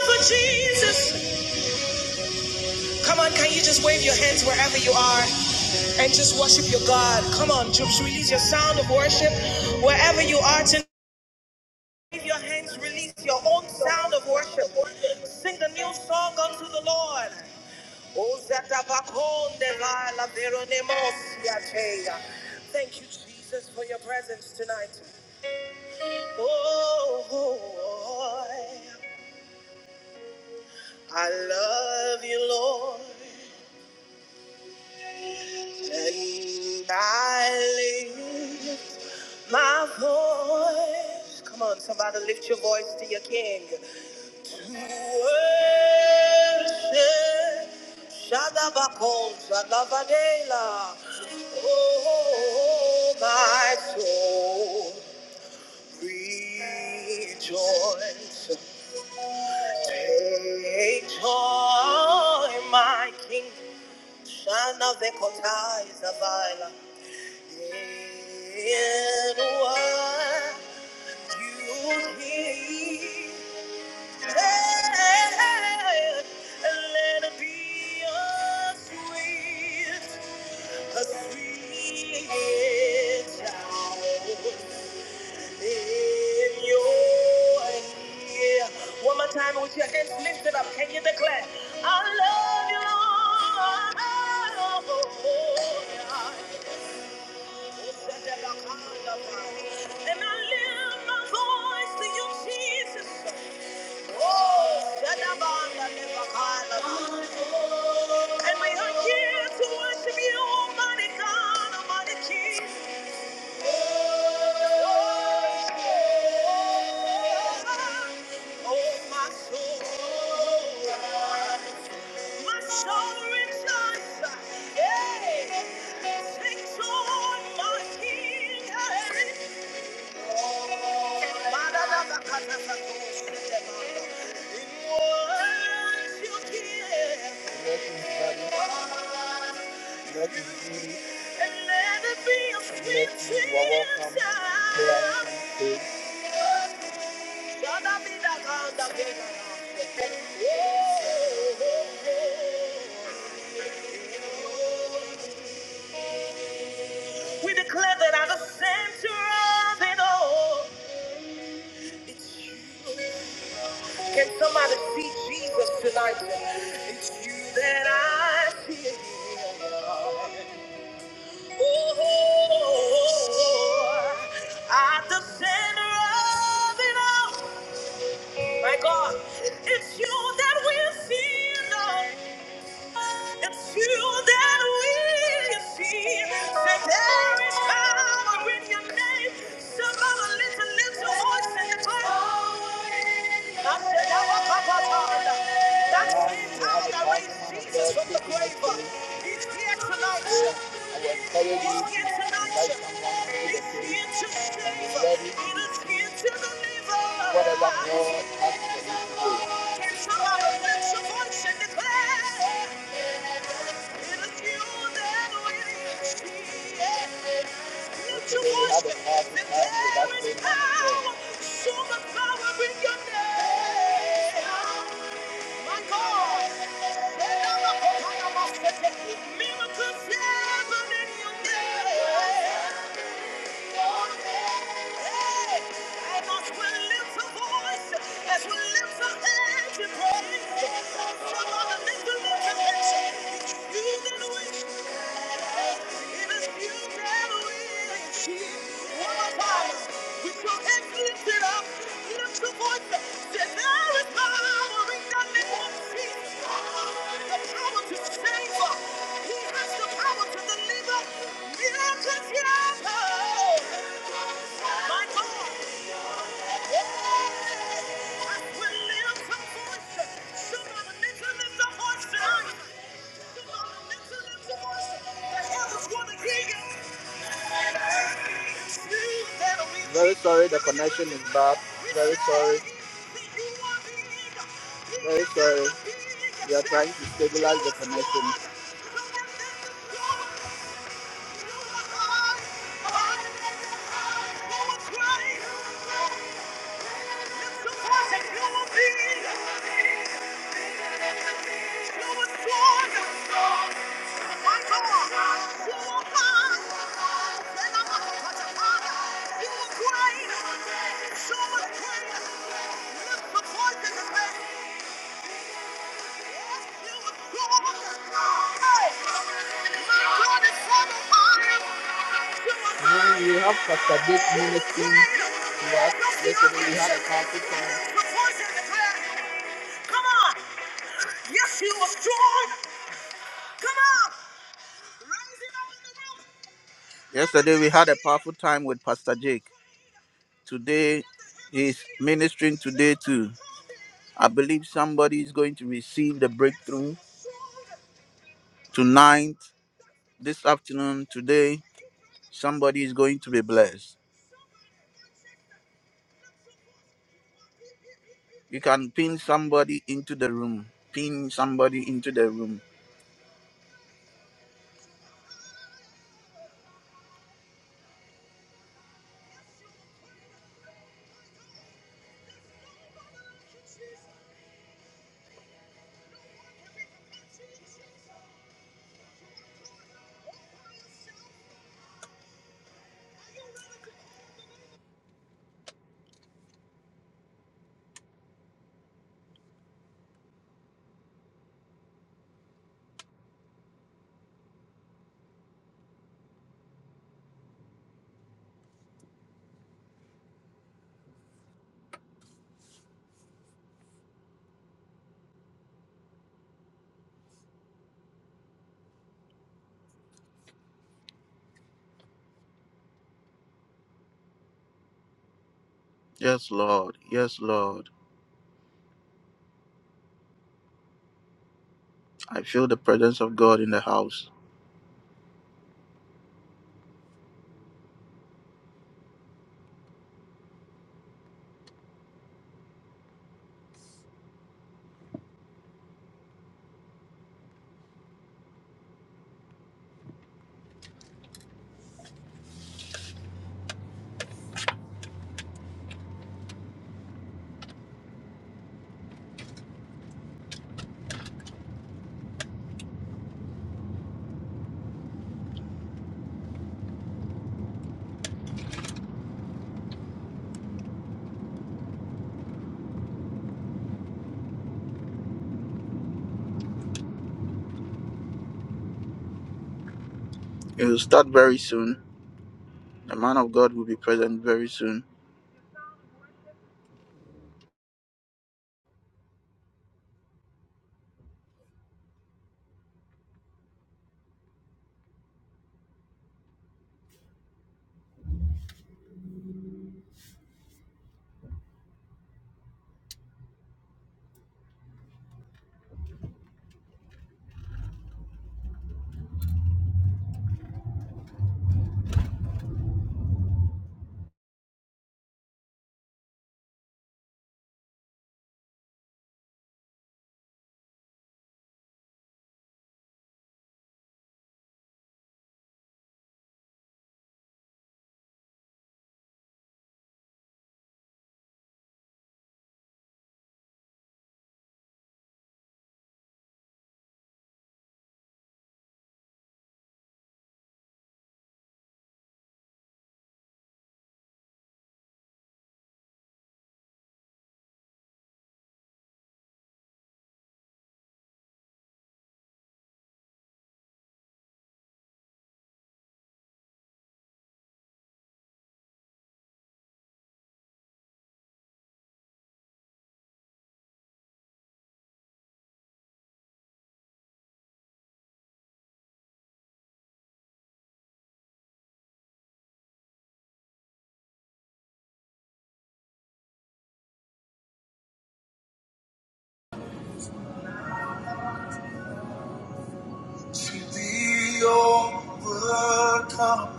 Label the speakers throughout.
Speaker 1: For Jesus. Come on, can you just wave your hands wherever you are and just worship your God? Come on, just release your sound of worship wherever you are tonight. Wave your hands, release your own sound of worship. Sing a new song unto the Lord. O Zatabakonde Vala Veronemos Yateya. Thank you, Jesus, for your presence tonight. Oh, oh, oh, I love you, Lord. And I lift my voice. Come on, somebody lift your voice to your king. To worship. Shadabakol, Shadabadela. Oh, my soul, rejoice. Take joy, my king. Shana vekotai zavila. In what you hear, that, let it be a sweet, a sweet sound in your ear. One more time with your hands lifted up, can you declare? I love you, Lord. And I lift my voice to you, Jesus. Oh, Shadabanda Lebakala. And we are here to worship you, Almighty God, Almighty King. Oh, my soul. My soul rejoices. Hey, sings on my King. Thank you. We declare that at the center of it all, it's you. Can somebody see Jesus tonight? It's you that I see. Oh, at the center of it all, my God, it's you that we see. It's you that we see. Say there is power in your name. Somebody lift a little voice and declare. I said, "Our Papa God." That same power that raised Jesus from the grave, He's here tonight. He's here tonight. He's here to save. He is here to deliver. Whatever God has for you to do. Can somebody lift your voice and declare? As we lift our hands in praise, come on and lift them up and say, "You did it." Somebody mention in the horse. Very sorry, the connection is bad. Very sorry. Very sorry. We are trying to stabilize the connection. When you have Pastor Dick ministering to us yesterday, we had a powerful Yesterday we had a powerful time with Pastor Jake. Today he's ministering today too. I believe somebody is going to receive the breakthrough tonight, this afternoon, today. Somebody is going to be blessed. You can pin somebody into the room. Pin somebody into the room. Yes, Lord. Yes, Lord. I feel the presence of God in the house. It will start very soon. The man of God will be present very soon. To be overcome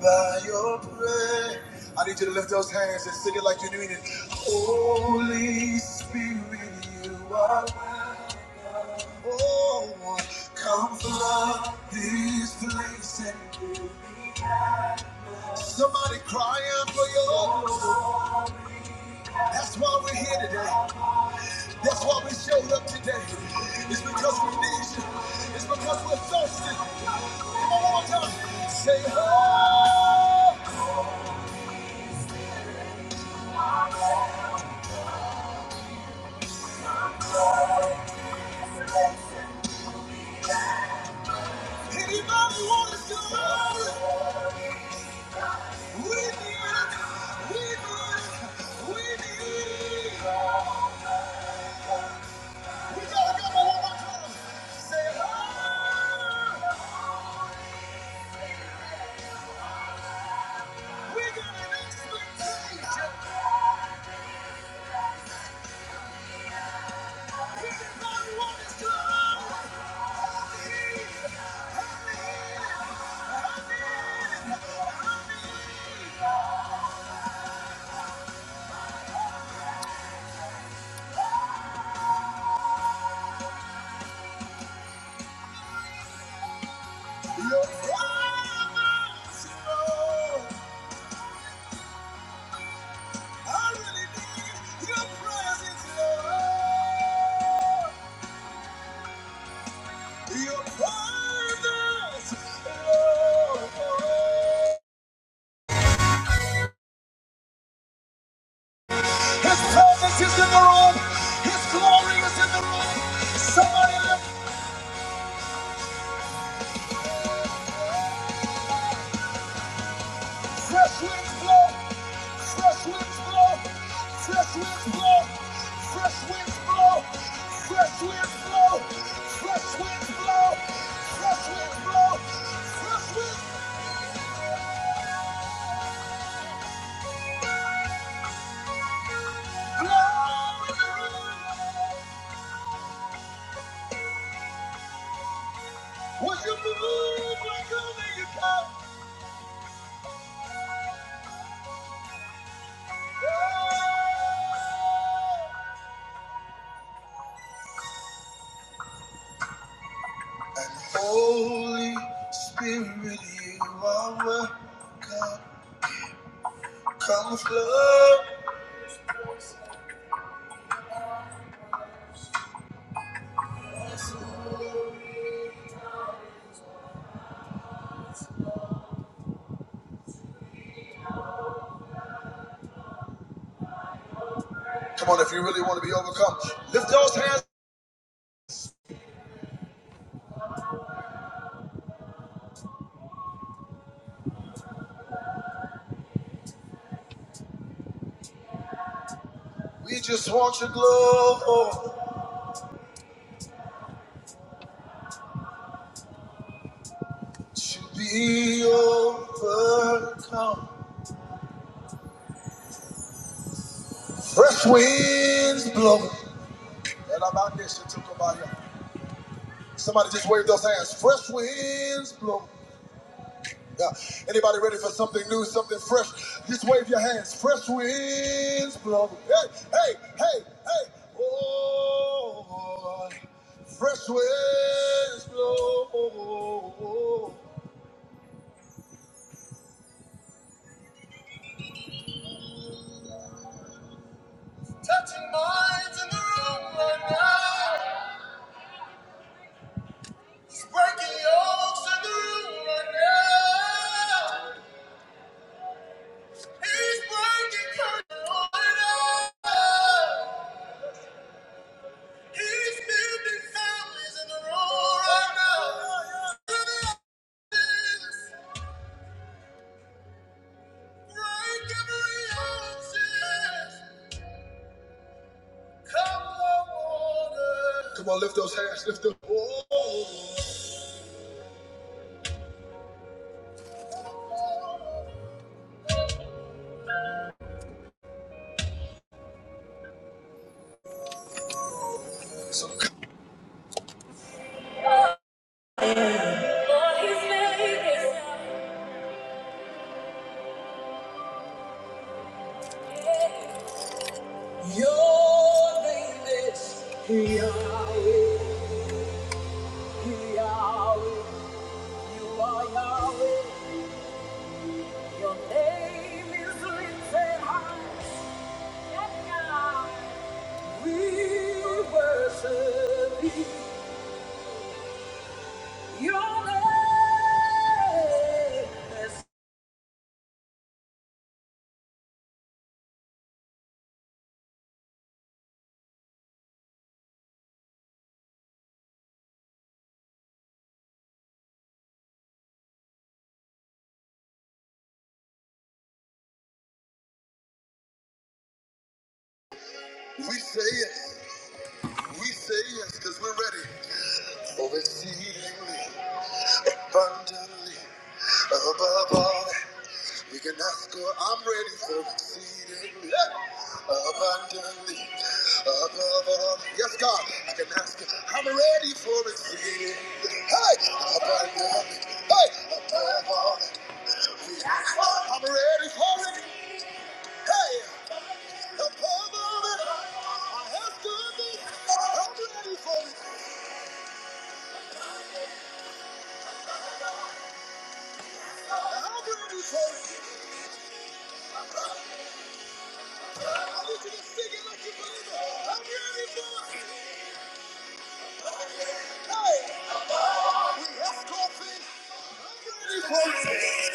Speaker 1: by your prayer. I need you to lift those hands and sing it like you mean it. Holy Spirit, you are oh, come flood this place. Somebody crying for you. That's why we're here today. That's why we showed up today. It's because we need you. It's because we're thirsty. Come on, one more time. Say, oh, anybody want to surrender? We need it. We need it. We need it. We gotta go one more time. Say, oh, we got an expectation. Your promise, know. I really need your presence, Lord. His presence is in the room. His glory is in the room. Somebody let fresh winds blow. Fresh winds blow. Fresh winds blow. Fresh winds blow. Fresh winds blow. Fresh winds blow. Fresh winds blow. Fresh winds blow in the room. Will you move like only you can? And Holy Spirit, you are welcome. Come flood. Come on, if you really want to be overcome, lift those hands. We just want your glory to be overcome. Fresh winds blowing. And about this, it took about you. Somebody just wave those hands. Fresh winds blowing. Yeah. Anybody ready for something new, something fresh? Just wave your hands. Fresh winds blow. Hey, hey, hey, hey. Oh, fresh winds blow. Come on, lift those hands. Lift them. Oh. Lord, His name is Your name is Yahweh. Yahweh. You are Yahweh. Your name is written high. We worship your name. We say yes. We say yes because we're ready. Overseeingly, abundantly, above all. We can ask her, I'm ready for exceedingly abundantly above all. Yes, God, I can ask her, I'm ready for exceedingly hey, abundantly hey, above all. We ask her, I'm ready for it. Hey, above all. I have done this. I'm ready for it. I'm ready for it. I need you to sing it like you believe it. I'm ready for it. Hey, we ask all things. for it.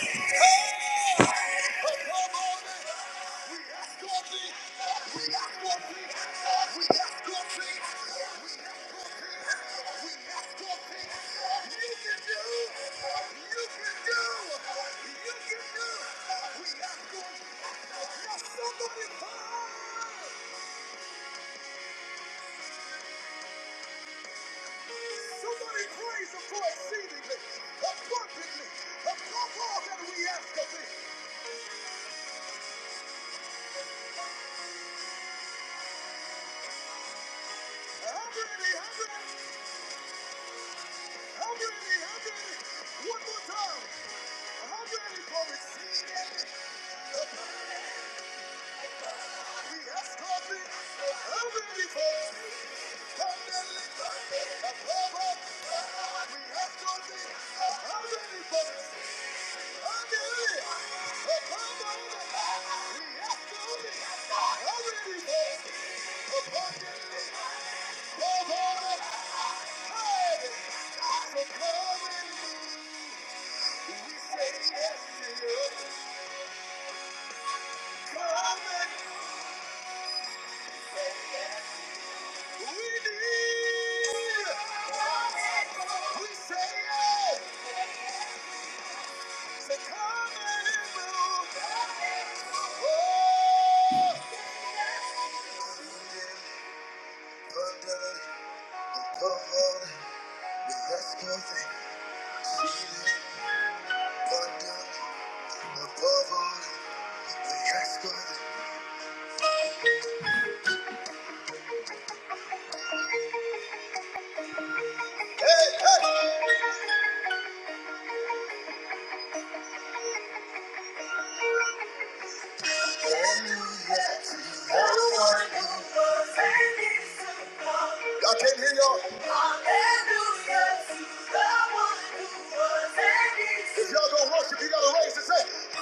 Speaker 1: I can hear y'all. Hallelujah to the one who was and If y'all gonna worship, you gotta raise and say,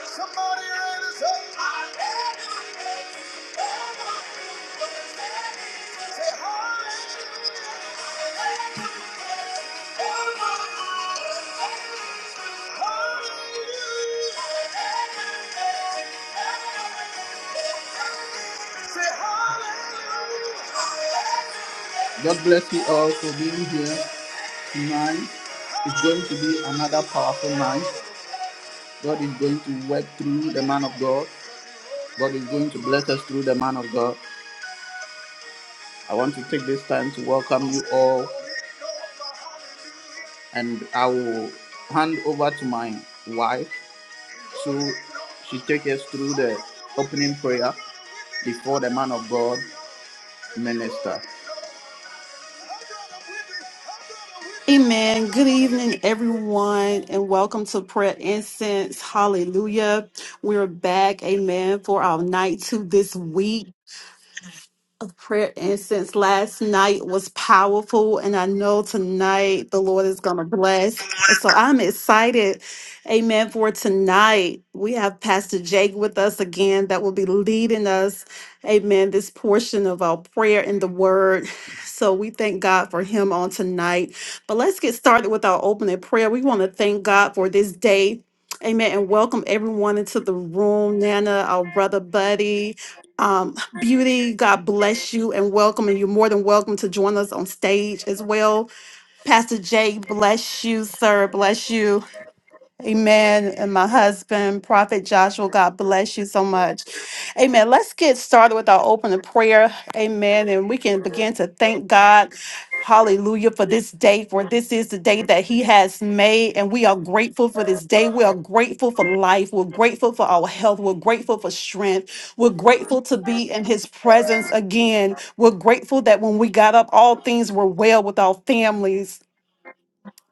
Speaker 1: somebody raise and say. God bless you all for being here. Tonight is going to be another powerful night. God is going to work through the man of God. God is going to bless us through the man of God. I want to take this time to welcome you all, and I will hand over to my wife so she take us through the opening prayer before the man of God minister.
Speaker 2: Amen. Good evening, everyone, and welcome to Prayer Incense. Hallelujah. We're back, amen, for our night two this week of prayer incense last night was powerful, and I know tonight the Lord is going to bless. And so I'm excited, amen, for tonight. We have Pastor Jake with us again that will be leading us, amen, this portion of our prayer in the word. So we thank God for him on tonight. But let's get started with our opening prayer. We want to thank God for this day. Amen. And welcome everyone into the room. Nana, our brother Buddy, um, Beauty, God bless you and welcome. And you're more than welcome to join us on stage as well. Pastor Jay, bless you, sir. Bless you. Amen. And my husband, Prophet Joshua, God bless you so much. Amen. Let's get started with our opening prayer. Amen. And we can begin to thank God. Hallelujah for this day, for this is the day that He has made. And we are grateful for this day. We are grateful for life. We're grateful for our health. We're grateful for strength. We're grateful to be in His presence again. We're grateful that when we got up, all things were well with our families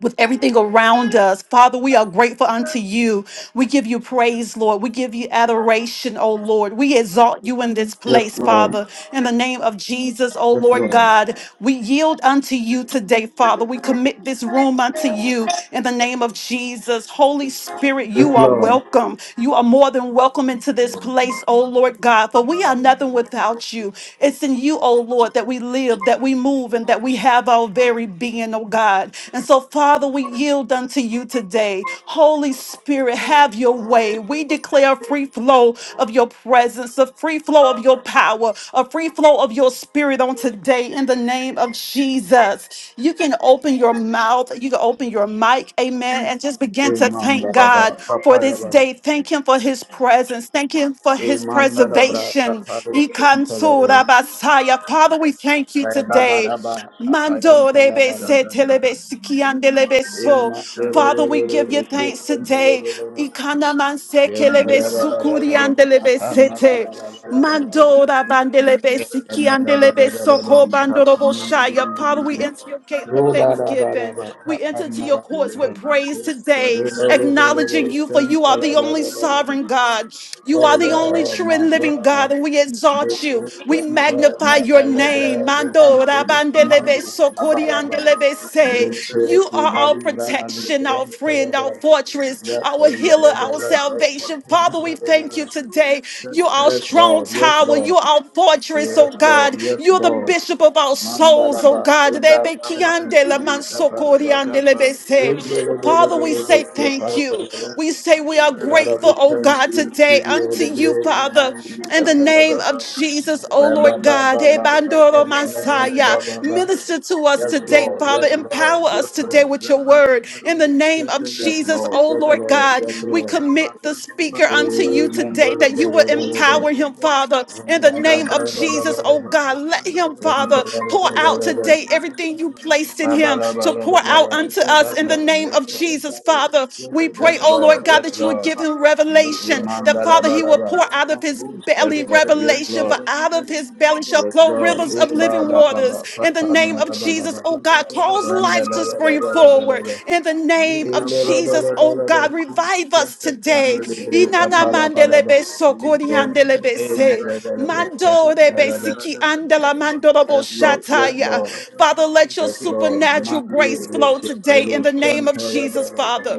Speaker 2: with everything around us. Father, we are grateful unto you. We give you praise, Lord. We give you adoration, O Lord. We exalt you in this
Speaker 1: Yes,
Speaker 2: place,
Speaker 1: Lord.
Speaker 2: Father. In the name of Jesus, O
Speaker 1: Yes,
Speaker 2: Lord
Speaker 1: Lord.
Speaker 2: God, we yield unto you today, Father. We commit this room unto you in the name of Jesus. Holy Spirit,
Speaker 1: Yes,
Speaker 2: you are
Speaker 1: Lord.
Speaker 2: welcome. You are more than welcome into this place, O Lord God, for we are nothing without you. It's in you, O Lord, that we live, that we move, and that we have our very being, oh God. And so, Father, we yield unto you today. Holy Spirit, have your way. We declare a free flow of your presence, a free flow of your power, a free flow of your spirit on today in the name of Jesus. You can open your mouth, you can open your mic, amen, and just begin to
Speaker 1: Amen.
Speaker 2: thank God
Speaker 1: Baba.
Speaker 2: for this
Speaker 1: Papa,
Speaker 2: day. Thank Him for His presence. Thank Him for His
Speaker 1: Imandalabra
Speaker 2: preservation.
Speaker 1: Tapadushan Talabala,
Speaker 2: Ikansurabasaya. Father, we thank you today.
Speaker 1: Rababadaba, Tapayan
Speaker 2: Mando rebe
Speaker 1: Talabala,
Speaker 2: se telebe sikiande lebe so. Father, we give
Speaker 1: Imandeluru,
Speaker 2: you thanks
Speaker 1: Ikitan
Speaker 2: today.
Speaker 1: Deluru,
Speaker 2: Ikana manse
Speaker 1: Yen
Speaker 2: kelebe
Speaker 1: Talabala,
Speaker 2: sukuriande lebe sete.
Speaker 1: Tapamalabala, Tapamalabala,
Speaker 2: Mando rabandelebe sikiandelebe soko bandorobo shaya. Father, we enter your gates with thanksgiving. We enter to your courts with praise today, acknowledging you for you are the only sovereign
Speaker 1: Tapamalabala,
Speaker 2: God. You
Speaker 1: Oh
Speaker 2: are the only
Speaker 1: Lord,
Speaker 2: true
Speaker 1: my
Speaker 2: and living
Speaker 1: God,
Speaker 2: God, and we exalt you. We magnify magnify your name. Mando rabandelebe sokoriandelebe se. You are our protection, our friend, our fortress, our healer, our salvation. Father, we thank you today. You are our
Speaker 1: Yes,
Speaker 2: strong
Speaker 1: Lord. Yes,
Speaker 2: tower.
Speaker 1: Lord.
Speaker 2: You are our fortress, oh
Speaker 1: Yes, Lord.
Speaker 2: God.
Speaker 1: Yes,
Speaker 2: You're the
Speaker 1: Lord.
Speaker 2: bishop of our souls, oh
Speaker 1: Mandalaba.
Speaker 2: God.
Speaker 1: Enda
Speaker 2: Rebe kiandela
Speaker 1: kapandi kaparaba.
Speaker 2: mansokoriandelebe se. Father, we
Speaker 1: Endelebelebelebe
Speaker 2: say thank
Speaker 1: keparaba.
Speaker 2: you. We say we are
Speaker 1: Father,
Speaker 2: grateful,
Speaker 1: we
Speaker 2: oh
Speaker 1: thank
Speaker 2: God,
Speaker 1: you,
Speaker 2: today
Speaker 1: give you all
Speaker 2: unto
Speaker 1: the
Speaker 2: you,
Speaker 1: glory,
Speaker 2: Father in the name
Speaker 1: Mandu,
Speaker 2: of Jesus, oh
Speaker 1: Yes, Lord. Yes,
Speaker 2: Lord
Speaker 1: Lord.
Speaker 2: God. Hey,
Speaker 1: Yes, Lord.
Speaker 2: Bandoro
Speaker 1: Yes,
Speaker 2: Messiah, minister to us today,
Speaker 1: Lord.
Speaker 2: Father. Empower us today with your word. In the name of
Speaker 1: Yes,
Speaker 2: Jesus,
Speaker 1: Lord.
Speaker 2: oh
Speaker 1: Yes, Lord. Amen. Yes, Lord. Yes, Lord. Yes, Lord. Yes,
Speaker 2: Lord God, we commit the speaker unto you today that you will empower him, Father. In the name of Jesus, oh God, let him, Father, pour out today everything you placed in him to pour out unto us in the name of Jesus,
Speaker 1: Lord.
Speaker 2: Father. We
Speaker 1: Yes,
Speaker 2: pray, oh
Speaker 1: Lord.
Speaker 2: Lord God,
Speaker 1: Yes,
Speaker 2: that you would give
Speaker 1: Lord.
Speaker 2: him revelation revelation. That Father, He will pour out of His belly revelation, for out of His belly shall flow rivers of living waters. In the name of Jesus, oh God, cause life to spring forward. In the name
Speaker 1: Yes,
Speaker 2: of Jesus, oh
Speaker 1: Lord.
Speaker 2: God, revive us today. Inana mandelebe sokori andelebe se. Mando rebe siki andela mandorobo
Speaker 1: Yes,
Speaker 2: shataya.
Speaker 1: Lord.
Speaker 2: Father, let your
Speaker 1: Yes, Lord.
Speaker 2: supernatural
Speaker 1: Mandi
Speaker 2: grace flow
Speaker 1: leke
Speaker 2: today
Speaker 1: telu
Speaker 2: in the name of
Speaker 1: shantele
Speaker 2: Jesus,
Speaker 1: belebe.
Speaker 2: Father.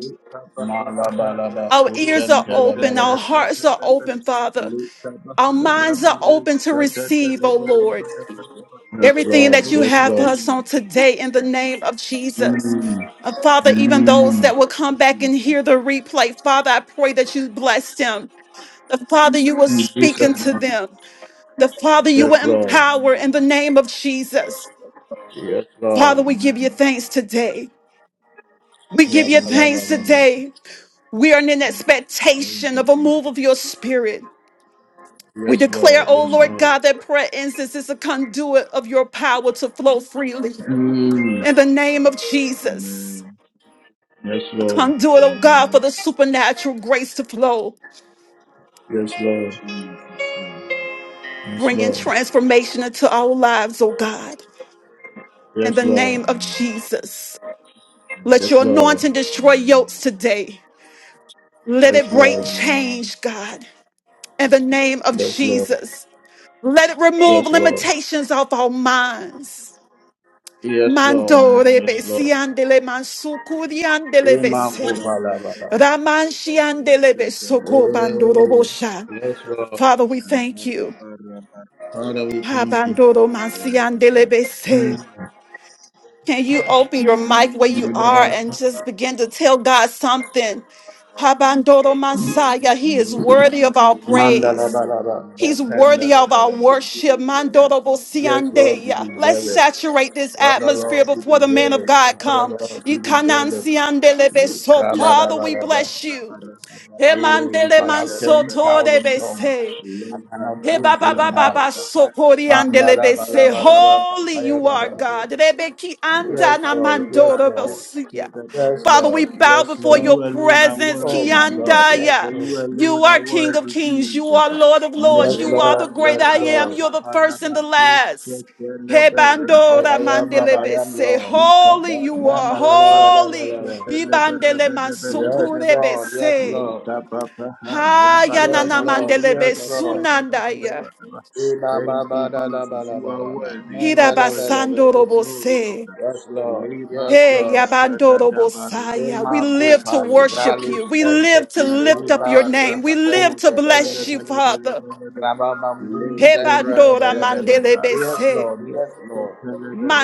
Speaker 1: Malabalaba
Speaker 2: Our ears are
Speaker 1: kushantele
Speaker 2: open. Our
Speaker 1: belebe.
Speaker 2: hearts are open, Father. Our minds are open to receive, oh Lord,
Speaker 1: Yes,
Speaker 2: everything
Speaker 1: Lord.
Speaker 2: that you
Speaker 1: Yes,
Speaker 2: have for
Speaker 1: Lord.
Speaker 2: us on today in the name of Jesus.
Speaker 1: Mm.
Speaker 2: Uh, Father, even those that will
Speaker 1: Mm.
Speaker 2: come back and hear the replay, Father, I pray that you bless them. The Father, you will
Speaker 1: In
Speaker 2: speak
Speaker 1: Jesus'
Speaker 2: unto
Speaker 1: name.
Speaker 2: them. The Father, you
Speaker 1: Yes,
Speaker 2: will
Speaker 1: Lord.
Speaker 2: empower in the name of Jesus.
Speaker 1: Yes,
Speaker 2: Father,
Speaker 1: Lord.
Speaker 2: we give you thanks today. We
Speaker 1: Yeah,
Speaker 2: give you
Speaker 1: la, la, la,
Speaker 2: thanks
Speaker 1: la, la.
Speaker 2: today. We are in expectation of a move of your spirit. We
Speaker 1: Yes, Lord.
Speaker 2: declare, O
Speaker 1: Yes,
Speaker 2: Lord
Speaker 1: Lord.
Speaker 2: God, that prayer incense is a conduit of your power to flow freely
Speaker 1: Mm.
Speaker 2: in the name of Jesus.
Speaker 1: Yes,
Speaker 2: A
Speaker 1: Lord.
Speaker 2: conduit, O God, for the supernatural grace to flow,
Speaker 1: Yes, Lord. Yes,
Speaker 2: bringing
Speaker 1: Lord.
Speaker 2: transformation into our lives, O God, in
Speaker 1: Yes,
Speaker 2: the
Speaker 1: Lord.
Speaker 2: name of Jesus. Let
Speaker 1: Yes,
Speaker 2: your
Speaker 1: Lord.
Speaker 2: anointing destroy yokes today. Let it
Speaker 1: Yes,
Speaker 2: break
Speaker 1: Lord.
Speaker 2: change, God, in the name of
Speaker 1: Yes, Lord.
Speaker 2: Jesus. Let it remove
Speaker 1: Yes, Lord.
Speaker 2: limitations off our minds.
Speaker 1: Yes, Lord.
Speaker 2: Mandore
Speaker 1: Yes, Lord.
Speaker 2: besiandele mansukuriandele
Speaker 1: Amen. for
Speaker 2: bese.
Speaker 1: Bala, Bala.
Speaker 2: Ramanshiandele besoko bandoro
Speaker 1: Oh,
Speaker 2: bosha.
Speaker 1: yes, Lord.
Speaker 2: Father, we thank you.
Speaker 1: Father, we thank you.
Speaker 2: Habandoro mansiandele bese. Can you open your mic where you are and just begin to tell God something? Habandoro Messiah, He is worthy of our
Speaker 1: Mandala
Speaker 2: praise.
Speaker 1: balaba,
Speaker 2: He's worthy
Speaker 1: pendala
Speaker 2: of our
Speaker 1: balaba.
Speaker 2: worship. Mandorobo
Speaker 1: Yes, Lord, we
Speaker 2: siandeya. Let's
Speaker 1: deserve it.
Speaker 2: saturate this
Speaker 1: Father,
Speaker 2: atmosphere
Speaker 1: Lord, we
Speaker 2: before the man
Speaker 1: deserve
Speaker 2: of
Speaker 1: it.
Speaker 2: God
Speaker 1: Father,
Speaker 2: comes.
Speaker 1: Lord, we
Speaker 2: Ikanan
Speaker 1: deserve it.
Speaker 2: siandelebe. So, Father, we
Speaker 1: Rabba,
Speaker 2: bless you.
Speaker 1: Hey, if
Speaker 2: Emandele
Speaker 1: I have 10,000 tongues,
Speaker 2: mansotorebese.
Speaker 1: I cannot
Speaker 2: Hey, ba,
Speaker 1: thank
Speaker 2: ba,
Speaker 1: you
Speaker 2: ba, ba,
Speaker 1: enough.
Speaker 2: ba, so andelebe se, holy you are
Speaker 1: Mandalabalabalabalabalabalaba.
Speaker 2: God. Rebeki
Speaker 1: Yes,
Speaker 2: anda na
Speaker 1: Lord. Yes, Lord.
Speaker 2: bosia.
Speaker 1: Yes,
Speaker 2: Father, we
Speaker 1: Lord.
Speaker 2: bow
Speaker 1: Yes,
Speaker 2: before
Speaker 1: Lord.
Speaker 2: your presence.
Speaker 1: Oh my God. Yes,
Speaker 2: Kiandaya.
Speaker 1: Lord.
Speaker 2: You are King of Kings. You are Lord of Lords.
Speaker 1: Yes,
Speaker 2: You are the
Speaker 1: Lord.
Speaker 2: great
Speaker 1: Yes,
Speaker 2: I am.
Speaker 1: Lord.
Speaker 2: You're the first and the last. Hey, bandora
Speaker 1: I I am that
Speaker 2: mandelebe
Speaker 1: I am,
Speaker 2: se,
Speaker 1: Lord.
Speaker 2: holy you are, holy.
Speaker 1: Mandalabalabalabalaba.
Speaker 2: Ibandele
Speaker 1: Yes,
Speaker 2: mansukurebe
Speaker 1: Lord. Yes,
Speaker 2: se.
Speaker 1: Lord.
Speaker 2: Haya
Speaker 1: Yes, Lord. Yes,
Speaker 2: mandelebe
Speaker 1: Lord.
Speaker 2: sunandaya.
Speaker 1: Ida ba, ba, da la ba la, ba la Ibababadalabalabalaba. Mandalabalabalabalaba.
Speaker 2: Hirabasandorobose.
Speaker 1: Yes, Lord. Yes,
Speaker 2: Hey,
Speaker 1: Lord.
Speaker 2: yabandorobosaya. We live to
Speaker 1: Emakupali,
Speaker 2: worship
Speaker 1: Ralu
Speaker 2: you. We
Speaker 1: Sente,
Speaker 2: live to lift up
Speaker 1: Merubam
Speaker 2: your name. We live
Speaker 1: Kunzen,
Speaker 2: to bless you,
Speaker 1: Belebele,
Speaker 2: Father.
Speaker 1: Rababam Kunzen,
Speaker 2: Hebandora
Speaker 1: Belebele. Yes,
Speaker 2: mandelebese.
Speaker 1: Lord, yes, Lord.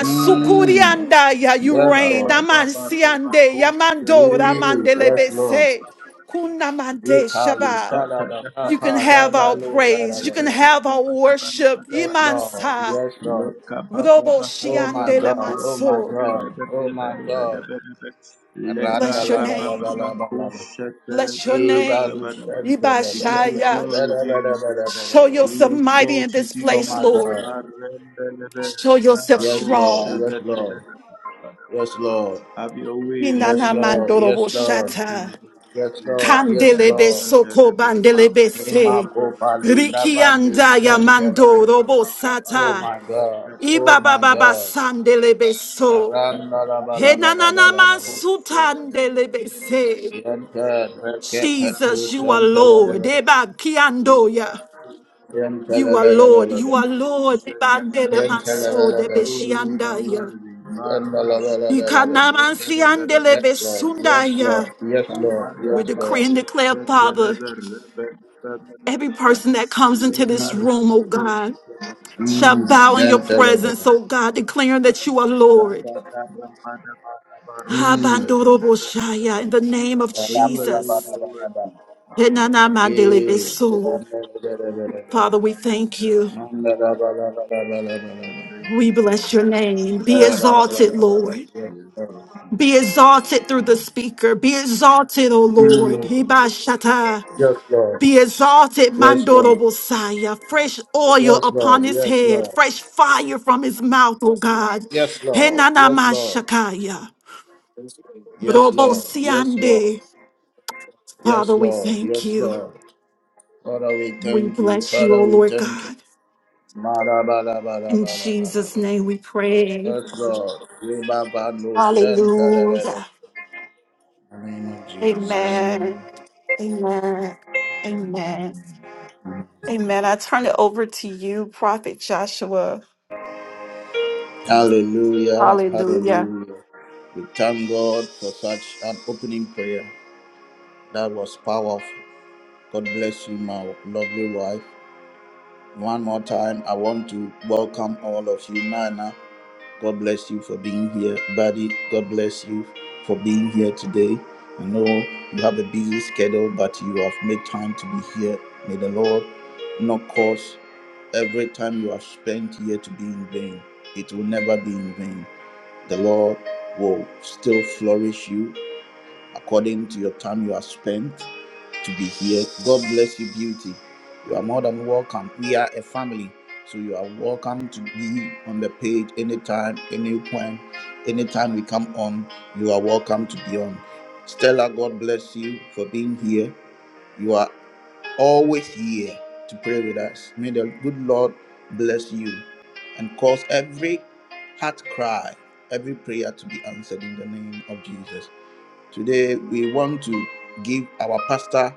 Speaker 1: Mm.
Speaker 2: you
Speaker 1: Yes,
Speaker 2: reign.
Speaker 1: Lord.
Speaker 2: Amansiande, yamandora
Speaker 1: Mm. Yes, Lord.
Speaker 2: mandelebese. Kunamande
Speaker 1: Ikalu
Speaker 2: shaba.
Speaker 1: Salada,
Speaker 2: You can
Speaker 1: Papa,
Speaker 2: have our
Speaker 1: Lebalu
Speaker 2: praise. You can
Speaker 1: Salada.
Speaker 2: have our worship.
Speaker 1: Yes, Lord,
Speaker 2: Imansa.
Speaker 1: yes, Lord.
Speaker 2: Robo
Speaker 1: Oh my
Speaker 2: shiandele
Speaker 1: God, oh my
Speaker 2: manso.
Speaker 1: God, oh my God. Randa
Speaker 2: Bless your
Speaker 1: la la la la
Speaker 2: name.
Speaker 1: la la la.
Speaker 2: Bless your name.
Speaker 1: Ibalu
Speaker 2: Yibashaya. Show yourself
Speaker 1: Shantarabarabarabarabarabarabarabara.
Speaker 2: mighty in this
Speaker 1: Oh
Speaker 2: place,
Speaker 1: my
Speaker 2: Lord.
Speaker 1: God.
Speaker 2: Show yourself
Speaker 1: Yes, Lord.
Speaker 2: strong.
Speaker 1: Yes, Lord. Yes, Lord. Yes,
Speaker 2: Inana
Speaker 1: Lord.
Speaker 2: mandorobo
Speaker 1: Yes, Lord.
Speaker 2: shata.
Speaker 1: Yes, Lord. Yes,
Speaker 2: Kandelebe
Speaker 1: Lord.
Speaker 2: soko bandelebe se.
Speaker 1: Emako Palu Bravanu
Speaker 2: Rikiandaya
Speaker 1: Santarabara.
Speaker 2: mandorobo
Speaker 1: Oh
Speaker 2: sata.
Speaker 1: my God. Oh
Speaker 2: Ibaba
Speaker 1: my
Speaker 2: baba
Speaker 1: God.
Speaker 2: sandelebe so. Henanana
Speaker 1: Arandarabarabarabarabarabara.
Speaker 2: mansutandelebe se.
Speaker 1: Yanta Rakepatnu
Speaker 2: Jesus, you are Lord.
Speaker 1: Santarabara.
Speaker 2: Eba kiandoya.
Speaker 1: Yanta
Speaker 2: You are Lord, you
Speaker 1: Labarabarabar.
Speaker 2: are Lord. Ibandele
Speaker 1: Yanta
Speaker 2: maso de beshiandaya.
Speaker 1: Labarabarabar.
Speaker 2: Ikanamansiandele
Speaker 1: Yes, Lord. Yes,
Speaker 2: besundaya.
Speaker 1: Lord. Yes, Lord. Yes,
Speaker 2: We decree
Speaker 1: Lord.
Speaker 2: and declare, Father, every person that comes into this
Speaker 1: Mm,
Speaker 2: room, oh God, shall
Speaker 1: mm.
Speaker 2: bow in your presence,
Speaker 1: Yantelebele.
Speaker 2: oh God, declaring that you are Lord.
Speaker 1: Mm.
Speaker 2: Abandoroboshaya, In the name of Jesus.
Speaker 1: Rabadabadabadaba.
Speaker 2: Enanamandele
Speaker 1: Eh,
Speaker 2: beso.
Speaker 1: yantelebelebelebe.
Speaker 2: Father, we thank you.
Speaker 1: Mandadabadabadabadabadaba.
Speaker 2: We bless your name. Be exalted,
Speaker 1: Rabadabadabadaba.
Speaker 2: Lord.
Speaker 1: Yes,
Speaker 2: Be exalted through the speaker. Be exalted, O Lord.
Speaker 1: Lord. Mm.
Speaker 2: Hibashata.
Speaker 1: Yes, Lord.
Speaker 2: Be exalted,
Speaker 1: Yes,
Speaker 2: Mandoro
Speaker 1: Lord.
Speaker 2: Bosaya. Fresh oil
Speaker 1: Yes,
Speaker 2: upon
Speaker 1: Lord.
Speaker 2: his
Speaker 1: Yes,
Speaker 2: head.
Speaker 1: Lord.
Speaker 2: Fresh fire from his mouth, O God.
Speaker 1: Yes, Lord.
Speaker 2: Henanamashakaya.
Speaker 1: Yes, Lord. Yes, Lord.
Speaker 2: Robosiande. Father,
Speaker 1: Yes, Lord. Yes,
Speaker 2: we
Speaker 1: Lord.
Speaker 2: thank
Speaker 1: Yes,
Speaker 2: you.
Speaker 1: Lord. Father, we
Speaker 2: We
Speaker 1: thank you.
Speaker 2: bless you,
Speaker 1: Father,
Speaker 2: O
Speaker 1: we
Speaker 2: Lord
Speaker 1: thank you.
Speaker 2: God. In Jesus'
Speaker 1: Ma-da-ba-da-ba-da-ba-da-ba-da-ba.
Speaker 2: name we pray.
Speaker 1: Yes, Lord. Re-ba-ba-no-shen-ta-la-la-la.
Speaker 2: Hallelujah.
Speaker 1: In the name of Jesus.
Speaker 2: Amen. Amen. Amen. Amen. I turn it over to you, Prophet Joshua.
Speaker 1: Hallelujah.
Speaker 2: Hallelujah.
Speaker 1: Hallelujah. We thank God for such an opening prayer. That was powerful. God bless you, my lovely wife. One more time, I want to welcome all of you, Nana. God bless you for being here, buddy. God bless you for being here today. I know you have a busy schedule, but you have made time to be here. May the Lord not cause every time you have spent here to be in vain. It will never be in vain. The Lord will still flourish you according to your time you have spent to be here. God bless you, beauty. You are more than welcome. We are a family, so you are welcome to be on the page anytime, any point, anytime we come on. You are welcome to be on. Stella, God bless you for being here. You are always here to pray with us. May the good Lord bless you and cause every heart cry, every prayer to be answered in the name of Jesus. Today, we want to give our pastor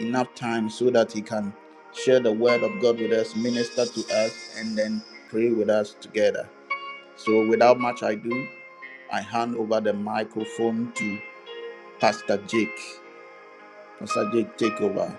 Speaker 1: enough time so that he can share the word of God with us, minister to us, and then pray with us together. So, without much ado, I hand over the microphone to Pastor Jake. Pastor Jake, take over.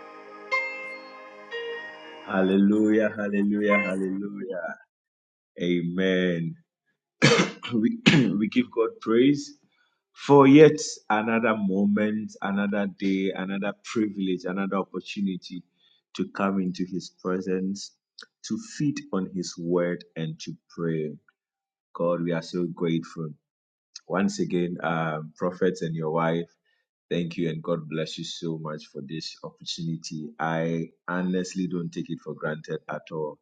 Speaker 3: wife. Thank you and God bless you so much for this opportunity. I honestly don't take it for granted at all.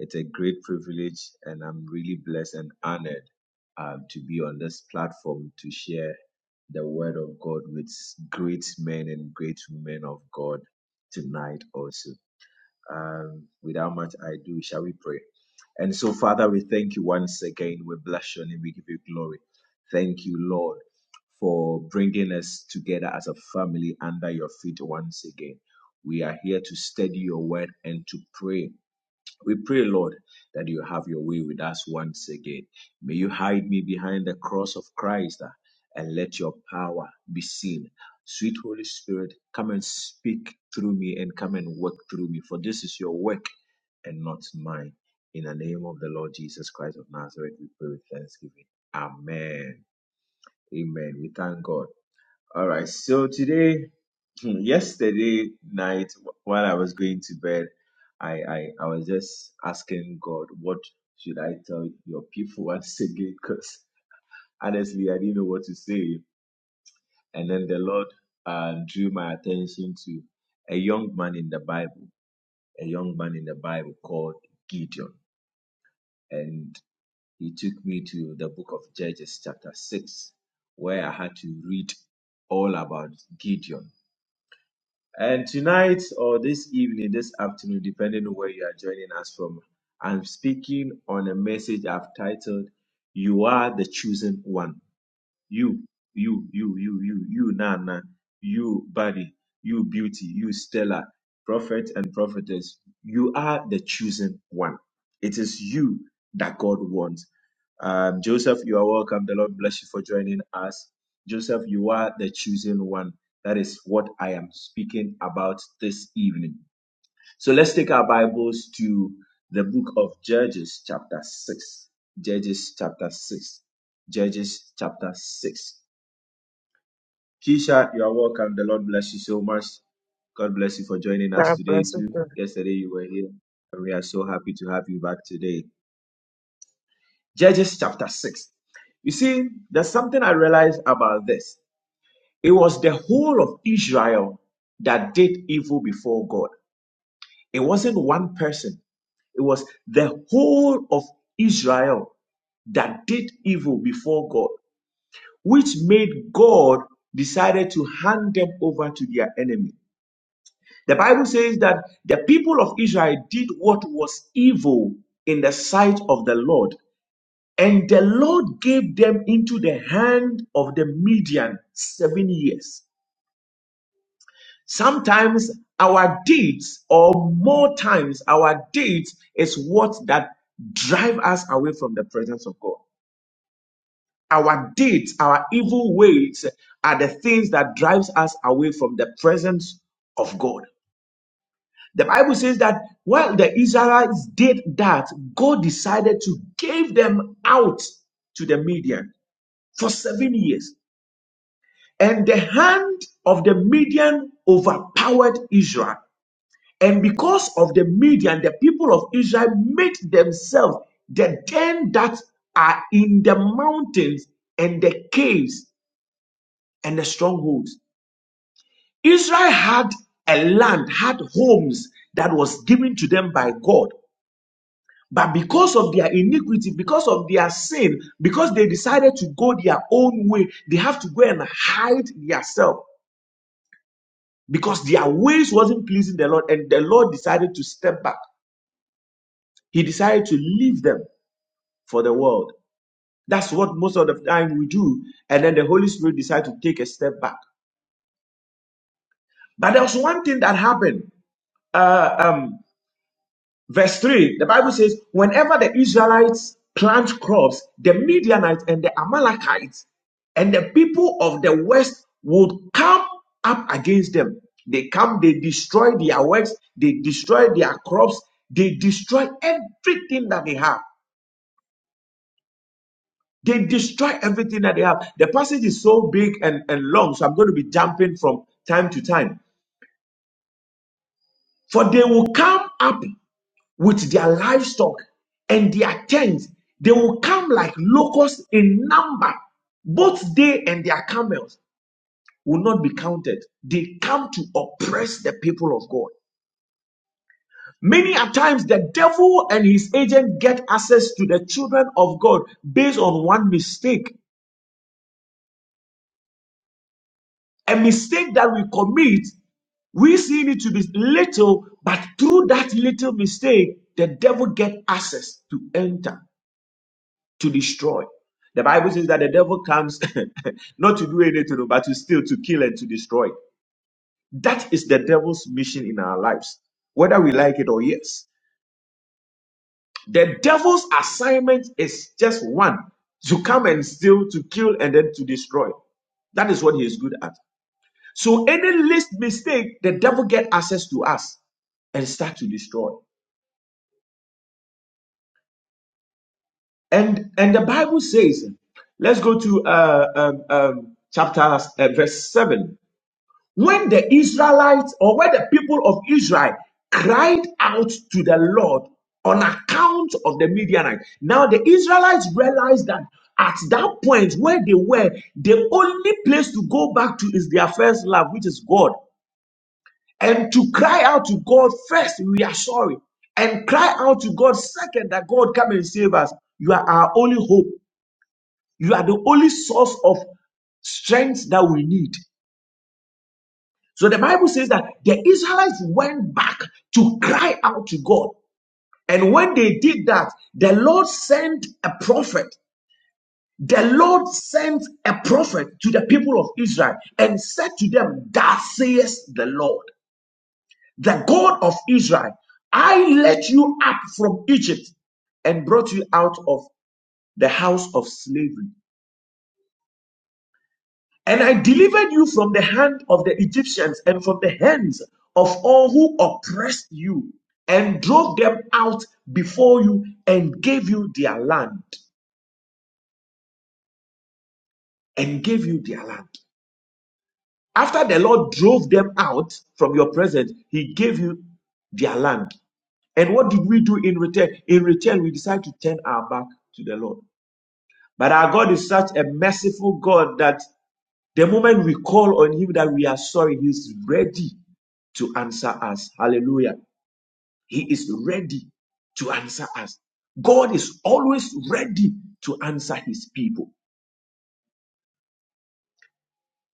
Speaker 3: It's a great privilege, and I'm really blessed and honored um, to be on this platform to share the word of God with great men and great women of God tonight, also. Um, without much ado, shall we pray? And so, Father, we thank you once again. We bless your name. We give you glory. Thank you, Lord, for bringing us together as a family under your feet once again. We are here to study your word and to pray. We pray, Lord, that you have your way with us once again. May you hide me behind the cross of Christ uh, and let your power be seen. Sweet Holy Spirit, come and speak through me and come and work through me, for this is your work and not mine. In the name of the Lord Jesus Christ of Nazareth, we pray with thanksgiving. Amen. Amen. We thank God. All right. So today, hmm, yesterday night, while I was going to bed, I, I, I was just asking God, what should I tell your people once again? Because honestly, I didn't know what to say. And then the Lord uh, drew my attention to a young man in the Bible, a young man in the Bible called Gideon. and he took me to the book of Judges, chapter 6, where I had to read all about Gideon. And tonight, or this evening, this afternoon, depending on where you are joining us from, I'm speaking on a message I've titled, You Are the Chosen One you, you, you, you, you, you, Nana, you, Buddy, you, Beauty, you, Stella, Prophet and Prophetess, you are the chosen one. It is you that God wants. Um, Joseph, you are welcome. The Lord bless you for joining us. Joseph, you are the chosen one. That is what I am speaking about this evening. So let's take our Bibles to the book of Judges, chapter 6. Judges, chapter 6. Judges, chapter 6. Keisha, you are welcome. The Lord bless you so much. God bless you for joining us
Speaker 4: God
Speaker 3: today,
Speaker 4: bless us.
Speaker 3: too.
Speaker 4: sir.
Speaker 3: Yesterday you were here, and we are so happy to have you back today. Judges chapter 6. You see, there's something I realized about this. It was the whole of Israel that did evil before God, it wasn't one person, it was the whole of Israel that did evil before God, which made God decided to hand them over to their enemy. The Bible says that the people of Israel did what was evil in the sight of the Lord, and the Lord gave them into the hand of the Midian seven years. Sometimes our deeds, or more times our deeds, is what that drive us away from the presence of God. Our deeds, our evil ways, are the things that drives us away from the presence of God. The Bible says that while the Israelites did that, God decided to give them out to the Midian for seven years. And the hand of the Midian overpowered Israel. And because of the Midian, the people of Israel made themselves the den that are in the mountains and the caves and the strongholds. Israel had a land, had homes that was given to them by God But because of their iniquity, because of their sin, because they decided to go their own way, they have to go and hide themselves because their ways wasn't pleasing the Lord, and the Lord decided to step back. He decided to leave them for the world. That's what most of the time we do, and then the Holy Spirit decided to take a step back. But there was one thing that happened. Uh, um, Verse 3, the Bible says, Whenever the Israelites plant crops, the Midianites and the Amalekites and the people of the west would come up against them. They come, they destroy their works, they destroy their crops, they destroy everything that they have. They destroy everything that they have. The passage is so big and, and long, so I'm going to be jumping from time to time. For they will come up. with their livestock and their tents. They will come like locusts in number. Both they and their camels will not be counted. They come to oppress the people of God. Many a times the devil and his agent get access to the children of God based on one mistake. A mistake that we commit, we see it to be little, but through that little mistake, the devil get access to enter. to destroy. The Bible says that the devil comes not to do anything, but to steal, to kill, and to destroy. That is the devil's mission in our lives, whether we like it or yes. The devil's assignment is just one to come and steal, to kill, and then to destroy. That is what he is good at. So any least mistake, the devil get access to us and start to destroy. And and the Bible says, let's go to uh, um, um, chapter uh, verse seven. when the Israelites or when the people of Israel cried out to the Lord on account of the Midianites. Now the Israelites realized that at that point where they were, the only place to go back to is their first love, which is God. And to cry out to God first, we are sorry. And cry out to God second, that God come and save us. You are our only hope. You are the only source of strength that we need. So the Bible says that the Israelites went back to cry out to God. And when they did that, the Lord sent a prophet. The Lord sent a prophet to the people of Israel and said to them, Thus says the Lord, the God of Israel, I led you up from Egypt and brought you out of the house of slavery. And I delivered you from the hand of the Egyptians and from the hands of all who oppressed you, and drove them out before you, and gave you their land. And gave you their land. After the Lord drove them out from your presence, He gave you their land. And what did we do in return? In return, we decided to turn our back to the Lord. But our God is such a merciful God that the moment we call on Him that we are sorry, He's ready to answer us. Hallelujah. He is ready to answer us. God is always ready to answer his people.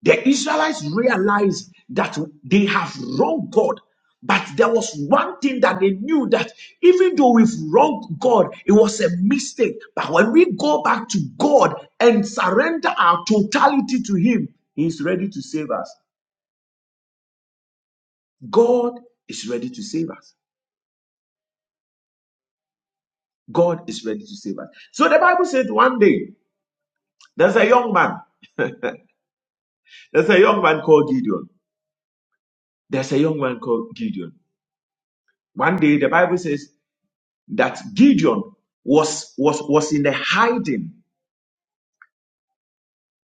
Speaker 3: The Israelites realized that they have wronged God, but there was one thing that they knew that even though we've wronged God, it was a mistake. But when we go back to God and surrender our totality to Him, He is ready to save us. God is ready to save us. God is ready to save us. So the Bible said one day, there's a young man There's a young man called Gideon. There's a young man called Gideon. One day the Bible says that Gideon was was was in the hiding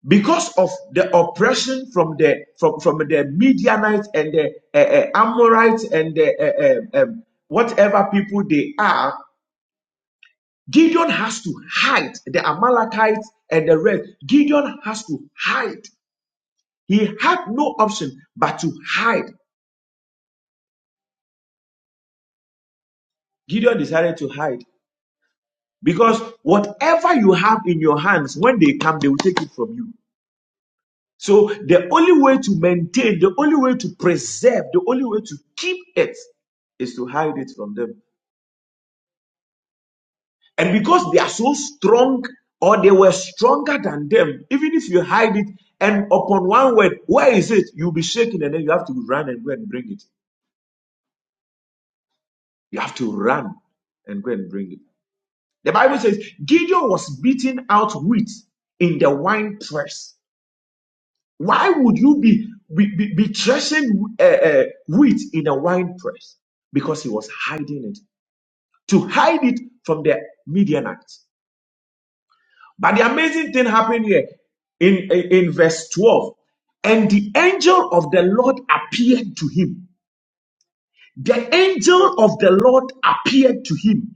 Speaker 3: because of the oppression from the from from the Midianites and the uh, uh, Amorites and the uh, uh, um, whatever people they are. Gideon has to hide the Amalekites and the rest. Gideon has to hide. He had no option but to hide. Gideon decided to hide Because whatever you have in your hands, when they come, they will take it from you. So the only way to maintain, the only way to preserve, the only way to keep it is to hide it from them. And because they are so strong or they were stronger than them, even if you hide it and upon one word, where is it? You'll be shaken and then you have to run and go and bring it. You have to run and go and bring it. The Bible says Gideon was beating out wheat in the wine press. Why would you be be, be, be threshing uh, uh, wheat in a wine press? Because he was hiding it to hide it from the Midianites. But the amazing thing happened here in, in in verse 12. And the angel of the Lord appeared to him. The angel of the Lord appeared to him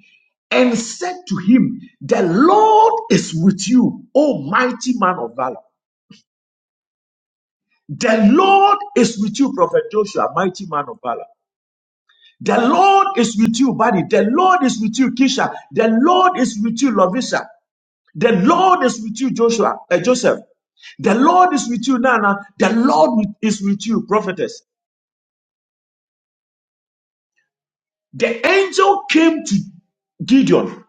Speaker 3: and said to him, The Lord is with you, O mighty man of valor. The Lord is with you, Prophet Joshua, mighty man of valor. The Lord is with you, buddy. The Lord is with you, Kisha. The Lord is with you, Lovisa. The Lord is with you, Joshua, uh, Joseph. The Lord is with you, Nana. The Lord is with you, prophetess. The angel came to Gideon,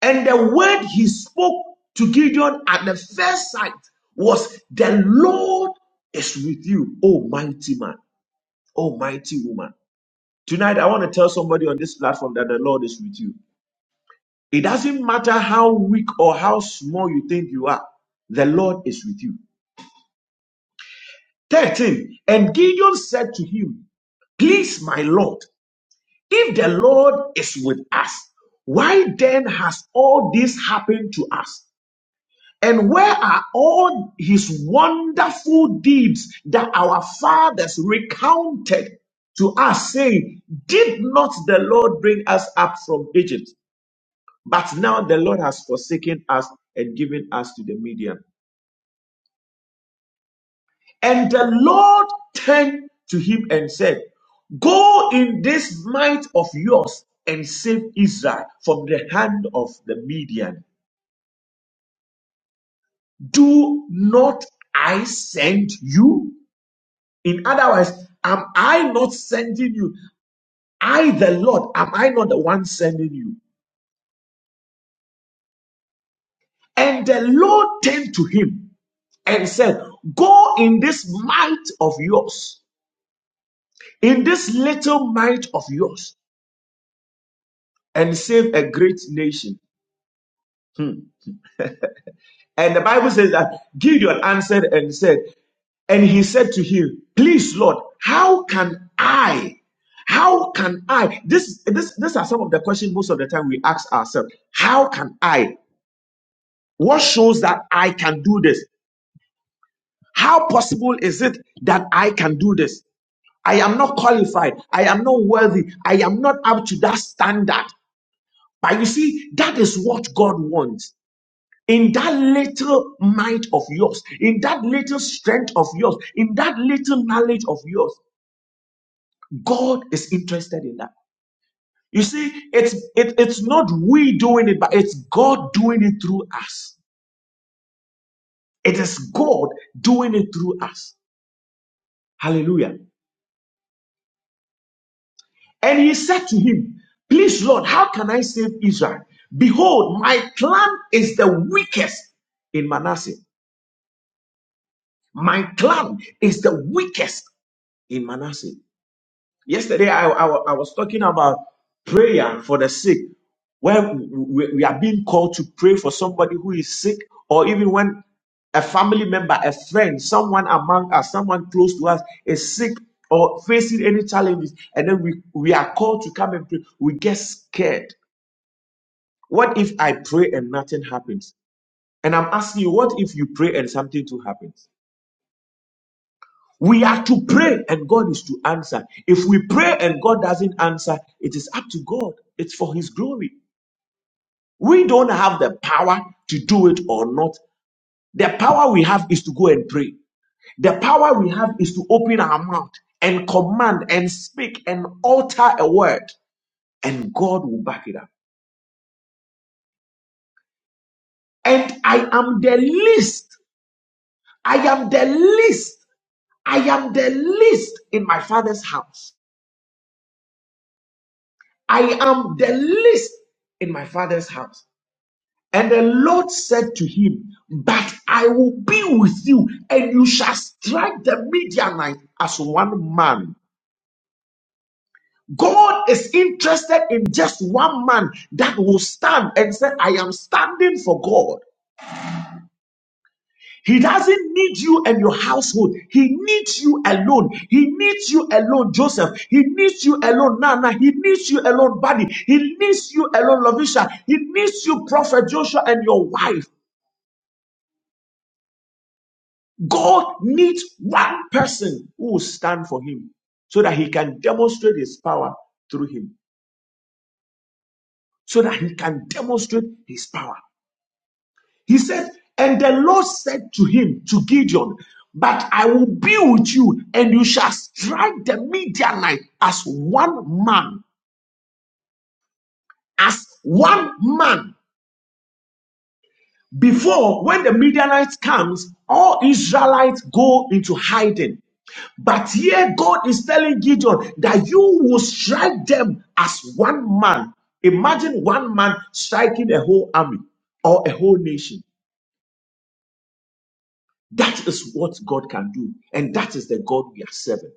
Speaker 3: and the word he spoke to Gideon at the first sight was, The Lord is with you, oh mighty man, oh mighty woman. Tonight, I want to tell somebody on this platform that the Lord is with you. It doesn't matter how weak or how small you think you are, the Lord is with you. 13. And Gideon said to him, Please, my Lord, if the Lord is with us, why then has all this happened to us? And where are all his wonderful deeds that our fathers recounted to us, saying, Did not the Lord bring us up from Egypt? But now the Lord has forsaken us and given us to the Midian. And the Lord turned to him and said, Go in this might of yours and save Israel from the hand of the Midian. Do not I send you? In other words, am I not sending you? I, the Lord, am I not the one sending you? And the Lord turned to him and said, Go in this might of yours, in this little might of yours, and save a great nation. And the Bible says that Gideon answered and said, and he said to him, Please, Lord, how can I? How can I? This, this, these are some of the questions most of the time we ask ourselves. How can I? What shows that I can do this? How possible is it that I can do this? I am not qualified. I am not worthy. I am not up to that standard. But you see, that is what God wants. in that little mind of yours, in that little strength of yours, in that little knowledge of yours, God is interested in that. You see, it's it, it's not we doing it, but it's God doing it through us. It is God doing it through us. Hallelujah. And he said to him, Please, Lord, how can I save Israel? Behold, my clan is the weakest in Manasseh. My clan is the weakest in Manasseh. Yesterday, I, I, wa- I was talking about prayer for the sick, where we, we are being called to pray for somebody who is sick, or even when a family member, a friend, someone among us, someone close to us is sick or facing any challenges, and then we, we are called to come and pray. We get scared. What if I pray and nothing happens? And I'm asking you, what if you pray and something too happens? We are to pray and God is to answer. If we pray and God doesn't answer, it is up to God. It's for His glory. We don't have the power to do it or not. The power we have is to go and pray. The power we have is to open our mouth and command and speak and alter a word, and God will back it up. And I am the least. I am the least. I am the least in my father's house. I am the least in my father's house. And the Lord said to him, But I will be with you, and you shall strike the Midianite as one man. God is interested in just one man that will stand and say, I am standing for God. He doesn't need you and your household. He needs you alone. He needs you alone, Joseph. He needs you alone, Nana. He needs you alone, Buddy. He needs you alone, Lovisha. He needs you, Prophet Joshua, and your wife. God needs one person who will stand for him so that he can demonstrate his power through him, so that he can demonstrate his power. He said, And the Lord said to him, to Gideon, But I will be with you, and you shall strike the Midianite as one man, as one man. Before, when the Midianites comes, all Israelites go into hiding. But here God is telling Gideon that you will strike them as one man. Imagine one man striking a whole army or a whole nation. That is what God can do. And that is the God we are serving.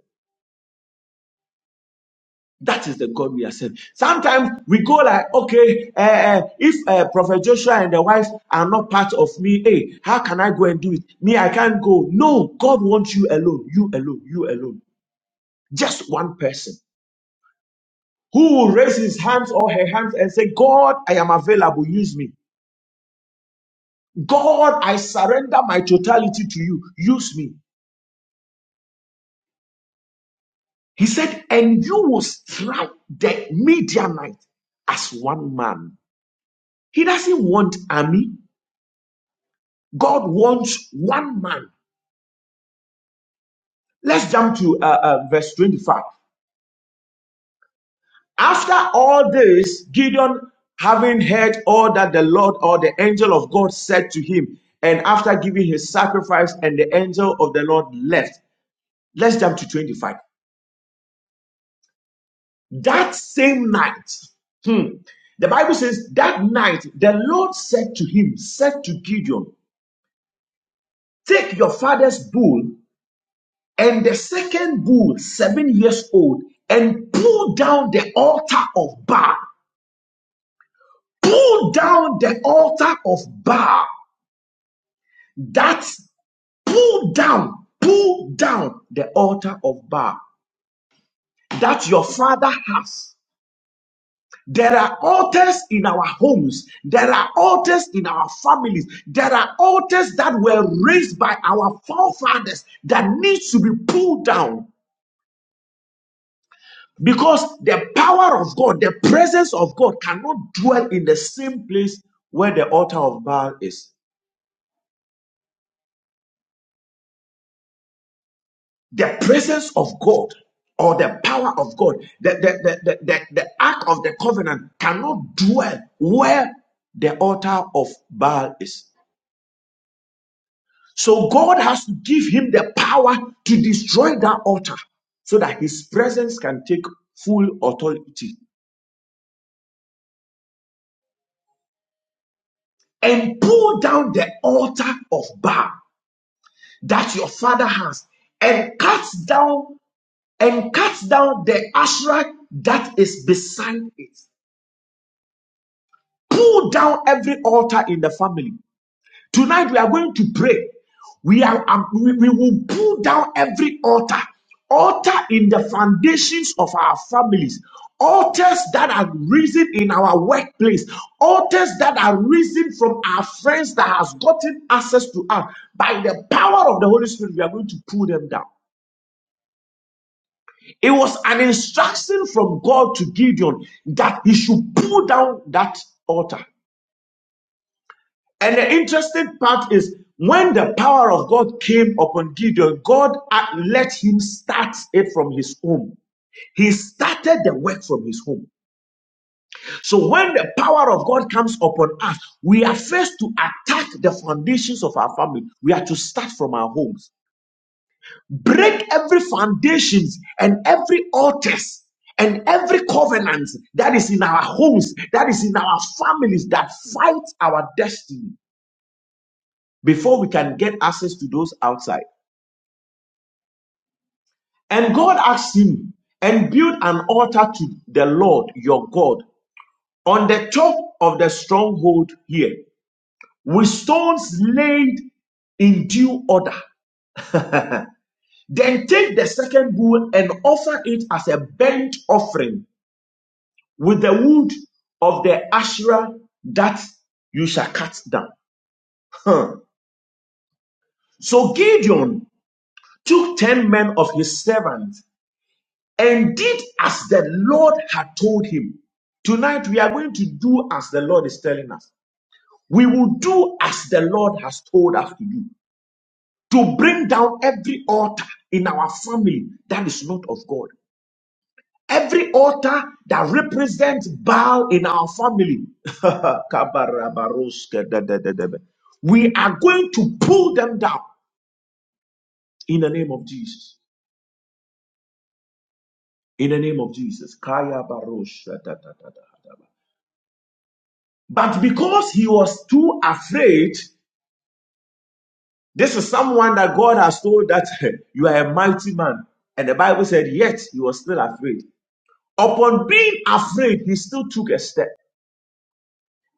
Speaker 3: That is the God we are serving. Sometimes we go like, okay, eh, eh, if uh, Prophet Joshua and the wife are not part of me, hey, how can I go and do it? Me, I can't go. No, God wants you alone, you alone, you alone. Just one person. who will raise his hands or her hands and say, God, I am available, use me. God, I surrender my totality to you, use me. He said, and you will strike the Midianite as one man. He doesn't want army. God wants one man. Let's jump to uh, uh, verse 25. After all this, Gideon, having heard all that the Lord or the angel of God said to him, and after giving his sacrifice, and the angel of the Lord left, Let's jump to 25. That same night, hmm, the Bible says, that night the Lord said to him, said to Gideon, Take your father's bull and the second bull, seven years old, and pull down the altar of Baal. Pull down the altar of Baal. That pull down, pull down the altar of Baal that your father has. There are altars in our homes. There are altars in our families. There are altars that were raised by our forefathers that needs to be pulled down because the power of God, the presence of God cannot dwell in the same place where the altar of Baal is. The presence of God or the power of God, the, the, the, the, the, the ark of the covenant cannot dwell where the altar of Baal is. So God has to give him the power to destroy that altar so that his presence can take full authority and pull down the altar of Baal that your father has and cut down and cut down the Asherah that is beside it. Pull down every altar in the family. Tonight we are going to pray. We are um, we, we will pull down every altar, altar in the foundations of our families, altars that are risen in our workplace, altars that are risen from our friends that has gotten access to us by the power of the Holy Spirit. We are going to pull them down. It was an instruction from God to Gideon that he should pull down that altar. And the interesting part is when the power of God came upon Gideon, God uh, let him start it from his home. He started the work from his home. So when the power of God comes upon us, we are first to attack the foundations of our family. We are to start from our homes. Break every foundations and every altars and every covenant that is in our homes, that is in our families, that fights our destiny. before we can get access to those outside. And God asked him, and build an altar to the Lord your God on the top of the stronghold here, with stones laid in due order. Then take the second bull and offer it as a burnt offering with the wood of the Asherah that you shall cut down. Huh. So Gideon took ten men of his servants and did as the Lord had told him. Tonight we are going to do as the Lord is telling us. We will do as the Lord has told us to do. To bring down every altar in our family that is not of God. Every altar that represents Baal in our family. we are going to pull them down in the name of Jesus. In the name of Jesus. Kaya barosha da- da- da- da- da. But because he was too afraid, this is someone that God has told that you are a mighty man. And the Bible said, yet he was still afraid. Upon being afraid, he still took a step.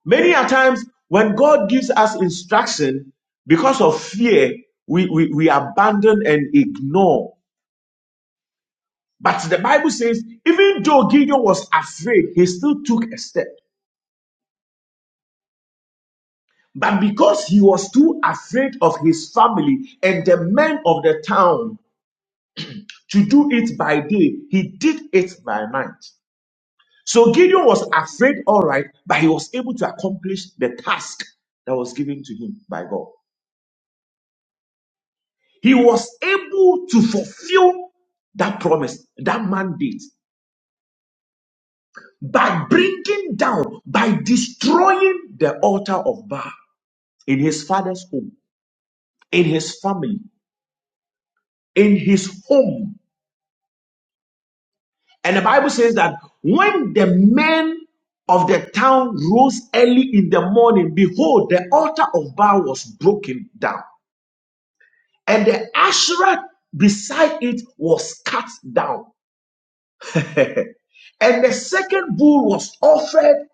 Speaker 3: Many a times, when God gives us instruction, because of fear, we, we, we abandon and ignore. But the Bible says, even though Gideon was afraid, he still took a step. But because he was too afraid of his family and the men of the town, to do it by day, he did it by night. So Gideon was afraid, all right, but he was able to accomplish the task that was given to him by God. He was able to fulfill that promise, that mandate, by bringing down, by destroying the altar of Baal in his father's home, in his family, in his home And the Bible says that when the men of the town rose early in the morning, behold, the altar of Baal was broken down, and the Asherah beside it was cut down. and the second bull was offered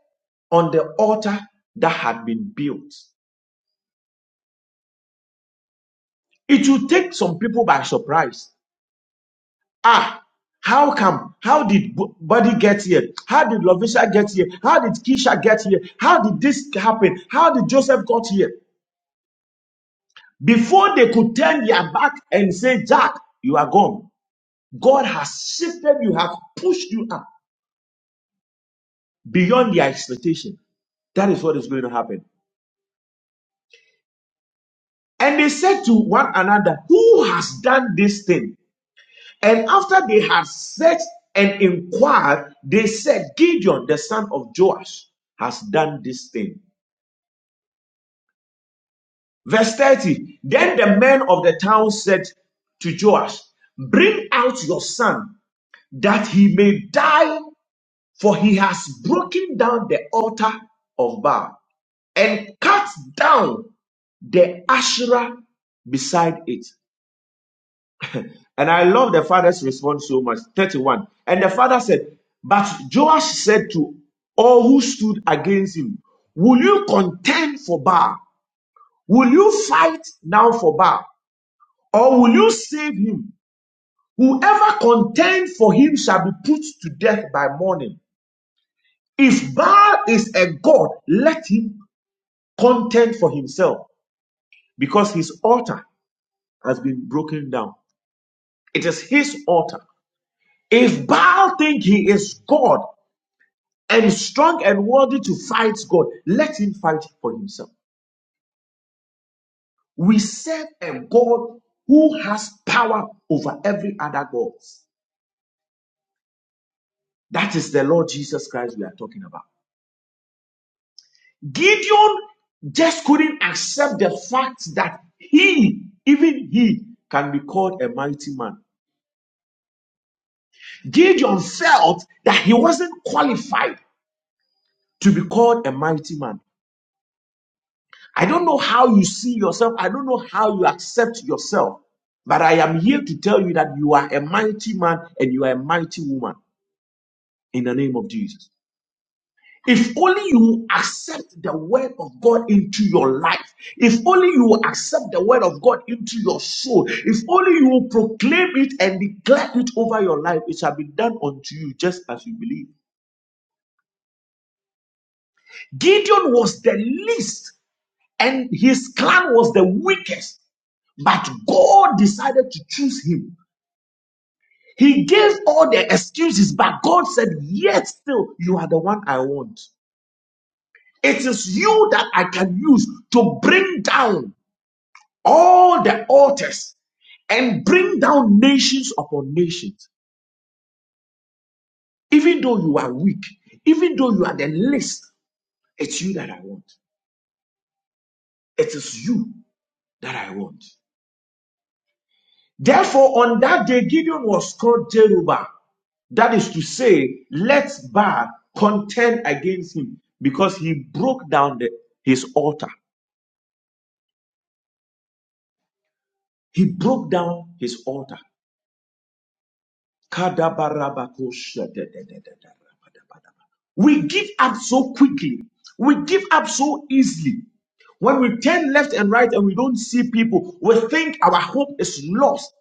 Speaker 3: on the altar that had been built. It will take some people by surprise Ah, how come? How did B- Buddy get here? How did Lovisha get here? How did Keisha get here? How did this happen? How did Joseph got here? Before they could turn their back and say, Jack, you are gone. God has shifted you, have pushed you up beyond their expectation. That is what is going to happen. And they said to one another, Who has done this thing? And after they had searched and inquired, they said, Gideon, the son of Joash, has done this thing. Verse 30. Then the men of the town said to Joash, Bring out your son that he may die, for he has broken down the altar of Baal and cut down the Asherah beside it. And I love the father's response so much. 31. And the father said, But Joash said to all who stood against him, Will you contend for Baal? Will you fight now for Baal? Or will you save him? Whoever contend for him shall be put to death by morning. If Baal is a god, let him contend for himself, because his altar has been broken down. It is his altar. If Baal think he is God and strong and worthy to fight God, let him fight for himself. We serve a God who has power over every other gods. That is the Lord Jesus Christ we are talking about. Gideon just couldn't accept the fact that he, even he, can be called a mighty man. Gideon felt that he wasn't qualified to be called a mighty man. I don't know how you see yourself, I don't know how you accept yourself, but I am here to tell you that you are a mighty man and you are a mighty woman in the name of Jesus. If only you accept the word of God into your life, if only you accept the word of God into your soul, if only you proclaim it and declare it over your life, it shall be done unto you just as you believe. Gideon was the least, and his clan was the weakest, but God decided to choose him. He gave all the excuses, but God said, Yet still, you are the one I want. It is you that I can use to bring down. all the altars and bring down nations upon nations. Even though you are weak, even though you are the least, it's you that I want. It is you that I want. Therefore, on that day, Gideon was called Jerubbaal. That is to say, let Baal contend against him because he broke down the- his altar. He broke down his altar. We give up so quickly. We give up so easily. When we turn left and right and we don't see people, we think our hope is lost.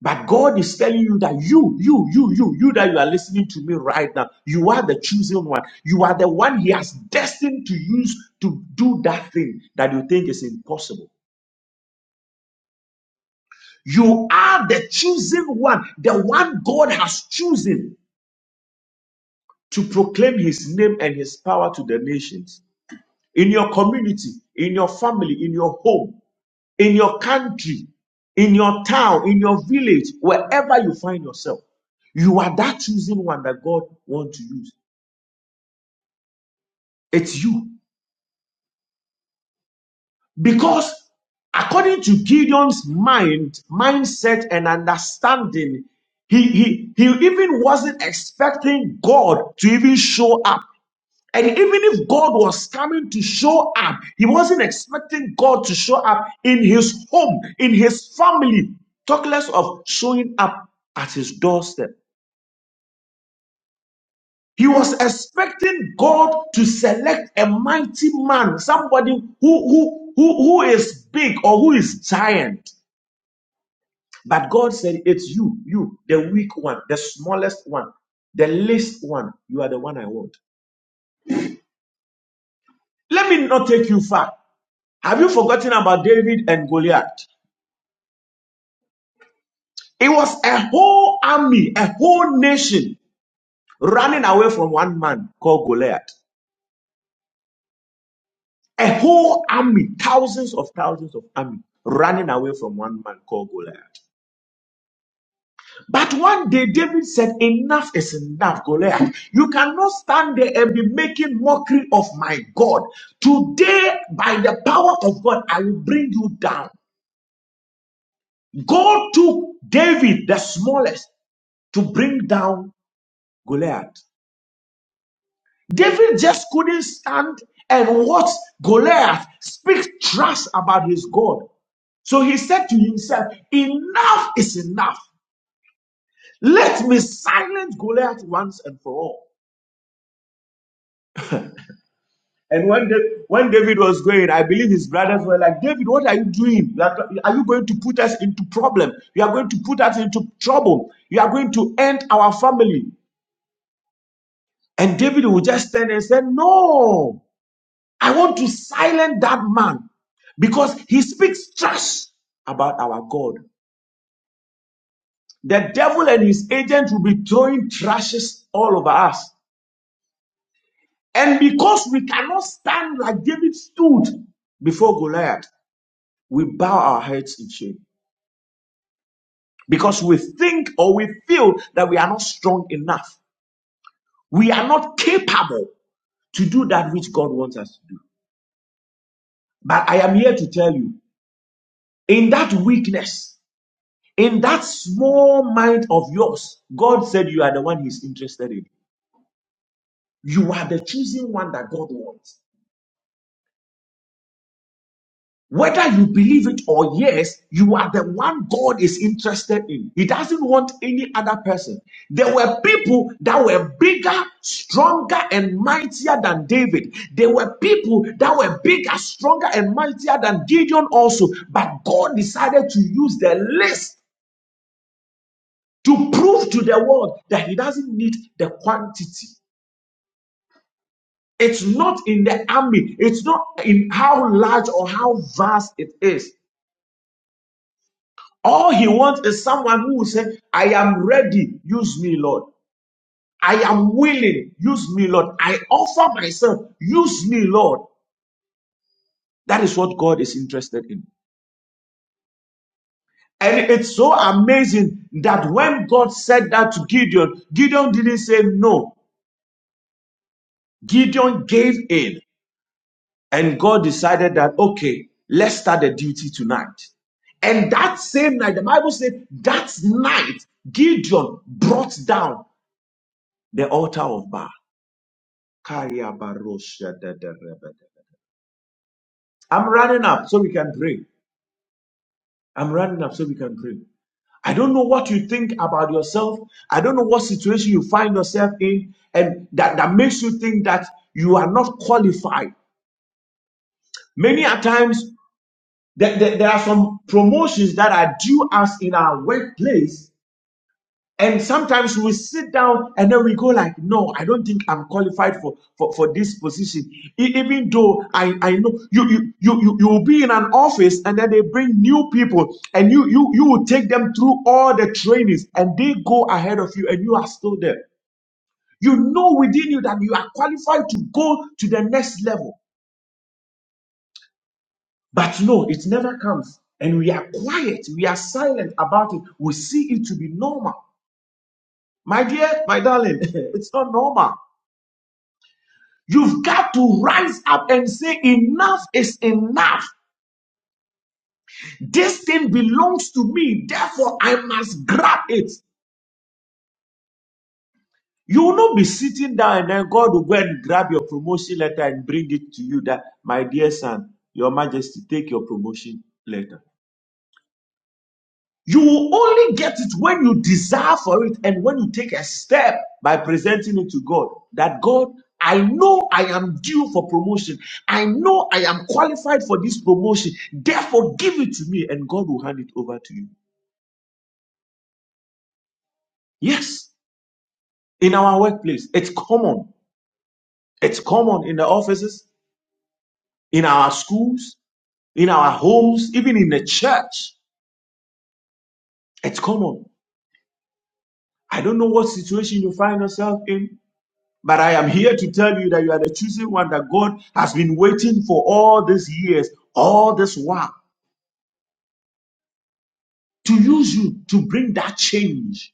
Speaker 3: But God is telling you that you, you, you, you, you that you are listening to me right now, you are the chosen one. You are the one He has destined to use to do that thing that you think is impossible. You are the chosen one, the one God has chosen to proclaim his name and his power to the nations in your community, in your family, in your home, in your country, in your town, in your village, wherever you find yourself. You are that chosen one that God wants to use. It's you. Because according to Gideon's mind, mindset, and understanding, he, he, he even wasn't expecting God to even show up And even if God was coming to show up, he wasn't expecting God to show up in his home, in his family, talk less of showing up at his doorstep. He was expecting God to select a mighty man, somebody who, who, who, who is big or who is giant. But God said, It's you, you, the weak one, the smallest one, the least one. You are the one I want. Let me not take you far. Have you forgotten about David and Goliath? It was a whole army, a whole nation running away from one man called Goliath. A whole army, thousands of thousands of army running away from one man called Goliath. But one day David said, Enough is enough, Goliath. You cannot stand there and be making mockery of my God. Today, by the power of God, I will bring you down. God took David, the smallest, to bring down Goliath. David just couldn't stand and watch Goliath speak trash about his God. So he said to himself, Enough is enough. Let me silence Goliath once and for all. And when, Da- when David was going, I believe his brothers were like, David, what are you doing? You Are are you going to put us into problem? You are going to put us into trouble. You are going to end our family. And David would just stand and say, No. I want to silence that man because he speaks trash about our God. The devil and his agents will be throwing trashes all over us. And because we cannot stand like David stood before Goliath, we bow our heads in shame because we think or we feel that we are not strong enough. We are not capable to do that which God wants us to do. But I am here to tell you in that weakness, In that small mind of yours, God said you are the one He's interested in. You are the chosen one that God wants. Whether you believe it or yes, you are the one God is interested in. He doesn't want any other person. There were people that were bigger, stronger, and mightier than David. There were people that were bigger, stronger, and mightier than Gideon also. But God decided to use the list to prove to the world that He doesn't need the quantity. It's not in the army. It's not in how large or how vast it is. All he wants is someone who will say, I am ready. Use me, Lord. I am willing. Use me, Lord. I offer myself. Use me, Lord. That is what God is interested in. And it's so amazing that when God said that to Gideon, Gideon didn't say no. Gideon gave in. And God decided that, okay, let's start the duty tonight. And that same night, the Bible said, that night, Gideon brought down the altar of Baal. Kai, I'm running up so we can pray. I'm running up so we can pray. I don't know what you think about yourself. I don't know what situation you find yourself in, and that, that makes you think that you are not qualified. Many a times, there, there there are some promotions that are due us in our workplace And sometimes we sit down and then we go like, no, I don't think I'm qualified for, for, for this position. E- Even though I, I know you, you you you you will be in an office and then they bring new people and you you you will take them through all the trainings and they go ahead of you and you are still there. You know within you that you are qualified to go to the next level. But no, it never comes. And we are quiet, we are silent about it. We see it to be normal. My dear, my darling, it's not normal. You've got to rise up and say, Enough is enough. This thing belongs to me. Therefore, I must grab it. You will not be sitting down and then God will go and grab your promotion letter and bring it to you that, my dear son, your majesty, take your promotion letter. You will only get it when you desire for it and when you take a step by presenting it to God. That God, I know I am due for promotion. I know I am qualified for this promotion. Therefore, give it to me and God will hand it over to you. Yes, in our workplace, it's common. It's common in the offices, in our schools, in our homes, even in the church. It's common. I don't know what situation you find yourself in. But I am here to tell you that you are the chosen one that God has been waiting for all these years, all this while, to use you to bring that change.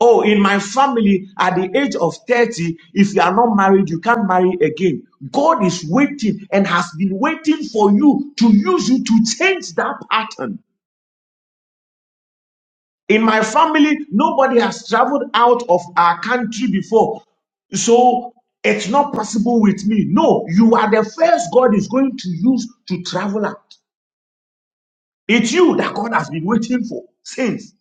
Speaker 3: Oh, in my family, at the age of 30, if you are not married, you can't marry again. God is waiting and has been waiting for you to use you to change that pattern. In my family, nobody has traveled out of our country before. So it's not possible with me. No, you are the first God is going to use to travel out. It's you that God has been waiting for since.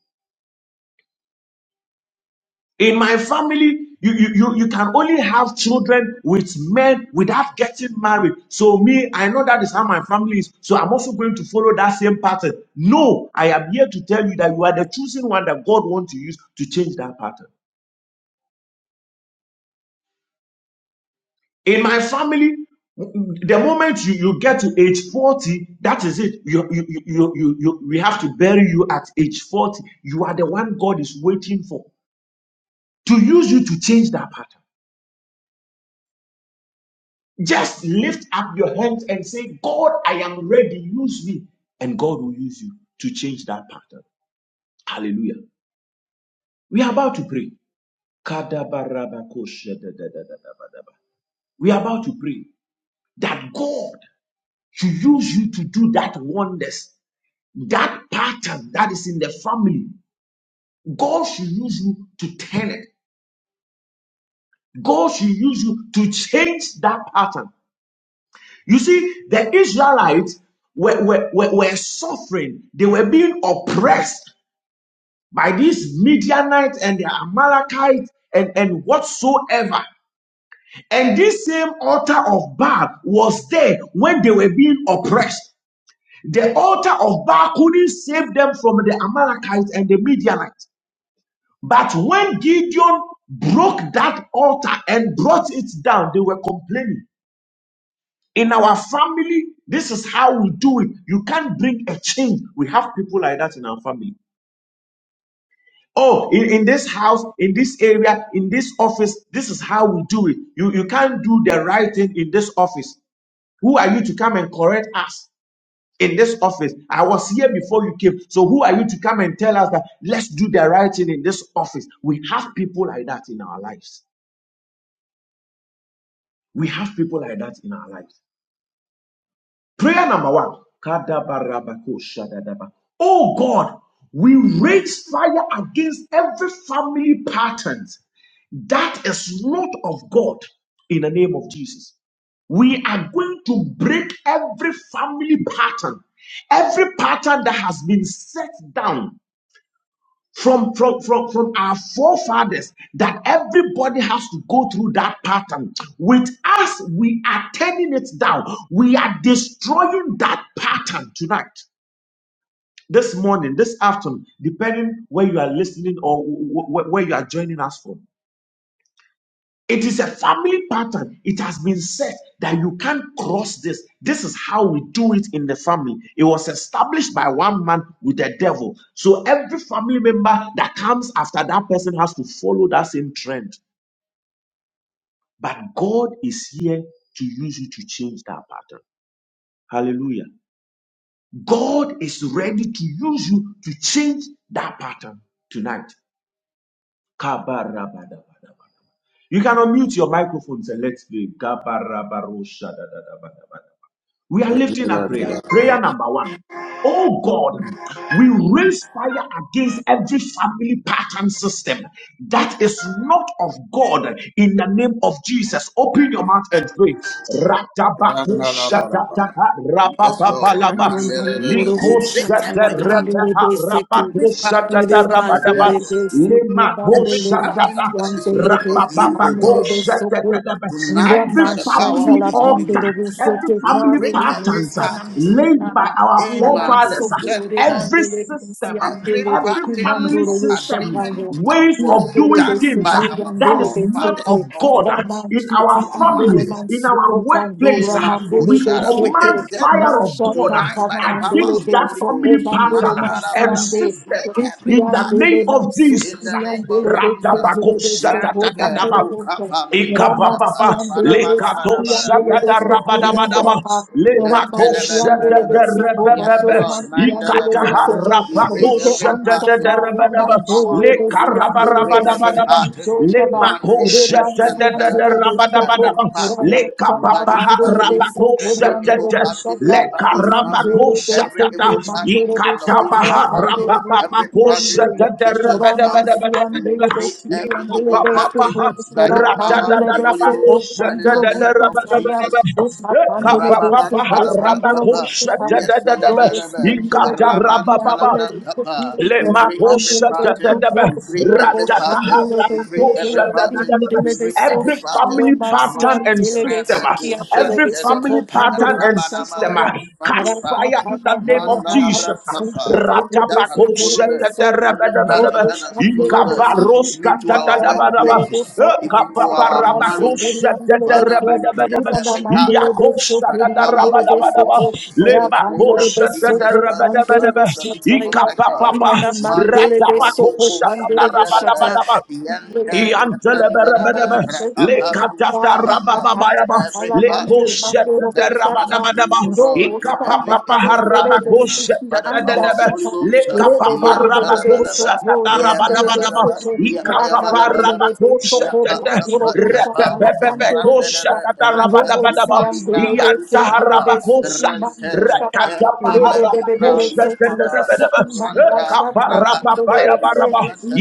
Speaker 3: In my family, you, you, you, you can only have children with men without getting married. So, me, I know that is how my family is. So, I'm also going to follow that same pattern. No, I am here to tell you that you are the chosen one that God wants to use to change that pattern. In my family, the moment you, you get to age 40, that is it. You, you, you, you, you, you- we have to bury you at age 40. You are the one God is waiting for to use you to change that pattern. Just lift up your hands and say, God, I am ready. Use me. And God will use you to change that pattern. Hallelujah. We are about to pray. We are about to pray that God should use you to do that wonders That pattern that is in the family, God should use you to turn it. God should use you to change that pattern. You see, the Israelites were, were, were, were suffering, they were being oppressed by these Midianites and the Amalekites and, and whatsoever. And this same altar of Baal was there when they were being oppressed. The altar of Baal couldn't save them from the Amalekites and the Midianites. But when Gideon broke that altar and brought it down, they were complaining. In our family, this is how we do it. You can't bring a change. We have people like that in our family. Oh, in, in this house, in this area, in this office, this is how we do it. You, you can't do the right thing in this office. Who are you to come and correct us in this office? I was here before you came. So who are you to come and tell us that let's do the right thing in this office? We have people like that in our lives. We have people like that in our lives. Prayer number one. Oh God, we raise fire against every family pattern that is not of God in the name of Jesus. We are going to break every family pattern, every pattern that has been set down from from from from our forefathers that everybody has to go through that pattern with us we are turning it down we are destroying that pattern tonight this morning this afternoon depending where you are listening or wh- wh- where you are joining us from it is a family pattern. It has been set that you can't cross this. This is how we do it in the family. It was established by one man with the devil. So every family member that comes after that person has to follow that same trend. But God is here to use you to change that pattern. Hallelujah. God is ready to use you to change that pattern tonight. Kabarabadabadaba. You can unmute your microphones and let's pray. Kabarabaroshadadadabadaba. We are
Speaker 1: Yes,
Speaker 3: lifting up prayer. Prayer number one. Oh God, we raise fire against every family pattern system that is not of God in the name of Jesus. Open your mouth and pray. Ratabako shatataha,
Speaker 1: Lord.
Speaker 3: rapapabalaba.
Speaker 2: Kanyaman
Speaker 1: We
Speaker 2: Urubu
Speaker 3: Liko
Speaker 1: break
Speaker 2: Shatala
Speaker 3: shata
Speaker 1: every part,
Speaker 2: Pandele
Speaker 3: rabaha
Speaker 2: Beseki.
Speaker 1: every
Speaker 3: rabako
Speaker 1: pattern
Speaker 3: shata
Speaker 2: Bere
Speaker 1: of the
Speaker 3: rabadaba
Speaker 1: devil,
Speaker 2: Mandele Beseki
Speaker 3: lemako
Speaker 1: every
Speaker 2: Bambele
Speaker 3: shata
Speaker 1: pattern that is not
Speaker 2: Mansandele
Speaker 1: of
Speaker 2: Beseki
Speaker 1: you, O
Speaker 3: rabababako
Speaker 2: Bambele
Speaker 1: God.
Speaker 3: shata
Speaker 2: Besoko.
Speaker 3: rabadaba.
Speaker 1: Tonight,
Speaker 3: Every
Speaker 1: by
Speaker 2: Rama
Speaker 1: the power
Speaker 3: family
Speaker 1: of
Speaker 2: Shatala
Speaker 1: the Holy
Speaker 3: altar,
Speaker 2: Pandoro
Speaker 1: Ghost,
Speaker 3: every
Speaker 2: Seke
Speaker 1: we
Speaker 3: family
Speaker 1: break
Speaker 2: Kabri
Speaker 1: every
Speaker 3: patterns uh,
Speaker 1: pattern,
Speaker 3: laid by
Speaker 2: Samansukai.
Speaker 3: our
Speaker 2: Laman
Speaker 1: Emado,
Speaker 3: forefathers, uh,
Speaker 2: Soko
Speaker 1: Scepter,
Speaker 3: every
Speaker 2: Remandele
Speaker 3: system,
Speaker 1: every
Speaker 3: uh,
Speaker 2: Mansandele
Speaker 3: every
Speaker 1: pattern
Speaker 3: family
Speaker 1: of
Speaker 2: Bekumandoro
Speaker 3: system,
Speaker 2: Shataya.
Speaker 1: agreement that
Speaker 3: ways of
Speaker 1: was
Speaker 2: Yandele
Speaker 3: doing
Speaker 1: done
Speaker 3: things
Speaker 1: by
Speaker 3: uh,
Speaker 2: Beseko
Speaker 1: our
Speaker 3: that
Speaker 2: Yandele
Speaker 3: is not of
Speaker 2: Beseke.
Speaker 1: forefathers or
Speaker 3: God uh,
Speaker 1: fore-
Speaker 2: Rama
Speaker 3: in our
Speaker 2: Chiti
Speaker 1: our
Speaker 2: Andoro
Speaker 3: family,
Speaker 1: mothers.
Speaker 3: in in our
Speaker 2: Mansuko
Speaker 3: workplace,
Speaker 2: Bandora
Speaker 3: ah, we
Speaker 2: Mandele
Speaker 1: Imakoshara, with the
Speaker 3: command
Speaker 2: Beseke.
Speaker 1: devil
Speaker 3: fire of
Speaker 2: Masha
Speaker 3: God ah,
Speaker 1: tonight by
Speaker 2: Katana
Speaker 1: the power
Speaker 2: Mandele
Speaker 3: against
Speaker 1: of the
Speaker 3: that
Speaker 2: Ben
Speaker 1: Holy
Speaker 2: So
Speaker 3: family
Speaker 1: Ghost.
Speaker 2: Ebandoro
Speaker 3: pattern ah, and
Speaker 1: Mandarabara,
Speaker 2: Mansiande,
Speaker 1: we
Speaker 3: system
Speaker 1: break
Speaker 3: ah,
Speaker 2: Viki
Speaker 1: every
Speaker 3: in the
Speaker 1: party
Speaker 3: name
Speaker 2: Andele
Speaker 3: of
Speaker 1: in
Speaker 3: Jesus.
Speaker 1: the
Speaker 2: Mansukuri
Speaker 3: ah.
Speaker 1: name of
Speaker 2: Andele De
Speaker 1: Jesus.
Speaker 2: Kitele De Soko
Speaker 1: Manke
Speaker 3: Ratabakosatatatadaba.
Speaker 2: Mandelo Bonta, Ramansi
Speaker 3: Ikabababa,
Speaker 1: rokafamninibriyapara,
Speaker 2: and
Speaker 1: bada,
Speaker 2: dele De
Speaker 1: bada, bada,
Speaker 3: lekato
Speaker 2: Siki
Speaker 1: bada.
Speaker 2: dele De
Speaker 1: Yes,
Speaker 3: shadada
Speaker 1: Lord.
Speaker 2: Sokuri
Speaker 1: Yes,
Speaker 3: rabadabadaba,
Speaker 2: Andela
Speaker 1: Lord.
Speaker 2: Ma,
Speaker 3: lemako
Speaker 2: Ramansi Andele De
Speaker 3: shadada
Speaker 1: Netalabalaba.
Speaker 2: Soko
Speaker 1: Yes,
Speaker 3: rebebebe,
Speaker 2: Bandoro
Speaker 1: Lord,
Speaker 2: Mansi Andele De
Speaker 3: ikataha
Speaker 1: Mandalabalaba.
Speaker 2: Seke,
Speaker 1: We break
Speaker 3: rapako
Speaker 2: Vike
Speaker 1: every
Speaker 3: shadada
Speaker 1: pattern
Speaker 2: Ansataya
Speaker 1: by the power of the
Speaker 2: Mandore De
Speaker 1: Holy
Speaker 2: Si
Speaker 1: Ghost. We
Speaker 2: Andele
Speaker 1: break
Speaker 2: De
Speaker 1: every
Speaker 3: rebedebe,
Speaker 2: Siki
Speaker 1: pattern.
Speaker 2: Ando Shaba,
Speaker 1: Mande
Speaker 2: Remansi Andele
Speaker 1: Kusantalaba.
Speaker 2: De
Speaker 3: Rabadabadabadaba,
Speaker 1: Every
Speaker 2: Soko
Speaker 1: pattern in
Speaker 2: Ramachala
Speaker 1: body's
Speaker 3: Lemakoshetadadadabadabadaba, Lekapapaha
Speaker 2: Pandele
Speaker 1: family.
Speaker 2: Beso
Speaker 1: Every
Speaker 2: Korean
Speaker 1: evil
Speaker 2: Dorobu
Speaker 1: pattern in
Speaker 2: Papa
Speaker 1: body's family.
Speaker 2: Mandele
Speaker 1: Every
Speaker 2: Beso
Speaker 1: evil pattern
Speaker 2: Mandoro
Speaker 1: in Novisha's
Speaker 2: Shatara
Speaker 1: family.
Speaker 2: Pandoro
Speaker 1: Every pattern in
Speaker 2: Yandeya
Speaker 1: Kisha's family.
Speaker 2: Ramansian Dele
Speaker 1: We break
Speaker 2: Beso
Speaker 1: every
Speaker 2: Yandele
Speaker 1: evil
Speaker 2: Beso
Speaker 1: pattern by the power of
Speaker 2: Rapandele
Speaker 1: the Holy
Speaker 2: Beso
Speaker 1: Ghost and in the
Speaker 2: Pandoro
Speaker 1: name of
Speaker 2: Bustasaya
Speaker 1: Jesus.
Speaker 2: Uta Pandele
Speaker 1: Rababan
Speaker 2: Beso
Speaker 1: Talabra
Speaker 2: Pandoro
Speaker 1: Kappa,
Speaker 2: Bushita
Speaker 1: yes,
Speaker 2: Robo
Speaker 1: Celebelebe,
Speaker 2: Sindele Beso
Speaker 1: Raman Talabra
Speaker 2: Yandele
Speaker 1: Kappa.
Speaker 3: Le
Speaker 1: We
Speaker 2: Beso
Speaker 1: free every
Speaker 3: makosha
Speaker 2: Rapandele
Speaker 3: da
Speaker 1: party,
Speaker 3: da
Speaker 2: Beso
Speaker 3: da ba,
Speaker 1: we free every
Speaker 2: so
Speaker 3: ratata
Speaker 1: party,
Speaker 3: ha
Speaker 2: Shandele
Speaker 1: we free
Speaker 3: rakakosha
Speaker 1: every
Speaker 2: Beso
Speaker 3: da da
Speaker 1: party,
Speaker 3: da da ba.
Speaker 1: we
Speaker 2: Yandele
Speaker 1: free
Speaker 2: Beso
Speaker 1: every
Speaker 3: Every
Speaker 1: party.
Speaker 3: family pattern
Speaker 2: Romasian
Speaker 1: Monday,
Speaker 3: and
Speaker 2: delebe
Speaker 3: system, uh,
Speaker 1: Rebecca,
Speaker 2: shikia
Speaker 3: every
Speaker 2: delebe
Speaker 1: Shantelebe,
Speaker 2: soko
Speaker 3: family pattern
Speaker 2: pandoro
Speaker 3: and
Speaker 1: Rabanama,
Speaker 3: system,
Speaker 1: and
Speaker 3: uh,
Speaker 2: bushataya. Mandele be
Speaker 3: catch
Speaker 1: family party,
Speaker 3: fire in the name of Jesus.
Speaker 1: Mandanabra Kappa, that has
Speaker 3: Ratapakosha
Speaker 1: followed us,
Speaker 3: da da da
Speaker 1: every
Speaker 3: ba
Speaker 1: party that has followed us,
Speaker 3: Ikavaroska
Speaker 1: even to our
Speaker 3: tadadabadaba.
Speaker 1: workplaces, even to our
Speaker 3: Ekapaparabakosa
Speaker 1: marriages. Father, we break
Speaker 3: tadadarabadabadaba.
Speaker 1: every pattern
Speaker 3: Iyakosa
Speaker 1: by the power of the Holy
Speaker 3: dadarabadabadaba.
Speaker 1: Ghost and in the name of
Speaker 3: Lebakosa
Speaker 2: so
Speaker 1: Jesus Christ, the
Speaker 2: pandoro
Speaker 1: Son
Speaker 3: dadarabadabadaba.
Speaker 1: of the Living Most High God.
Speaker 3: Ikapapapa.
Speaker 1: Mande rokopos
Speaker 3: Ratabakosa
Speaker 2: bushata
Speaker 1: mandarabe, yende pendarabe,
Speaker 2: Parents, first name of
Speaker 1: raapalus
Speaker 2: the
Speaker 1: mahanda
Speaker 2: past,
Speaker 1: every
Speaker 2: I'm on day,
Speaker 1: pattern
Speaker 2: man, the
Speaker 1: that
Speaker 2: things
Speaker 1: is not of you, O
Speaker 2: no
Speaker 1: God, every evil
Speaker 2: I'm the rebel
Speaker 1: pattern, uh,
Speaker 2: city
Speaker 1: by the
Speaker 2: the
Speaker 1: power of the Holy
Speaker 2: shutter.
Speaker 1: Ghost, uh,
Speaker 2: Rebe, be, be, be, be, be, so
Speaker 1: yantalabalaba,
Speaker 2: glory the rebel
Speaker 1: yabalabalaba,
Speaker 2: city. Raka, man, the
Speaker 1: yapayabalabalaba,
Speaker 2: rebel, so cold, Doro, Bocha,
Speaker 1: yapatapatapa,
Speaker 2: Salas, and Doro,
Speaker 1: randalaba,
Speaker 2: Bocha. Robo, see, and the
Speaker 1: repetupalibra
Speaker 2: rebel, say, Rebe,
Speaker 1: halusmaha,
Speaker 2: see, in
Speaker 1: rente
Speaker 2: man, Thank
Speaker 1: mekempele ibralusmada, ranta
Speaker 3: Kaparababayabaraba,
Speaker 1: raatapalusnata,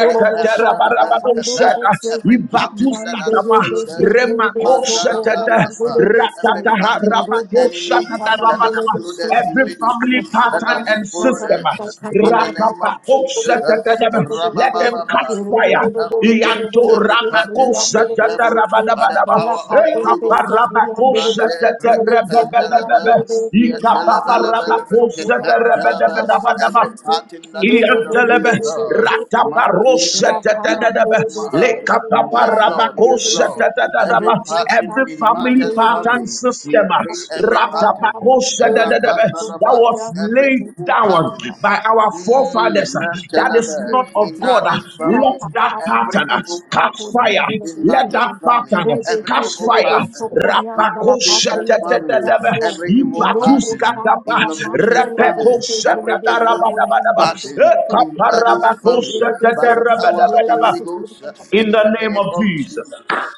Speaker 1: rependalaba, every pattern that has
Speaker 3: ibatuskataba,
Speaker 1: followed us Mandara
Speaker 3: remakosetete,
Speaker 1: Brakapa, every pattern of the enemy that has
Speaker 3: ratataharabakosatatarabadaba.
Speaker 1: followed us in
Speaker 3: Every
Speaker 1: ministry,
Speaker 3: family
Speaker 1: that
Speaker 3: pattern
Speaker 1: has
Speaker 3: and
Speaker 1: followed
Speaker 3: system.
Speaker 1: us uh, in the name of Jesus, uh,
Speaker 3: Rakapakosatatadaba. Let them catch
Speaker 1: Rabababa, we
Speaker 3: fire.
Speaker 1: come
Speaker 3: Ianto
Speaker 1: against every pattern of the devil
Speaker 2: you.
Speaker 1: by the
Speaker 3: Ramakosatarabadabadaba.
Speaker 2: Ora
Speaker 1: power of the
Speaker 2: papo de
Speaker 1: Holy
Speaker 2: beso
Speaker 1: Ghost.
Speaker 2: curian de
Speaker 1: Mande
Speaker 2: beso chulo beso curian
Speaker 1: rekendelebe,
Speaker 2: de
Speaker 3: Ekaparabakosatarabadabadaba.
Speaker 2: beso manzi de
Speaker 1: yetelebelebelebe,
Speaker 2: beso baba baba
Speaker 1: ketetelebe.
Speaker 2: baba baba
Speaker 1: Every
Speaker 3: Ikapaparabakosatarabatabadabadaba.
Speaker 2: sanzi de
Speaker 1: pattern that is
Speaker 2: de
Speaker 1: not
Speaker 2: de
Speaker 1: of
Speaker 2: de
Speaker 1: you,
Speaker 2: de
Speaker 3: Iyantelebe,
Speaker 1: O
Speaker 2: de de de
Speaker 1: God.
Speaker 2: beso
Speaker 1: Mandi
Speaker 3: rataparoshe
Speaker 2: ora pama
Speaker 3: tetededebe,
Speaker 2: de beso
Speaker 1: rekendishmaha.
Speaker 2: curian de
Speaker 1: Yes,
Speaker 2: la pan
Speaker 1: Lord.
Speaker 2: de
Speaker 1: Yes,
Speaker 3: lekapaparabakoshe
Speaker 1: Lord.
Speaker 2: beso
Speaker 1: Every
Speaker 3: tetededebe.
Speaker 2: ro
Speaker 1: pattern
Speaker 3: Every
Speaker 2: beso
Speaker 1: in
Speaker 2: pama
Speaker 3: family
Speaker 2: de
Speaker 1: Martha's
Speaker 3: pattern
Speaker 2: beso
Speaker 1: family,
Speaker 3: system
Speaker 1: we
Speaker 3: uh,
Speaker 1: break every
Speaker 2: ora
Speaker 1: pattern.
Speaker 2: pama
Speaker 3: ratapakoshe
Speaker 2: de
Speaker 3: tetededebe,
Speaker 2: beso
Speaker 3: that
Speaker 1: Rapandalaba,
Speaker 3: was
Speaker 2: curian de
Speaker 1: Every
Speaker 3: laid
Speaker 1: evil
Speaker 3: down
Speaker 2: beso
Speaker 1: pattern.
Speaker 3: by our forefathers uh,
Speaker 1: Mm,
Speaker 3: that is
Speaker 2: Thank
Speaker 3: not
Speaker 1: Telebe,
Speaker 3: of
Speaker 1: in
Speaker 3: God, uh,
Speaker 1: Nana's
Speaker 3: let
Speaker 1: family
Speaker 3: that
Speaker 1: every
Speaker 3: pattern uh,
Speaker 1: evil
Speaker 3: catch
Speaker 1: pattern
Speaker 3: fire.
Speaker 1: in
Speaker 3: Let
Speaker 1: Martha's
Speaker 3: that
Speaker 1: family,
Speaker 3: pattern uh,
Speaker 1: every
Speaker 3: catch
Speaker 1: evil
Speaker 3: fire.
Speaker 1: pattern in
Speaker 3: Rapako
Speaker 1: Kisha's family,
Speaker 3: shatatatataba,
Speaker 1: every evil pattern
Speaker 3: ipatuskatapa,
Speaker 1: in Lavisha's
Speaker 3: repeko
Speaker 1: family, every evil
Speaker 3: shatatarabadabadaba,
Speaker 1: pattern in Buddy's
Speaker 3: ekaparabako
Speaker 1: family, by the power of the
Speaker 3: shatatarabadabadaba.
Speaker 1: Holy Ghost uh, and
Speaker 3: In
Speaker 1: in the
Speaker 3: the name of
Speaker 1: name
Speaker 2: you.
Speaker 1: of
Speaker 3: Jesus. uh,
Speaker 1: Jesus.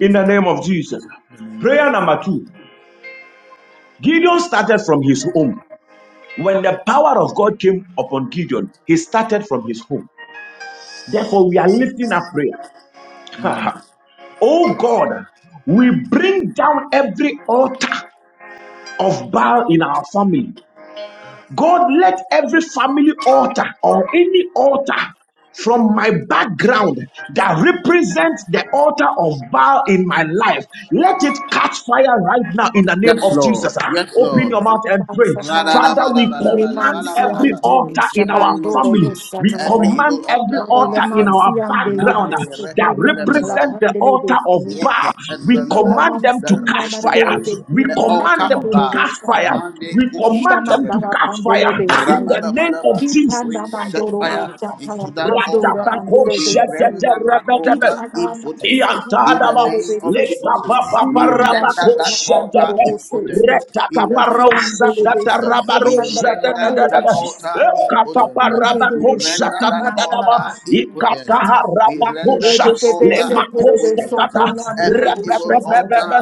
Speaker 3: In the
Speaker 1: it.
Speaker 3: name of Jesus. uh, Prayer number two. Gideon started from his home. When the power of God came upon Gideon, he started from his home. Therefore, we are lifting up prayer. Oh God, we bring down every altar of Baal in our family. God, let every family altar or any altar from my background that represents the altar of Baal in my life, let it catch fire right now in the name
Speaker 1: Yes,
Speaker 3: of
Speaker 1: Lord.
Speaker 3: Jesus.
Speaker 1: Yes,
Speaker 3: Open
Speaker 1: Lord.
Speaker 3: your mouth and pray.
Speaker 2: Satan.
Speaker 3: Father, we command every
Speaker 1: Ra-da-da-ba-da-ba-da-ba-da-ba-da-ba-da-ba.
Speaker 2: Remansiande,
Speaker 3: altar
Speaker 1: In
Speaker 3: in
Speaker 1: the
Speaker 3: our
Speaker 1: name of
Speaker 2: Shabandoro
Speaker 3: family.
Speaker 1: Jesus,
Speaker 3: We
Speaker 1: every
Speaker 2: Sataya.
Speaker 1: evil
Speaker 3: command every
Speaker 1: altar in our
Speaker 3: altar in
Speaker 1: family,
Speaker 3: our
Speaker 2: Remansiande,
Speaker 3: background uh, that
Speaker 2: Remansiande, la
Speaker 1: Monday,
Speaker 3: represent the
Speaker 2: Pandele
Speaker 3: altar of
Speaker 2: Destiny.
Speaker 3: Baal. We
Speaker 2: Shikula
Speaker 1: Yeketendelebe,
Speaker 3: command them to
Speaker 1: that
Speaker 2: Mansuna
Speaker 3: catch fire.
Speaker 2: Mandole
Speaker 1: represents
Speaker 3: We
Speaker 1: the
Speaker 2: Betianda la
Speaker 3: command
Speaker 1: altar
Speaker 3: them
Speaker 1: of
Speaker 3: to
Speaker 2: Pandoro
Speaker 3: catch
Speaker 1: God.
Speaker 3: fire.
Speaker 1: Mande
Speaker 3: We command them to
Speaker 1: kushetelebe.
Speaker 2: Mandala
Speaker 3: catch fire
Speaker 2: Pandele
Speaker 3: in the
Speaker 2: Besi.
Speaker 3: name of
Speaker 1: Rabadabadaba.
Speaker 3: Jesus
Speaker 1: We
Speaker 2: Kitana
Speaker 3: Christ
Speaker 1: set
Speaker 3: of
Speaker 2: Mandorobo
Speaker 1: fire
Speaker 3: Nazareth.
Speaker 1: into
Speaker 2: Chatala
Speaker 1: that
Speaker 2: Pandora
Speaker 1: altar.
Speaker 2: Mandele
Speaker 1: We render
Speaker 2: Besi.
Speaker 1: that altar
Speaker 2: Kitana
Speaker 1: impotent.
Speaker 2: Suguri
Speaker 1: In the
Speaker 3: Yantadaba,
Speaker 2: Andele
Speaker 1: name of
Speaker 2: Beseti.
Speaker 1: Jesus, we
Speaker 2: Indanda
Speaker 1: render
Speaker 3: lekapapaparabapo,
Speaker 1: that altar
Speaker 3: shatata,
Speaker 2: Shatandorobo Seti.
Speaker 1: impotent. In the
Speaker 3: retakaparau,
Speaker 1: name of
Speaker 2: Rufian Dele
Speaker 3: shatata,
Speaker 1: Jesus,
Speaker 2: Beso
Speaker 3: rabaro,
Speaker 1: we
Speaker 2: Puriandala
Speaker 3: shatata,
Speaker 1: render
Speaker 2: Pandorobo
Speaker 1: that
Speaker 3: dadaba,
Speaker 1: altar
Speaker 2: Shataya.
Speaker 1: impotent. We
Speaker 3: ekapaparabapo,
Speaker 2: Lebebe
Speaker 1: render that
Speaker 3: shatata,
Speaker 2: Sukuriandala
Speaker 3: dadaba,
Speaker 1: altar
Speaker 2: Pandorobo
Speaker 1: impotent.
Speaker 2: Shataya.
Speaker 1: We
Speaker 3: ikataharabapo,
Speaker 1: render
Speaker 3: sha,
Speaker 1: that
Speaker 2: Lebebe
Speaker 1: altar
Speaker 2: Setele
Speaker 3: lemako,
Speaker 2: Beso
Speaker 1: impotent.
Speaker 3: shatata,
Speaker 1: Every
Speaker 2: Puriandele
Speaker 1: evil
Speaker 2: Shataya.
Speaker 1: altar
Speaker 3: repepepepebe,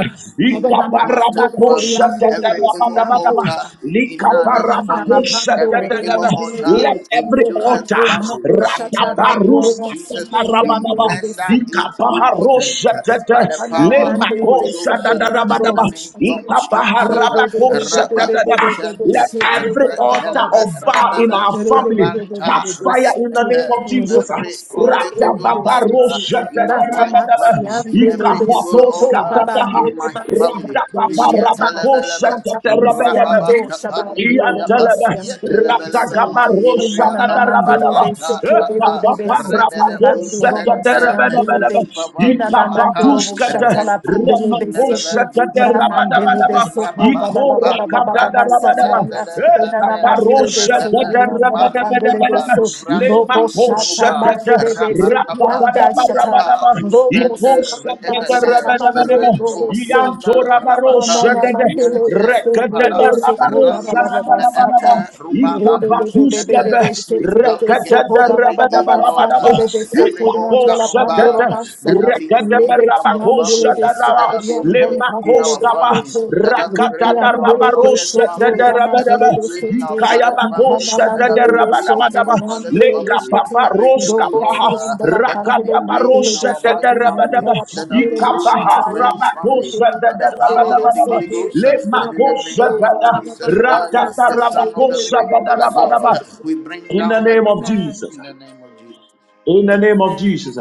Speaker 1: in
Speaker 2: Rabba Mansur
Speaker 1: Martha's
Speaker 3: ikaparabapo,
Speaker 1: family,
Speaker 2: Puriandele
Speaker 3: shatata,
Speaker 1: every
Speaker 2: Besi
Speaker 1: evil
Speaker 3: rabadabadaba,
Speaker 1: altar
Speaker 2: Andoza.
Speaker 1: in
Speaker 2: Look at
Speaker 1: Nana's
Speaker 2: him,
Speaker 3: likaparabapo,
Speaker 1: family, every
Speaker 3: shatata,
Speaker 1: evil
Speaker 3: dadaba.
Speaker 1: altar
Speaker 3: Let
Speaker 1: in
Speaker 3: every altar
Speaker 1: Joseph's
Speaker 3: Sata,
Speaker 1: family.
Speaker 2: Mako
Speaker 1: In the name
Speaker 2: Shatabandoro,
Speaker 1: of
Speaker 3: Rataparusa,
Speaker 1: Jesus,
Speaker 2: Sikuria,
Speaker 1: we
Speaker 2: and
Speaker 3: Tatarabadaba,
Speaker 2: the
Speaker 1: render
Speaker 2: basic.
Speaker 1: it impotent
Speaker 3: Ikapaharosha,
Speaker 1: by
Speaker 3: Tata,
Speaker 1: the
Speaker 2: Romancy
Speaker 1: power of the Holy
Speaker 3: Lemakosha,
Speaker 1: Ghost and in the
Speaker 3: Dadabadaba,
Speaker 1: name of Jesus.
Speaker 3: Ikapaharabakosha,
Speaker 1: Rabba
Speaker 3: Tata. Let
Speaker 1: Kushante,
Speaker 3: every altar
Speaker 1: Retelebe,
Speaker 3: of Baal in
Speaker 1: Rebebe,
Speaker 3: our family
Speaker 1: Ranta,
Speaker 3: catch fire in the name
Speaker 1: Reepe,
Speaker 3: of Jesus.
Speaker 1: every every evil altar
Speaker 3: Ratababarosha,
Speaker 1: in my wife's
Speaker 3: Tatarabadaba,
Speaker 1: family, every evil
Speaker 3: Ikapatos,
Speaker 1: altar
Speaker 3: Tataha,
Speaker 1: in my family,
Speaker 3: Ratababarabakosha,
Speaker 1: Yetelebelebe,
Speaker 3: Tatarabadaba.
Speaker 1: Rababatapanilibriyapa,
Speaker 3: Iyantelebe, Ratagabaro,
Speaker 1: yetelebelebemanilibriyapa,
Speaker 3: Shakadarabadaba,
Speaker 1: ratanata,
Speaker 3: Epapapa, Rapato,
Speaker 1: rebelekumsente
Speaker 2: and
Speaker 3: Setoderebedebedebe,
Speaker 2: delivery. Yina na mandoro
Speaker 1: meuspavanimata,
Speaker 2: bo
Speaker 3: Ikafatuskete,
Speaker 2: shatala pandele
Speaker 1: rentus
Speaker 2: be
Speaker 3: Remeko,
Speaker 2: sete
Speaker 1: nevevenusmanda,
Speaker 2: ramandele be
Speaker 3: Setoderabadabadaba,
Speaker 2: soko ba ba ba ba ba ba ba ba ba
Speaker 1: rababakupalubradu
Speaker 3: Ikorakadadarabadaba,
Speaker 2: sataya
Speaker 1: zendele
Speaker 2: yina na
Speaker 1: zende,
Speaker 3: Epaparo,
Speaker 2: mandele be sete ramandele
Speaker 1: repepekumani
Speaker 2: pandele
Speaker 3: Setoderebedebedebe,
Speaker 2: be
Speaker 1: ipa
Speaker 2: so
Speaker 1: librasti
Speaker 2: robo
Speaker 3: Lemako,
Speaker 2: shata
Speaker 1: snuba,
Speaker 3: Setete,
Speaker 2: mandele be
Speaker 1: Rapa
Speaker 2: sete
Speaker 1: Kapa,
Speaker 2: yanda shata
Speaker 3: Rabadabadabadaba.
Speaker 1: Ipa
Speaker 2: robo
Speaker 1: Luspenda
Speaker 2: sanda
Speaker 1: Rebeke,
Speaker 2: shata
Speaker 3: Ikosakedarabadabadaba.
Speaker 2: mandele robo
Speaker 1: Rendus
Speaker 2: se.
Speaker 1: Manda
Speaker 2: Na na
Speaker 1: Rabata,
Speaker 2: na
Speaker 3: Iantorabarosadede.
Speaker 2: mandele be
Speaker 1: Yente
Speaker 2: sete le be
Speaker 1: Kupala,
Speaker 2: sete ba ba ba ba
Speaker 1: Randus
Speaker 2: ba
Speaker 3: Rekadadarabarosadadabadaba.
Speaker 2: sata.
Speaker 1: Meete, Ruba
Speaker 2: Mandela,
Speaker 1: Anus
Speaker 3: Ikavakuskebe.
Speaker 1: Nete. We come against every evil
Speaker 3: Rekadadarabadabadabadaba.
Speaker 1: altar, every altar of
Speaker 3: Ikaposadede.
Speaker 1: Baal that have been raised in our family, that have been raised in
Speaker 3: Rekadabarabakosadadaba.
Speaker 1: our
Speaker 3: Saba
Speaker 1: family, that have been raised
Speaker 3: Rakatada
Speaker 1: in our mother's
Speaker 3: Rabarosha
Speaker 1: family. Let us
Speaker 3: Tadarabadaba
Speaker 1: be raised in our father's family.
Speaker 3: Ikayabakosha
Speaker 1: Let us be raised in our
Speaker 3: Tadarabadabadaba
Speaker 1: father's
Speaker 3: Leka
Speaker 1: family. Every
Speaker 3: Paparoska
Speaker 1: evil
Speaker 3: Paha
Speaker 1: altar that has been raised in
Speaker 3: Rakadabarosha
Speaker 1: our wife's family.
Speaker 3: Tadarabadaba
Speaker 1: That has been raised in
Speaker 3: Ikapaha
Speaker 1: our friend's family.
Speaker 3: Rabakosha
Speaker 1: By the power of the
Speaker 3: Tadarabadabadaba
Speaker 1: Holy Ghost uh, and in the name
Speaker 3: Lemakosha
Speaker 1: of
Speaker 3: Tada
Speaker 1: Jesus
Speaker 3: Rakata
Speaker 1: Christ, the Son of the
Speaker 3: Rabakosha
Speaker 1: Living Most High God,
Speaker 3: Tadarabadaba
Speaker 1: we bring
Speaker 3: In the
Speaker 1: down
Speaker 3: name
Speaker 1: every
Speaker 3: of
Speaker 1: altar
Speaker 2: Amen.
Speaker 3: Jesus.
Speaker 1: in the name of
Speaker 3: In the name of
Speaker 2: Man.
Speaker 3: Jesus.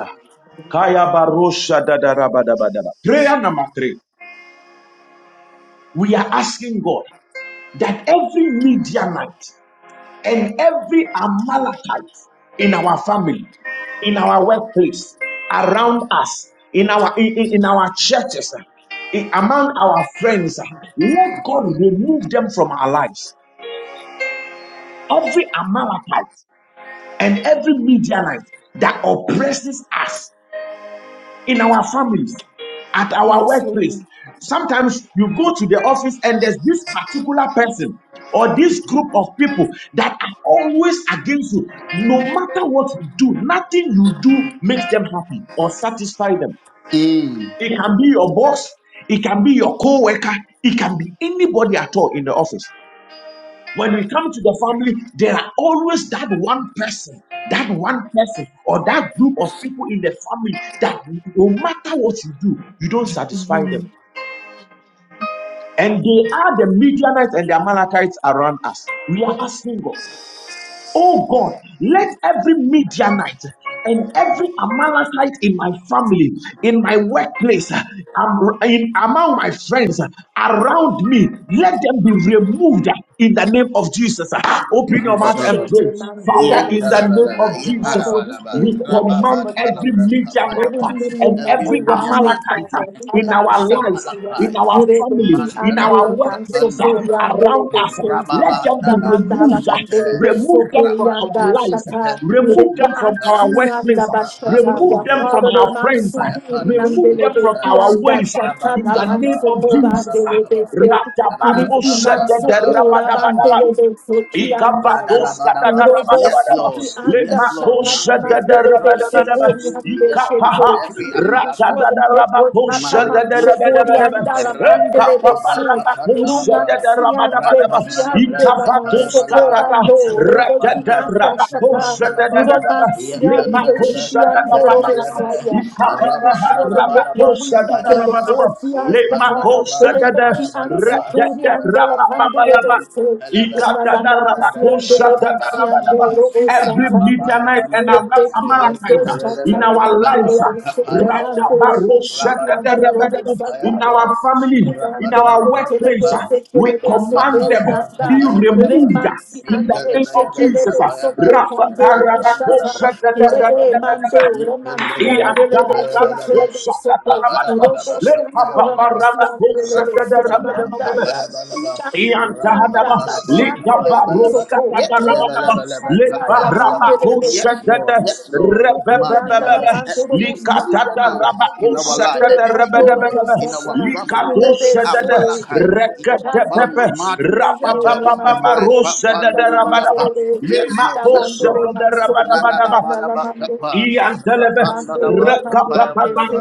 Speaker 3: Prayer number three. We are asking God that every media night And every Amalekite in our family, in our workplace, around us, in our in, in- our churches, in- among our friends, eh, let God remove them from our lives. Every Amalekite and every Midianite that oppresses us in our families, at our
Speaker 2: Yes, Lord.
Speaker 3: workplace. Sometimes you go to the office and there's this particular person or this group of people that are always against you. No matter what you do, nothing you do makes them happy or satisfy them.
Speaker 1: Jesus.
Speaker 3: It can be your boss, it can be your co worker, it can be anybody at all in the office. When we come to the family, there are always that one person, that one person, or that group of people in the family that no matter what you do, you don't satisfy
Speaker 2: Mhm.
Speaker 3: them. And they are the Midianites and the Amalekites around us. We are single. Oh God, let every Midianite and every Amalekite in my family, in my workplace, am- in, among my friends, around me, let them be removed in the name of Jesus. Open your mouth and
Speaker 1: Mm.
Speaker 3: pray.
Speaker 2: Shedemandoro
Speaker 3: Father, in the name of
Speaker 1: Yentalalala,
Speaker 2: Besataya.
Speaker 3: Jesus,
Speaker 2: Father, we
Speaker 1: yeparabalaba,
Speaker 2: feel
Speaker 3: we
Speaker 2: the every
Speaker 3: command every
Speaker 2: appetite. Every
Speaker 3: Midianite
Speaker 1: rababatalabrakapayabalaba.
Speaker 2: million
Speaker 3: and
Speaker 2: that
Speaker 1: Every
Speaker 3: every
Speaker 2: around me,
Speaker 1: millionaire,
Speaker 3: Amalekite
Speaker 2: Father,
Speaker 3: in
Speaker 2: Father,
Speaker 1: every
Speaker 3: our lives
Speaker 2: Shekaya,
Speaker 3: in our
Speaker 1: Amalekite,
Speaker 3: family,
Speaker 2: Yurebeti
Speaker 3: in our
Speaker 2: Andele
Speaker 1: Mandalaba,
Speaker 3: workplace, uh,
Speaker 2: Bansokori
Speaker 1: Kapandalaba,
Speaker 2: Andele
Speaker 3: around us. uh,
Speaker 2: Besi,
Speaker 3: Let
Speaker 1: Rababa,
Speaker 3: them be
Speaker 1: Dana,
Speaker 2: Damandala
Speaker 3: removed. uh,
Speaker 2: Mandele
Speaker 1: Kusete,
Speaker 3: Remove them from
Speaker 2: Besokori
Speaker 3: our
Speaker 2: Anda
Speaker 1: Rabate,
Speaker 3: lives. uh,
Speaker 2: Shata,
Speaker 1: Ependus,
Speaker 3: Remove them
Speaker 2: Yureka
Speaker 3: from our
Speaker 1: Manta,
Speaker 3: workplace.
Speaker 2: Ansinanda
Speaker 3: uh, Remove
Speaker 2: Bashataya,
Speaker 1: Rapandri,
Speaker 3: them from
Speaker 2: Father,
Speaker 3: our
Speaker 1: Aka,
Speaker 3: friends. uh,
Speaker 2: Mansukuri
Speaker 1: Kayapanus,
Speaker 3: Remove
Speaker 2: Andele
Speaker 3: them from
Speaker 2: Besi
Speaker 1: Manta,
Speaker 3: our
Speaker 2: Anda
Speaker 3: ways. uh,
Speaker 2: Shata,
Speaker 3: In the name
Speaker 1: Rabantalaba,
Speaker 3: of
Speaker 2: Nabansokoba
Speaker 3: Jesus. uh.
Speaker 1: Rabarabalaba,
Speaker 2: Andele Besi. Iman
Speaker 3: Ratabarosete de
Speaker 2: sokora
Speaker 3: rabadabadaba.
Speaker 2: bandele de soki andaya
Speaker 3: Ikabados
Speaker 2: ya.
Speaker 1: Radalabadaba.
Speaker 2: Urobo
Speaker 1: Yes,
Speaker 3: kadadaramadabadaba.
Speaker 1: Lord.
Speaker 2: siti anda
Speaker 1: Yes, Lord. nothing
Speaker 2: shapana
Speaker 3: Lemakosha
Speaker 1: fair.
Speaker 2: mandele
Speaker 1: come
Speaker 2: de
Speaker 1: against
Speaker 3: dadaramadabadaba.
Speaker 2: sokori
Speaker 1: every
Speaker 2: ande
Speaker 1: leader,
Speaker 2: shete.
Speaker 3: Ikapaha
Speaker 1: every
Speaker 2: We
Speaker 1: Amalekite.
Speaker 2: destroy the network
Speaker 3: ratadadarabakosha
Speaker 1: Mare
Speaker 2: pataman sokori
Speaker 1: Pusata,
Speaker 3: dadaramadabadaba.
Speaker 2: andala la
Speaker 1: Ranta
Speaker 2: pandele de
Speaker 1: Lubra
Speaker 2: su.
Speaker 3: Ekapaparabakosha
Speaker 2: Iroman
Speaker 1: Apandalabra,
Speaker 2: si ande
Speaker 3: dadaramadabadaba.
Speaker 2: ki
Speaker 1: Rapandalabra,
Speaker 2: ande la man
Speaker 1: Kataya
Speaker 3: Ikavatos
Speaker 2: soko
Speaker 1: Balaba,
Speaker 3: kadada
Speaker 2: bando rebo ki
Speaker 1: Rapandalabra,
Speaker 2: anda shaka.
Speaker 3: ratadadarabakosha
Speaker 1: Kapandalaba,
Speaker 3: dadadadaba.
Speaker 2: Uromansia,
Speaker 1: Yapandalabra,
Speaker 3: Lemakosha
Speaker 2: Deshikian
Speaker 1: Kataya
Speaker 3: dadaramadaba.
Speaker 1: Balaba,
Speaker 2: Dorobosaya,
Speaker 3: Ikapapaha
Speaker 2: Deshwaden, let your
Speaker 1: Rapandalabalaba,
Speaker 3: rabakosha
Speaker 2: weak and the
Speaker 1: Katayaba,
Speaker 3: dadaramadaba.
Speaker 2: fourth Piastata,
Speaker 1: Yapandalaba,
Speaker 3: Lemakosha dada
Speaker 1: Kataya
Speaker 2: Belebeki and
Speaker 1: Balaba,
Speaker 2: Suturi and
Speaker 3: radadarababayaba.
Speaker 1: Rapapandi
Speaker 2: Delapandelebes,
Speaker 1: Pelaba,
Speaker 2: Unananasian
Speaker 1: Radalaba, Kataya
Speaker 2: Delebensian
Speaker 1: Balaba,
Speaker 3: Every
Speaker 2: Dorobosata,
Speaker 3: Midianite and
Speaker 1: Arababalaba,
Speaker 2: Rebeki and
Speaker 3: Amalekite uh, in
Speaker 1: Yapandalaba,
Speaker 3: our
Speaker 2: Doshatalamand
Speaker 3: lives, uh,
Speaker 1: Kataya kapaya
Speaker 2: Delebesavan
Speaker 1: balaba,
Speaker 2: Dorobosian
Speaker 1: rabalabalaba kapaya
Speaker 3: in our
Speaker 2: Dorobosata.
Speaker 1: balaba,
Speaker 3: family, in
Speaker 2: Uzan de
Speaker 3: our
Speaker 1: rapandalabra
Speaker 3: workplace,
Speaker 1: kapa,
Speaker 3: uh,
Speaker 2: Telebes,
Speaker 3: we
Speaker 2: Telebes,
Speaker 3: command them
Speaker 1: rapandalaba
Speaker 3: be
Speaker 2: Socorro,
Speaker 1: kapaya balaba,
Speaker 3: removed uh,
Speaker 2: Remansi
Speaker 3: in the
Speaker 2: ande
Speaker 3: name of
Speaker 1: yetelebelebe
Speaker 3: Jesus.
Speaker 2: shekelebe
Speaker 3: uh.
Speaker 1: kapaya ba,
Speaker 2: soko pandoro beshata
Speaker 1: rapandalabra kapaya
Speaker 2: lebe
Speaker 1: balaba,
Speaker 2: mando remansi
Speaker 1: yependelebe
Speaker 3: Let
Speaker 2: ande lebe
Speaker 1: kapaya balaba,
Speaker 2: shekelebe soko
Speaker 1: rabalabalaba
Speaker 2: robo
Speaker 1: kapaya
Speaker 2: shtango
Speaker 3: Papa
Speaker 1: balaba,
Speaker 2: remansi ande lebe seki
Speaker 1: Rapandalaba,
Speaker 3: Rabakosha
Speaker 2: andaya
Speaker 1: Papayabalaba,
Speaker 2: ina
Speaker 3: Iantahadaba,
Speaker 2: Nata
Speaker 1: Rapandalaba,
Speaker 2: bashandele
Speaker 1: Papayabalaba,
Speaker 3: Ligabaruska
Speaker 2: masoko
Speaker 3: Tadarabadaba,
Speaker 2: roman
Speaker 1: Yetayabalaba,
Speaker 2: taya
Speaker 1: Papayabalaba.
Speaker 2: mandele de
Speaker 1: Yes,
Speaker 3: Libarabakosetete,
Speaker 1: Lord,
Speaker 2: chibiyandele
Speaker 1: yes, Lord.
Speaker 2: mandele andala
Speaker 3: Rebebebebebe,
Speaker 1: Manelaba,
Speaker 2: pandoro
Speaker 1: every
Speaker 2: bosha lebe
Speaker 1: Midianite in our life,
Speaker 3: Likatadarabakosetete,
Speaker 2: andele
Speaker 1: every
Speaker 2: mandoro
Speaker 1: Midianite
Speaker 3: Rebebebebe,
Speaker 1: in our
Speaker 2: bosata
Speaker 1: family, every
Speaker 3: Likatosetete,
Speaker 1: Amalekite in our
Speaker 3: Reketepepe,
Speaker 1: family, Madu Shete,
Speaker 3: Rababababarosetete, Rabadaba,
Speaker 1: Repapandilibriapa. Yes, Lord, yes, Lord.
Speaker 3: Limakosetete, Rabadabadaba,
Speaker 1: Rananabarabakapa,
Speaker 3: Iantelebe
Speaker 1: Rapandanabarakapayabalaba,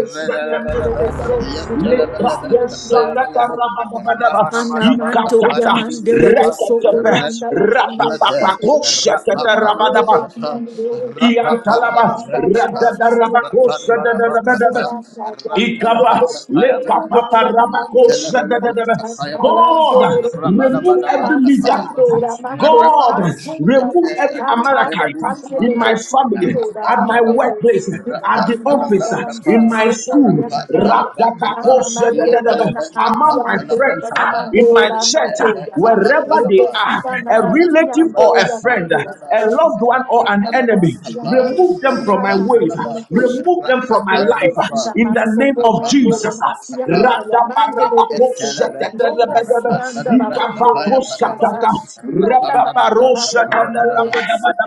Speaker 1: Relelebelebe, Yetelebelebe, Kapayabalebe,
Speaker 3: lebrakosatatarabatabadaba,
Speaker 2: Anamando ya
Speaker 3: ikatata
Speaker 1: Rabanabarabakapadibriyapa,
Speaker 2: mandelebe soto
Speaker 3: reketepe
Speaker 2: yanda la bande.
Speaker 1: Retusmete,
Speaker 2: Erenasi
Speaker 3: rapapapakosatatarabataba,
Speaker 2: andelebe
Speaker 1: Rapandanabakapa,
Speaker 2: kiando.
Speaker 3: iantalaba
Speaker 2: Yokunanda
Speaker 1: Rapapandanabakapa,
Speaker 2: shata ya debe yanso
Speaker 1: Rapandanabakapa,
Speaker 3: radadarabakosadadadabadaba.
Speaker 2: nanda ya.
Speaker 3: Ikapa,
Speaker 2: Lebe kiba
Speaker 1: Rantelebakapayabalaba,
Speaker 2: mando
Speaker 3: lekapa,
Speaker 2: ya
Speaker 3: rabako,
Speaker 2: namando kuma
Speaker 1: Yetelebelebe,
Speaker 3: shadadadada.
Speaker 2: shata la
Speaker 3: God,
Speaker 2: ndore.
Speaker 1: Kapayabalaba, Rapa
Speaker 3: remove every
Speaker 2: Leba sando
Speaker 3: Midianite.
Speaker 2: la mandele
Speaker 3: God,
Speaker 2: manso na la
Speaker 3: remove every
Speaker 2: shata ya
Speaker 3: Americanite in my
Speaker 2: mandelebe
Speaker 3: family,
Speaker 2: siando la
Speaker 3: at my
Speaker 2: mandelebe.
Speaker 3: workplace, at the
Speaker 2: Yes,
Speaker 3: office,
Speaker 2: dalam
Speaker 3: in my
Speaker 2: sasso ya
Speaker 3: school,
Speaker 2: mdaya.
Speaker 3: Rabdabako,
Speaker 2: Mandoya
Speaker 3: shadadadada. among my friends,
Speaker 2: Nanansiandoya
Speaker 3: in my
Speaker 2: Namandora
Speaker 3: church,
Speaker 2: Mandoya ba.
Speaker 3: wherever they are, a relative or a
Speaker 2: Mandora,
Speaker 3: friend
Speaker 2: Mandora,
Speaker 3: a loved one or an
Speaker 2: Rebecca,
Speaker 3: enemy. Remove them from my way. Remove them from my life. In the name of Jesus.
Speaker 1: Rapan
Speaker 3: Radabarabakoshetetelebedebe.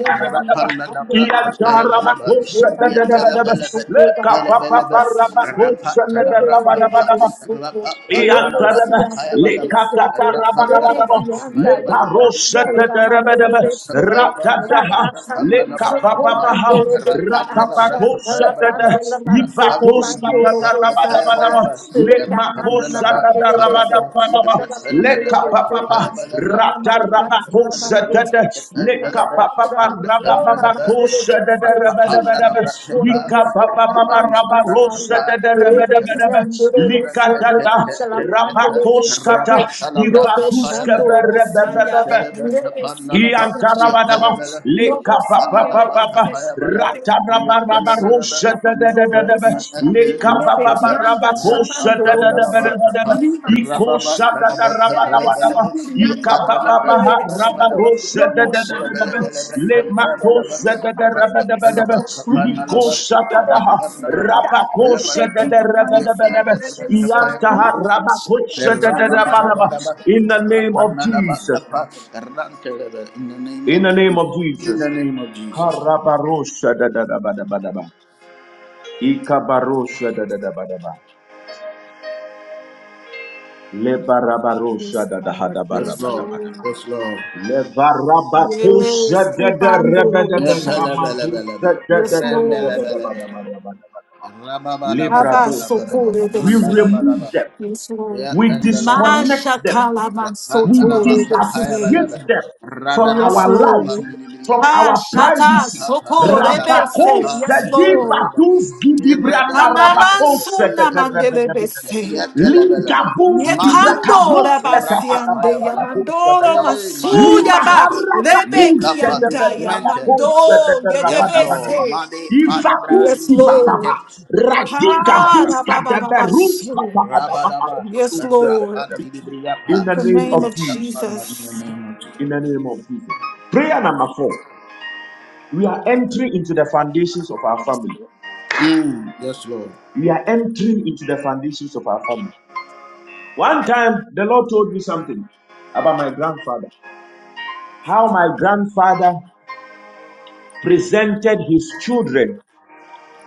Speaker 1: Rapanda dabra kapaya balaba, yetela belebe, tele belebe, rapata labra kapa, rapanda labra
Speaker 3: Iyantaraba,
Speaker 1: kapaya balaba, rapanda
Speaker 3: lekatarabarabadaba,
Speaker 1: labra
Speaker 2: Lebeki
Speaker 1: kapaya
Speaker 2: anda ya
Speaker 1: balaba,
Speaker 2: mando ora
Speaker 1: rapanda
Speaker 2: mando
Speaker 3: lebaroseteterebedebe,
Speaker 1: labra
Speaker 2: lebe Soto,
Speaker 1: kapaya ba,
Speaker 2: Destroy the
Speaker 3: ratataha,
Speaker 1: rapanda labra kapa,
Speaker 3: lekabababaha, rakabatosetete, ivatostatatatabadabadaba, lemakosatabadabadabadaba, lekapapapa ratarabakosadada lekapapapa rabababakosadada rabadabadaba
Speaker 2: net, the
Speaker 3: likapapapapa
Speaker 2: commands, that's how you
Speaker 3: rabarosadada rabadabadaba likadada
Speaker 2: Rebesiandorobosokuriantalapandelebeseku,
Speaker 3: rabakoskata
Speaker 1: Rabba
Speaker 3: ivatuskebere
Speaker 1: Rabba
Speaker 2: uroboshandorobosaya, Lord,
Speaker 3: Iantarabadaba, lekapapapapa, ratarabaraba, roshadadadadadaba, lekapapaparaba, koshadadadadadadaba, ikoshadadadabadabadaba, ikapapapaha, raba, roshadadadadadaba, lemakoshadadadabadabadaba, likoshadadaha, rabakoshadadadabadabadaba, iantaha, rabakoshadadadabadaba.
Speaker 1: Ra-ba-ba-da-ba-da-ba.
Speaker 3: In the name of Jesus.
Speaker 1: Ra-pa-na-da-ba-ka-pa. ka In the name of
Speaker 3: In the name
Speaker 1: Jesus.
Speaker 3: of
Speaker 1: In the
Speaker 3: Jesus.
Speaker 1: name of Jesus.
Speaker 3: Karabarosha da da da ba da ba da ba. Ikabarosha da da da ba da ba. Lebarabarosha
Speaker 2: Yes,
Speaker 3: da da ha
Speaker 2: Lord.
Speaker 3: da ba ra
Speaker 1: Yes,
Speaker 2: Yes,
Speaker 3: ba da
Speaker 1: Lord.
Speaker 3: ba da ba.
Speaker 2: Lord.
Speaker 1: Yes, Lord.
Speaker 2: Yes,
Speaker 3: Lebarabakosha da da re
Speaker 2: Ubando
Speaker 3: ba da
Speaker 2: Lobo
Speaker 1: ne
Speaker 3: ba
Speaker 1: pe le be
Speaker 2: Shaya.
Speaker 1: le
Speaker 3: ramadosha da da
Speaker 2: Yes,
Speaker 3: da da da ba
Speaker 2: Lord.
Speaker 3: da ba da ba da ba da ba da ba. Lebradosha da da ba.
Speaker 2: Abasokore
Speaker 3: We
Speaker 2: Bese.
Speaker 3: remove them.
Speaker 2: Yes, Lord.
Speaker 3: We disconnect them.
Speaker 2: Mashakala
Speaker 3: We
Speaker 1: Ratalaba
Speaker 2: Mansotore Bese.
Speaker 1: Payabalaba
Speaker 3: disassociate them from
Speaker 2: Yes,
Speaker 3: our
Speaker 1: Radalaba
Speaker 3: lives,
Speaker 2: Lord.
Speaker 3: from
Speaker 1: Pamiliapa
Speaker 3: our
Speaker 2: Ashata
Speaker 3: privacy.
Speaker 1: Rapa
Speaker 2: Sokore
Speaker 1: Talaba
Speaker 3: Rabakos
Speaker 2: Bese.
Speaker 1: Papa
Speaker 2: Yes, Lord.
Speaker 1: Lustrabalaba
Speaker 3: Zadibadus Gidibranda Rabakos
Speaker 1: Radalaba
Speaker 2: Anamansuna Mandele
Speaker 3: Zadabarabarabara.
Speaker 2: Bese.
Speaker 1: Yatalabalaba
Speaker 3: Ligabus
Speaker 1: Mandi Kapa
Speaker 3: Gibrakaros
Speaker 2: Yekandora
Speaker 1: Lubra
Speaker 2: basiande ya
Speaker 1: Payabalaba
Speaker 3: Katabarabarabakos
Speaker 2: mandoro
Speaker 3: Zadabara.
Speaker 1: Eh
Speaker 2: masuya ba
Speaker 1: Matusete
Speaker 3: Limaharabakus
Speaker 2: rebeki
Speaker 1: Lekapa
Speaker 2: andaya
Speaker 1: Dusmente
Speaker 3: Zadabarabakos
Speaker 2: mando
Speaker 1: Yes Lord
Speaker 2: yedebese.
Speaker 1: Mandi Palibra
Speaker 3: Ivakus
Speaker 2: Yes,
Speaker 3: Kivatama.
Speaker 1: Lucente
Speaker 2: Lord. Ha
Speaker 3: Radigabus
Speaker 2: da ba
Speaker 1: Rapa
Speaker 2: ba ba ba
Speaker 3: Kadabarus
Speaker 2: su.
Speaker 1: Rabadaba,
Speaker 2: Yes,
Speaker 3: Katabarabarabakos
Speaker 2: Lord.
Speaker 3: in
Speaker 1: Rapandidibriyapa,
Speaker 2: In
Speaker 3: the
Speaker 2: the
Speaker 3: name
Speaker 2: name
Speaker 3: of
Speaker 2: of
Speaker 3: Jesus.
Speaker 1: Yakapana in the
Speaker 2: Jesus.
Speaker 1: name of Jesus.
Speaker 3: In the name of Jesus. Prayer number four. We are entering into the foundations of our
Speaker 2: Yes,
Speaker 3: family.
Speaker 2: Lord.
Speaker 1: Mm, yes, Lord.
Speaker 3: We are entering into the foundations of our family. One time, the Lord told me something about my grandfather. How my grandfather presented his children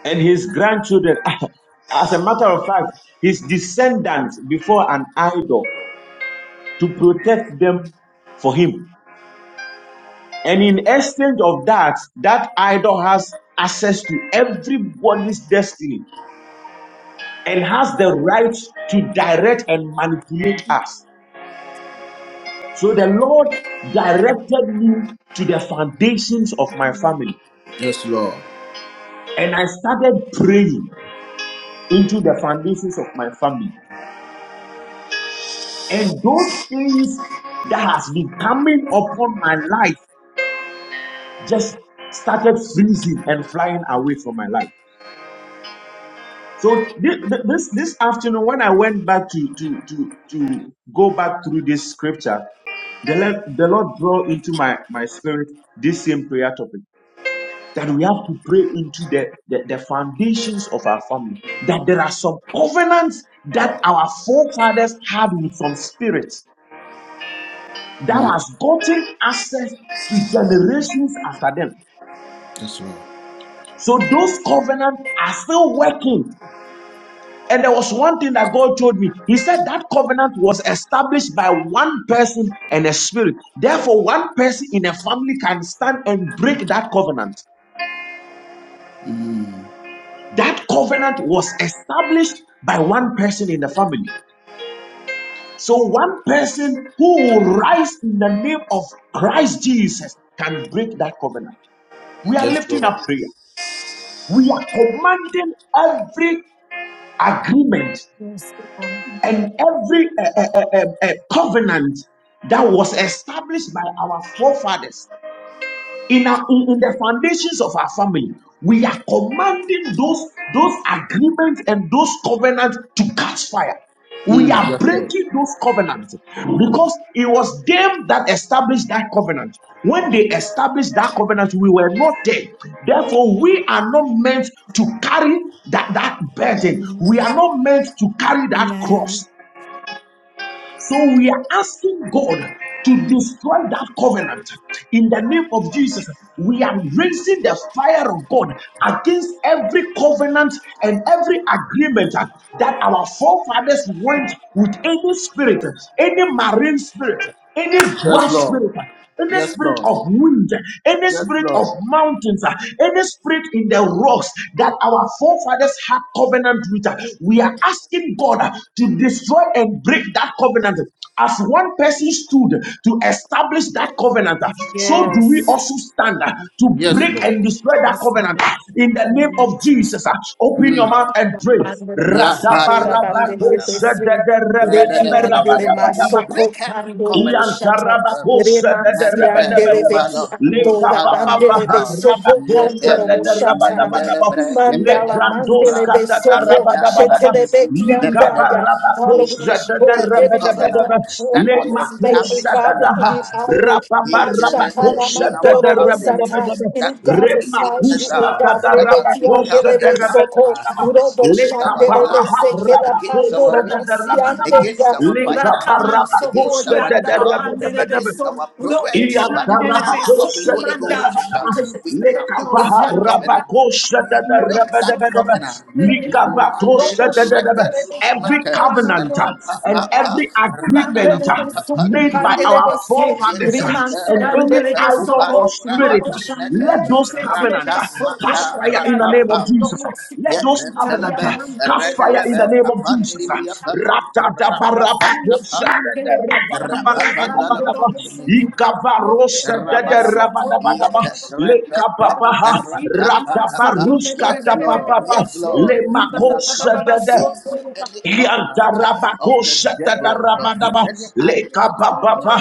Speaker 3: and his grandchildren. As a matter of fact, his descendants before an idol to protect them for him. And in exchange of that, that idol has access to everybody's destiny and has the right to direct and manipulate us. So the Lord directed me to the foundations of my family.
Speaker 1: Yes, Lord.
Speaker 3: And I started praying into the foundations of my family. And those things that has been coming upon my life just started freezing and flying away from my life. So thi- thi- this this afternoon, when I went back to to to to go back through this scripture, the Lord, the Lord draw into my my spirit this same prayer topic that we have to pray into the, the the foundations of our family. That there are some covenants that our forefathers had with some spirits that has gotten access to generations after them.
Speaker 1: Yes, Lord.
Speaker 3: So those covenants are still working And there was one thing that God told me. He said that covenant was established by one person and a spirit. Therefore, one person in a family can stand and break that covenant. That covenant was established by one person in the family. So, one person who will rise in the name of Christ Jesus can break that covenant. We are
Speaker 1: Yes,
Speaker 3: lifting
Speaker 1: Lord.
Speaker 3: up prayer. We are commanding every agreement
Speaker 2: Yes, Lord.
Speaker 3: and every uh, uh, uh, uh, uh, covenant that was established by our forefathers in, our, in in the foundations of our family, we are commanding those those agreements and those covenants to catch fire. We
Speaker 1: Mm,
Speaker 3: are breaking those covenants because it was them that established that covenant. When they established that covenant, we were not there. Therefore, we are not meant to carry that, that burden. We are not meant to carry that
Speaker 2: Amen.
Speaker 3: cross. So we are asking God to destroy that covenant. In the name of Jesus, we are raising the fire of God against every covenant and every agreement that our forefathers went with any spirit, any marine spirit, any
Speaker 1: yes,
Speaker 3: dwarf
Speaker 1: Lord.
Speaker 3: spirit. Any
Speaker 1: Yes,
Speaker 3: spirit
Speaker 1: Lord.
Speaker 3: of wind, any
Speaker 1: Yes,
Speaker 3: spirit of
Speaker 1: Lord.
Speaker 3: mountains, uh, any spirit in the rocks that our forefathers had covenant with, uh, we are asking God uh, to destroy and break that covenant. As one person stood to establish that covenant, uh, so do we
Speaker 2: Yes.
Speaker 3: also stand uh, to
Speaker 1: Yes,
Speaker 3: break
Speaker 1: Lord.
Speaker 3: and destroy that
Speaker 2: Yes,
Speaker 3: covenant.
Speaker 2: Lord.
Speaker 3: In the
Speaker 2: In the
Speaker 3: name
Speaker 2: name
Speaker 3: of
Speaker 2: of Jesus.
Speaker 3: Jesus, uh, open your
Speaker 1: Mm.
Speaker 3: mouth and pray.
Speaker 2: Bandele masikuda bandele
Speaker 1: Yeah,
Speaker 2: besi.
Speaker 1: We
Speaker 2: Reki andele
Speaker 3: Radabarabakosadadarabadabarabadabadaba.
Speaker 2: masoko
Speaker 1: break every
Speaker 2: pandoro
Speaker 1: covenant of
Speaker 2: boshata.
Speaker 1: the devil.
Speaker 3: Iantarabakosa de de
Speaker 2: Remansi
Speaker 1: Mente
Speaker 2: andele
Speaker 3: rabadabadaba.
Speaker 2: veki
Speaker 1: rubala
Speaker 2: andora
Speaker 1: nuspada
Speaker 3: Lekapapapa
Speaker 2: bandele
Speaker 1: kapa
Speaker 2: besoko
Speaker 3: rabakosa
Speaker 2: pandoro
Speaker 3: de de
Speaker 1: yepelus
Speaker 2: boshata.
Speaker 1: mendele
Speaker 3: rabadabadaba.
Speaker 1: breke
Speaker 2: Kumandala
Speaker 1: pedelus
Speaker 2: mandele
Speaker 1: pra
Speaker 3: Lebrandoska de de
Speaker 2: besoko
Speaker 1: yeta
Speaker 3: rabadabadaba.
Speaker 2: shetele
Speaker 1: mantus
Speaker 2: veki
Speaker 1: pebede.
Speaker 2: andaya. Father,
Speaker 1: We
Speaker 2: we
Speaker 3: Likaparabakosa
Speaker 1: break
Speaker 3: de de
Speaker 2: destroy
Speaker 1: every
Speaker 2: every covenant
Speaker 1: covenant
Speaker 3: rabadabadaba.
Speaker 2: of
Speaker 1: that was
Speaker 2: forefathers made, oh
Speaker 3: Lemakosa
Speaker 1: established
Speaker 2: God,
Speaker 1: in the
Speaker 2: within the
Speaker 1: past.
Speaker 2: idol,
Speaker 1: Each
Speaker 2: Mashakala
Speaker 1: in our
Speaker 2: Mandoro
Speaker 1: family
Speaker 2: Bosata, in
Speaker 1: that is
Speaker 2: God
Speaker 1: bringing
Speaker 2: besides
Speaker 1: us
Speaker 2: you, oh
Speaker 1: down,
Speaker 2: God,
Speaker 1: that has become a
Speaker 2: Rebekiandelebe Soko,
Speaker 1: camper
Speaker 2: Robo
Speaker 1: against our
Speaker 2: Shandelebe
Speaker 1: lives,
Speaker 2: Sekela
Speaker 1: against our
Speaker 2: Pandoro
Speaker 1: ministry, against
Speaker 2: Masiandoya,
Speaker 1: our finances,
Speaker 2: Rakaman Soko
Speaker 1: against our
Speaker 2: Yandala
Speaker 1: job,
Speaker 2: Pandelebe
Speaker 3: Leka
Speaker 1: against
Speaker 2: So,
Speaker 1: our progress.
Speaker 2: Robo
Speaker 3: Every
Speaker 1: By the
Speaker 3: covenant
Speaker 2: Shandelebe
Speaker 1: power of the Holy
Speaker 2: Sokumanda,
Speaker 1: Ghost, uh,
Speaker 2: Thank
Speaker 1: we come against that covenant break that covenant. Money, records matter.
Speaker 3: uh,
Speaker 1: Rapa
Speaker 3: and
Speaker 1: papa,
Speaker 3: every
Speaker 1: radana
Speaker 3: agreement uh,
Speaker 1: baka
Speaker 3: made by
Speaker 1: pandidia,
Speaker 3: our forefathers
Speaker 1: yete
Speaker 3: uh, and any
Speaker 1: renepe
Speaker 3: idol or
Speaker 1: kupali na
Speaker 3: spirit, uh,
Speaker 1: anus nete,
Speaker 3: let those covenants
Speaker 1: rata
Speaker 3: Catch
Speaker 1: mata
Speaker 3: fire in the name
Speaker 1: rapapa,
Speaker 3: of Jesus. Let those
Speaker 1: yete
Speaker 3: covenants
Speaker 1: telebe,
Speaker 3: uh, catch fire in
Speaker 1: redelebe,
Speaker 3: the name of Jesus.
Speaker 1: apanidia,
Speaker 2: you.
Speaker 1: rapa papa.
Speaker 3: Ratadabarabakosha,
Speaker 2: Mandela
Speaker 1: Rapapandalabra,
Speaker 3: dadarabarabarabarabara,
Speaker 1: in the name of Jesus.
Speaker 3: ikavarosha,
Speaker 1: Rabadaba,
Speaker 3: dadarabarabaraba,
Speaker 1: yet, repete,
Speaker 3: lekapapaha,
Speaker 1: ratatata.
Speaker 3: ratabaruska,
Speaker 1: Yes, Lord,
Speaker 3: tapapapa,
Speaker 1: yes, Lord. We are
Speaker 3: lemakosha,
Speaker 1: coming
Speaker 3: dadar.
Speaker 1: against any covenant of the devil,
Speaker 3: Yantarabakosatatarabadaba,
Speaker 1: any agreement
Speaker 3: lekabababa,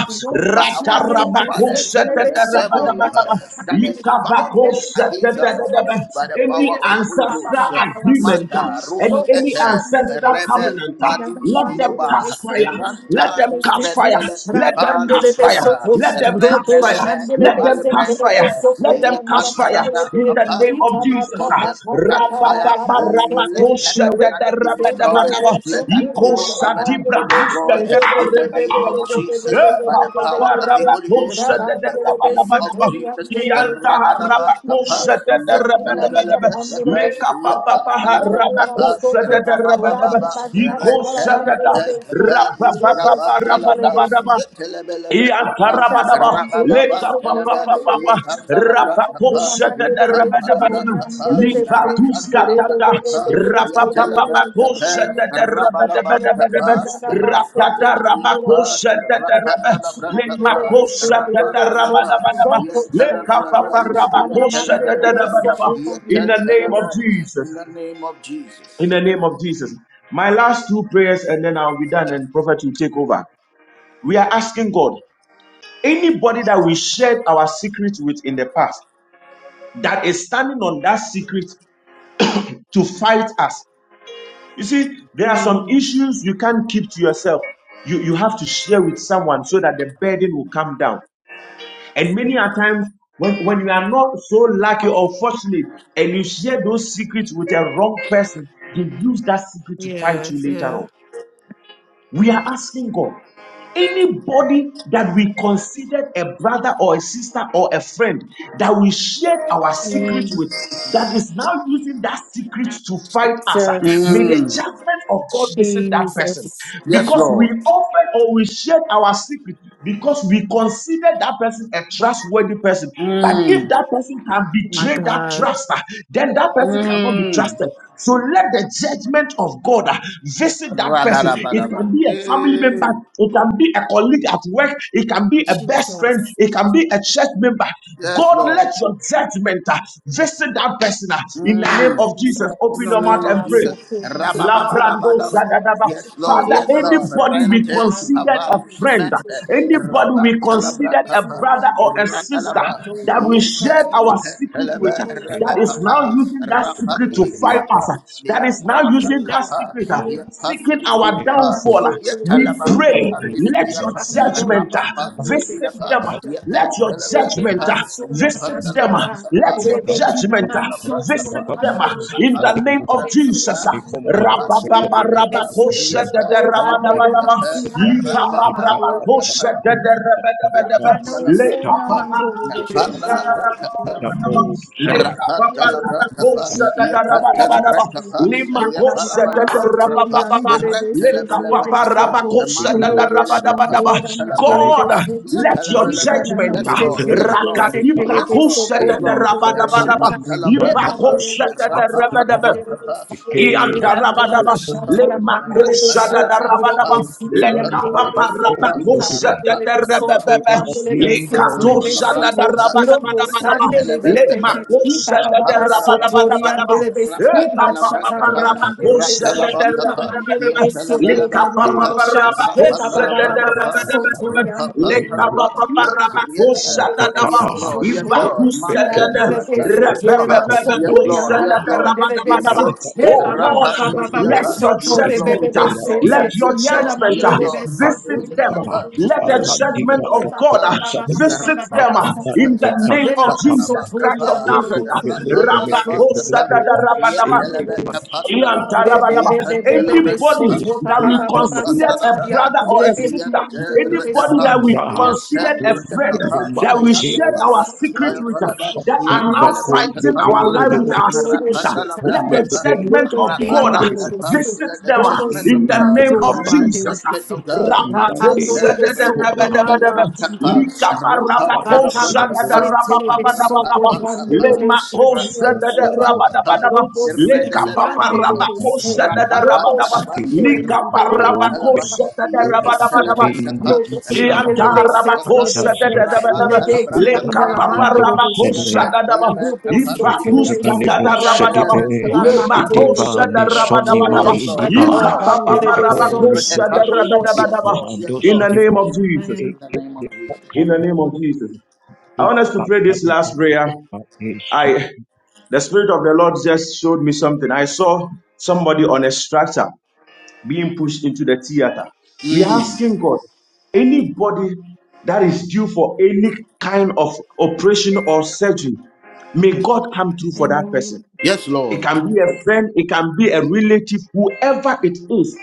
Speaker 1: by our forefathers with the devil uh,
Speaker 3: ratarabakosatatarabadabadaba,
Speaker 1: that is fighting against us uh,
Speaker 3: ikabakosatatarabadaba.
Speaker 1: by the
Speaker 3: Any
Speaker 1: power of the Holy
Speaker 3: ancestral
Speaker 1: Ghost.
Speaker 3: agreement uh,
Speaker 1: Mata
Speaker 3: and
Speaker 1: Rus
Speaker 3: any
Speaker 1: ete,
Speaker 3: ancestral
Speaker 1: Rebe
Speaker 3: covenant, uh,
Speaker 1: Kubadus
Speaker 3: let them
Speaker 1: Moba
Speaker 3: catch fire, let
Speaker 1: Ranta
Speaker 3: them catch fire,
Speaker 1: Rusbrendele
Speaker 3: let them
Speaker 1: Kipa
Speaker 3: catch fire,
Speaker 2: beso
Speaker 1: Lusprada
Speaker 3: let them catch
Speaker 2: Robo
Speaker 3: fire,
Speaker 1: Renelebe
Speaker 2: Shandele
Speaker 3: let them
Speaker 1: Kubal
Speaker 2: Bense
Speaker 3: catch
Speaker 2: Kelebe
Speaker 3: fire,
Speaker 1: Brente
Speaker 3: let them
Speaker 2: Sokoria
Speaker 3: catch
Speaker 2: Nala
Speaker 1: Yepanana
Speaker 3: fire,
Speaker 2: Sandele
Speaker 3: in
Speaker 2: Ben.
Speaker 3: the
Speaker 1: Kapa
Speaker 3: name of
Speaker 2: Ita Pa
Speaker 3: Jesus.
Speaker 2: Pa
Speaker 3: ah.
Speaker 2: Pa
Speaker 1: Golden
Speaker 2: Pa Pa
Speaker 1: Cut
Speaker 2: Pa Pa
Speaker 1: fire,
Speaker 2: Pa
Speaker 3: Rabababa,
Speaker 2: Pa
Speaker 1: let
Speaker 2: Soto.
Speaker 1: that
Speaker 3: rabakosha,
Speaker 2: Rebe
Speaker 3: da,
Speaker 1: covenant
Speaker 3: da,
Speaker 1: be
Speaker 3: rabba,
Speaker 2: Se
Speaker 3: da, ba,
Speaker 1: destroyed.
Speaker 3: da, ba.
Speaker 2: Kelebe
Speaker 1: Let that
Speaker 2: Sokoria
Speaker 1: evil
Speaker 2: Nala
Speaker 3: di,
Speaker 1: covenant
Speaker 3: bra,
Speaker 1: be
Speaker 2: Sandele
Speaker 3: di,
Speaker 2: Ben.
Speaker 3: sa,
Speaker 1: destroyed.
Speaker 3: da, da,
Speaker 2: Rebe Be
Speaker 1: In
Speaker 3: rabba,
Speaker 1: in
Speaker 3: da,
Speaker 2: Be
Speaker 1: the
Speaker 3: ba,
Speaker 2: Be
Speaker 1: name of
Speaker 3: da,
Speaker 2: Be Be Be
Speaker 3: ba.
Speaker 1: Jesus,
Speaker 2: Be Be Be Be
Speaker 3: Eh,
Speaker 1: by
Speaker 3: ba,
Speaker 1: the
Speaker 2: Be
Speaker 3: ba,
Speaker 2: Be
Speaker 1: power
Speaker 3: ba,
Speaker 2: Be
Speaker 1: of the Holy
Speaker 2: Be.
Speaker 1: Ghost,
Speaker 3: rabakosha,
Speaker 1: uh,
Speaker 3: da, da,
Speaker 1: in
Speaker 2: Rabandele
Speaker 1: the
Speaker 2: Be
Speaker 1: name of
Speaker 2: Sokoria
Speaker 1: Jesus.
Speaker 2: Nele
Speaker 1: The
Speaker 2: Be. Rebe
Speaker 1: Radadaba Kapa,
Speaker 2: Yandele Be
Speaker 1: Yet
Speaker 2: Sokoria Nala
Speaker 1: Telebelebe
Speaker 2: Pandele Be.
Speaker 1: Kapa, Yet Antalabra
Speaker 2: Rabandele Ben
Speaker 1: Kapa,
Speaker 2: Soto.
Speaker 1: Rahababa,
Speaker 2: Rabandele Ben Soto.
Speaker 1: Rete
Speaker 2: Rabandele
Speaker 1: Mete
Speaker 2: Ben Soto.
Speaker 1: Kapa,
Speaker 2: Robo
Speaker 1: Nusgraban
Speaker 2: Shandele
Speaker 1: Talabra,
Speaker 2: Ben.
Speaker 1: Yet Telebelebe Kapa,
Speaker 2: Thank
Speaker 3: Iatarabadaba,
Speaker 1: Rababa Telebe,
Speaker 3: lekapapapapapa,
Speaker 1: Yapan in the
Speaker 3: rapapopshadarabadabadaba, lipatuskatata, rapapapapaposhadarabadabadabadaba, rakatarabaposhadaraba, lemakoshadarabadabadaba, lekapaparabakoshadarabadaba. In
Speaker 2: you.
Speaker 3: the name of Jesus.
Speaker 1: name of
Speaker 3: In
Speaker 1: Jesus.
Speaker 3: the name of Jesus. My last two prayers, and then I'll be done, and prophet will take over. We are asking God. Anybody that we shared our secret with in the past that is standing on that secret to fight us. You see, there are some
Speaker 2: Hmm.
Speaker 3: issues you can't keep to yourself. You, you have to share with someone so that the burden will come down. And many a times, when, when you are not so lucky or fortunate and you share those secrets with a wrong person, they use that secret to fight you
Speaker 2: yes,
Speaker 3: later
Speaker 2: yeah.
Speaker 3: on. We are asking God. Anybody that we considered a brother or a sister or a friend that we shared our secret
Speaker 2: Mm,
Speaker 3: with, that is now using that secret to fight us, ah, may the
Speaker 2: Jesus.
Speaker 1: Mm.
Speaker 3: judgment of God visit that person.
Speaker 2: Jesus.
Speaker 1: Yes,
Speaker 3: Because we
Speaker 1: Lord.
Speaker 3: offered or we shared our secret because we considered that person a trustworthy person. But if
Speaker 1: Mm.
Speaker 3: that person can
Speaker 2: My
Speaker 3: betray that
Speaker 2: God.
Speaker 3: trust, ah, then that person cannot be
Speaker 1: Mm.
Speaker 3: trusted. So let the judgment of God ah, visit that person. It can
Speaker 1: Radarabaraba.
Speaker 3: be a family member,
Speaker 1: Eh.
Speaker 3: it can be a colleague at work, it can be a best friend,
Speaker 2: Jesus.
Speaker 3: it can be a church member.
Speaker 1: Yes,
Speaker 3: God,
Speaker 1: Lord.
Speaker 3: let your judgment ah, visit that person ah. in the name
Speaker 1: Mm.
Speaker 3: of Jesus.
Speaker 1: In
Speaker 3: Open
Speaker 1: the
Speaker 2: Jesus.
Speaker 3: your mouth
Speaker 1: name
Speaker 3: and
Speaker 1: of
Speaker 2: Kappa
Speaker 1: Jesus.
Speaker 3: pray.
Speaker 2: so, people,
Speaker 3: Labrando
Speaker 1: Rababababababa.
Speaker 2: so,
Speaker 3: Zadadaba.
Speaker 1: Yes, Lord.
Speaker 3: Father,
Speaker 2: Uro
Speaker 1: Yes,
Speaker 2: ma
Speaker 1: Lord.
Speaker 3: anybody
Speaker 2: shatam,
Speaker 3: we
Speaker 1: Rente
Speaker 2: am
Speaker 3: considered a
Speaker 2: dho
Speaker 1: kupavalu
Speaker 2: be
Speaker 3: friend,
Speaker 2: seto
Speaker 1: smete.
Speaker 2: be.
Speaker 3: anybody we
Speaker 2: Uro ma
Speaker 1: Rabantalabra
Speaker 3: considered a
Speaker 1: kapa.
Speaker 3: brother
Speaker 2: shatam
Speaker 3: or a
Speaker 2: dho be ki
Speaker 3: sister
Speaker 2: am
Speaker 1: Rakalaba.
Speaker 2: dho
Speaker 3: that we
Speaker 2: be
Speaker 3: shared
Speaker 1: Yente
Speaker 2: seto
Speaker 3: our
Speaker 5: Shai,
Speaker 2: be. Am
Speaker 3: secret
Speaker 1: pentelebe
Speaker 3: with,
Speaker 2: dho na am
Speaker 3: that is
Speaker 2: dho
Speaker 3: now
Speaker 1: reepapa.
Speaker 3: using that secret
Speaker 2: be
Speaker 3: to
Speaker 2: ki am
Speaker 3: fight
Speaker 1: Rapandiribriapa.
Speaker 3: us, that is
Speaker 2: dho.
Speaker 3: now
Speaker 1: Yatalabra
Speaker 3: using that
Speaker 1: kapa.
Speaker 3: secret, uh,
Speaker 2: Uro
Speaker 3: seeking our
Speaker 1: Yep,
Speaker 2: ma shatam
Speaker 3: downfall. uh,
Speaker 2: dho be
Speaker 3: We pray,
Speaker 2: seto be.
Speaker 3: let your
Speaker 2: Am dho
Speaker 3: judgment
Speaker 2: na
Speaker 3: uh,
Speaker 2: am dho be
Speaker 3: visit
Speaker 2: ki
Speaker 3: them,
Speaker 2: am
Speaker 3: uh,
Speaker 2: dho.
Speaker 3: let your
Speaker 2: Uro
Speaker 3: judgment
Speaker 2: ma
Speaker 3: uh, visit them, uh, let your judgment uh, visit them uh, in the name of Jesus. Jesus.
Speaker 2: shatam dho be seto be.
Speaker 3: Rabababababakosha da da
Speaker 2: Oh God, nele
Speaker 3: rabadabadaba.
Speaker 2: mansi do le mando do desi. Kana uso na mando le desi tala mando le do Kana le desi
Speaker 1: Rakantalabrakapa,
Speaker 2: te mando le desi tala.
Speaker 1: Yakantalabrakapa,
Speaker 2: Le kana manso tori
Speaker 1: Yapalabalabrakapa,
Speaker 2: ando le desi te le desi
Speaker 1: Rantalabelebekapa,
Speaker 2: to. Ulo le shando
Speaker 1: Amantilebelebekapa,
Speaker 2: le mando le
Speaker 3: God,
Speaker 1: Talabrakapa,
Speaker 2: desi te.
Speaker 3: let
Speaker 5: It
Speaker 3: your
Speaker 5: can
Speaker 1: Yatalabelebe.
Speaker 2: Sunday,
Speaker 3: judgment
Speaker 1: Yes,
Speaker 3: uh,
Speaker 1: Lord, yes, Lord,
Speaker 5: be
Speaker 1: yes, Lord,
Speaker 3: rakadibrakosha
Speaker 1: yes,
Speaker 3: da da
Speaker 1: Lord.
Speaker 3: rabadabadaba.
Speaker 1: Rakantalabrakapa,
Speaker 3: Ivakosha da da
Speaker 1: Rakantalabrakapa,
Speaker 3: Iantarabadaba,
Speaker 1: Rakantalabrakapa,
Speaker 3: le makosha da da rabadaba, le
Speaker 1: Rakantalabrakapa,
Speaker 3: kapapa
Speaker 1: Yakantalabrakapa,
Speaker 3: rabakosha da da rabababa,
Speaker 1: Rakantalabrakapa,
Speaker 3: le katosha da da
Speaker 1: Rakantalabrakapa,
Speaker 3: rabadabadabadaba,
Speaker 1: Yes, sir.
Speaker 3: le
Speaker 1: Yes,
Speaker 3: makosha da da rabadabadabadaba, e kapapa
Speaker 2: Ashataya mandele
Speaker 3: rabakosha
Speaker 2: beso,
Speaker 3: da da
Speaker 2: uka mandele
Speaker 3: rabadabadaba,
Speaker 2: beso,
Speaker 3: le
Speaker 2: keba yoro
Speaker 3: kapapa
Speaker 2: bosha, eka
Speaker 3: rabakosha
Speaker 2: ba ba
Speaker 3: da
Speaker 2: ba
Speaker 3: da
Speaker 2: ba ba so tori
Speaker 3: rabadabadaba,
Speaker 2: andele
Speaker 3: le kapapa Oh
Speaker 2: beso,
Speaker 3: God,
Speaker 2: ina mansi andele
Speaker 5: Effective,
Speaker 2: beso,
Speaker 1: Lord.
Speaker 2: to
Speaker 1: Yes,
Speaker 2: ro
Speaker 5: effective,
Speaker 1: Lord.
Speaker 2: bosi
Speaker 1: Mante,
Speaker 2: andele beso, kele
Speaker 5: effective,
Speaker 1: Ratanusmaha.
Speaker 2: manso
Speaker 1: Yes,
Speaker 2: tori
Speaker 5: combative,
Speaker 1: Lord. Yes,
Speaker 2: andala
Speaker 1: Lord.
Speaker 2: pandele
Speaker 1: Yes,
Speaker 2: beso,
Speaker 5: brand,
Speaker 1: Lord.
Speaker 5: that, that,
Speaker 2: eba ba
Speaker 1: Rapa
Speaker 2: ba ba ba ba
Speaker 5: no,
Speaker 2: ba
Speaker 3: let
Speaker 1: Milibriapa.
Speaker 3: your
Speaker 2: so
Speaker 1: Yes, Lord.
Speaker 3: judgment,
Speaker 1: Yes,
Speaker 3: uh,
Speaker 1: Lord.
Speaker 5: Irati,
Speaker 3: let your
Speaker 1: Yes,
Speaker 2: yana
Speaker 1: Lord.
Speaker 3: judgment
Speaker 1: Yes,
Speaker 3: uh,
Speaker 2: mandele
Speaker 1: Lord.
Speaker 2: beso,
Speaker 1: Mante
Speaker 3: visit
Speaker 2: tori
Speaker 3: them.
Speaker 2: andele
Speaker 5: Levanduka,
Speaker 1: Milibriapa.
Speaker 2: beso.
Speaker 3: Let the
Speaker 1: Bless the
Speaker 3: judgment
Speaker 2: Thank
Speaker 3: of
Speaker 1: goodness
Speaker 5: Alandibaka,
Speaker 1: of
Speaker 3: God uh,
Speaker 1: God.
Speaker 5: Sabaka,
Speaker 3: visit them uh,
Speaker 5: Apapa,
Speaker 3: in the name of
Speaker 5: Tasaka,
Speaker 3: Jesus Christ of Nazareth.
Speaker 5: Indubele, Mekabele, Indiman,
Speaker 3: Anybody that we consider a brother or a sister, anybody that we considered a friend, that we shared our secret with, uh, that are now
Speaker 2: you.
Speaker 3: fighting our life with our secret, uh,
Speaker 2: Anamadoboshata.
Speaker 3: let the
Speaker 1: Yet
Speaker 3: judgment of
Speaker 1: Wrap up,
Speaker 3: God uh,
Speaker 1: up, up, up.
Speaker 2: Robotiandelebeso.
Speaker 3: visit
Speaker 1: Let the
Speaker 3: them uh,
Speaker 1: judgment
Speaker 3: in
Speaker 1: of
Speaker 3: the the
Speaker 1: God,
Speaker 3: name of
Speaker 1: and
Speaker 2: Robosiandora
Speaker 1: let the
Speaker 3: Jesus.
Speaker 1: judgment
Speaker 2: mandelebese.
Speaker 1: of God, my
Speaker 3: Rabakosadadabadabadaba.
Speaker 2: Rapandolebesokorianda pandelebeshe.
Speaker 5: Divani
Speaker 3: Likaparabakosadadabadabadaba. Lemakosadadabadabadaba. Likapaparabakosadadabadaba. Likaparabakos Yatarabakosa da da da da da da. Leka papa
Speaker 1: Rapa Yes,
Speaker 2: Thank
Speaker 3: rabakosa
Speaker 2: you.
Speaker 3: da da ba.
Speaker 2: Man. Amen.
Speaker 3: Ivatus kata da raba Le makosa da
Speaker 1: sir.
Speaker 3: raba
Speaker 5: sonima
Speaker 1: Yes, Lord.
Speaker 5: idiba
Speaker 1: Yes,
Speaker 3: Ika
Speaker 1: Lord.
Speaker 3: papa
Speaker 5: if
Speaker 1: Mante
Speaker 5: only
Speaker 1: re-
Speaker 3: rabakosa da
Speaker 1: epandi.
Speaker 3: raba
Speaker 5: praise
Speaker 1: Yes, Lord.
Speaker 5: and
Speaker 1: Yes,
Speaker 5: those
Speaker 3: In the
Speaker 1: Lord.
Speaker 3: name of
Speaker 1: Mm.
Speaker 3: Jesus.
Speaker 1: In the name of Jesus.
Speaker 3: In the name of Jesus. I
Speaker 5: We
Speaker 3: want us to
Speaker 5: back
Speaker 3: pray
Speaker 5: up
Speaker 3: this
Speaker 5: the
Speaker 3: last
Speaker 5: enemy
Speaker 3: prayer.
Speaker 5: with our ears shut up
Speaker 3: I the Spirit of the Lord just showed me something. I saw somebody on a structure being pushed into the theater. We're
Speaker 1: Mm.
Speaker 3: asking God, anybody that is due for any kind of operation or surgery, may God come through for that person.
Speaker 2: Amen.
Speaker 1: Yes,
Speaker 3: It
Speaker 1: Lord.
Speaker 3: can be a friend, it can be a relative, whoever it is.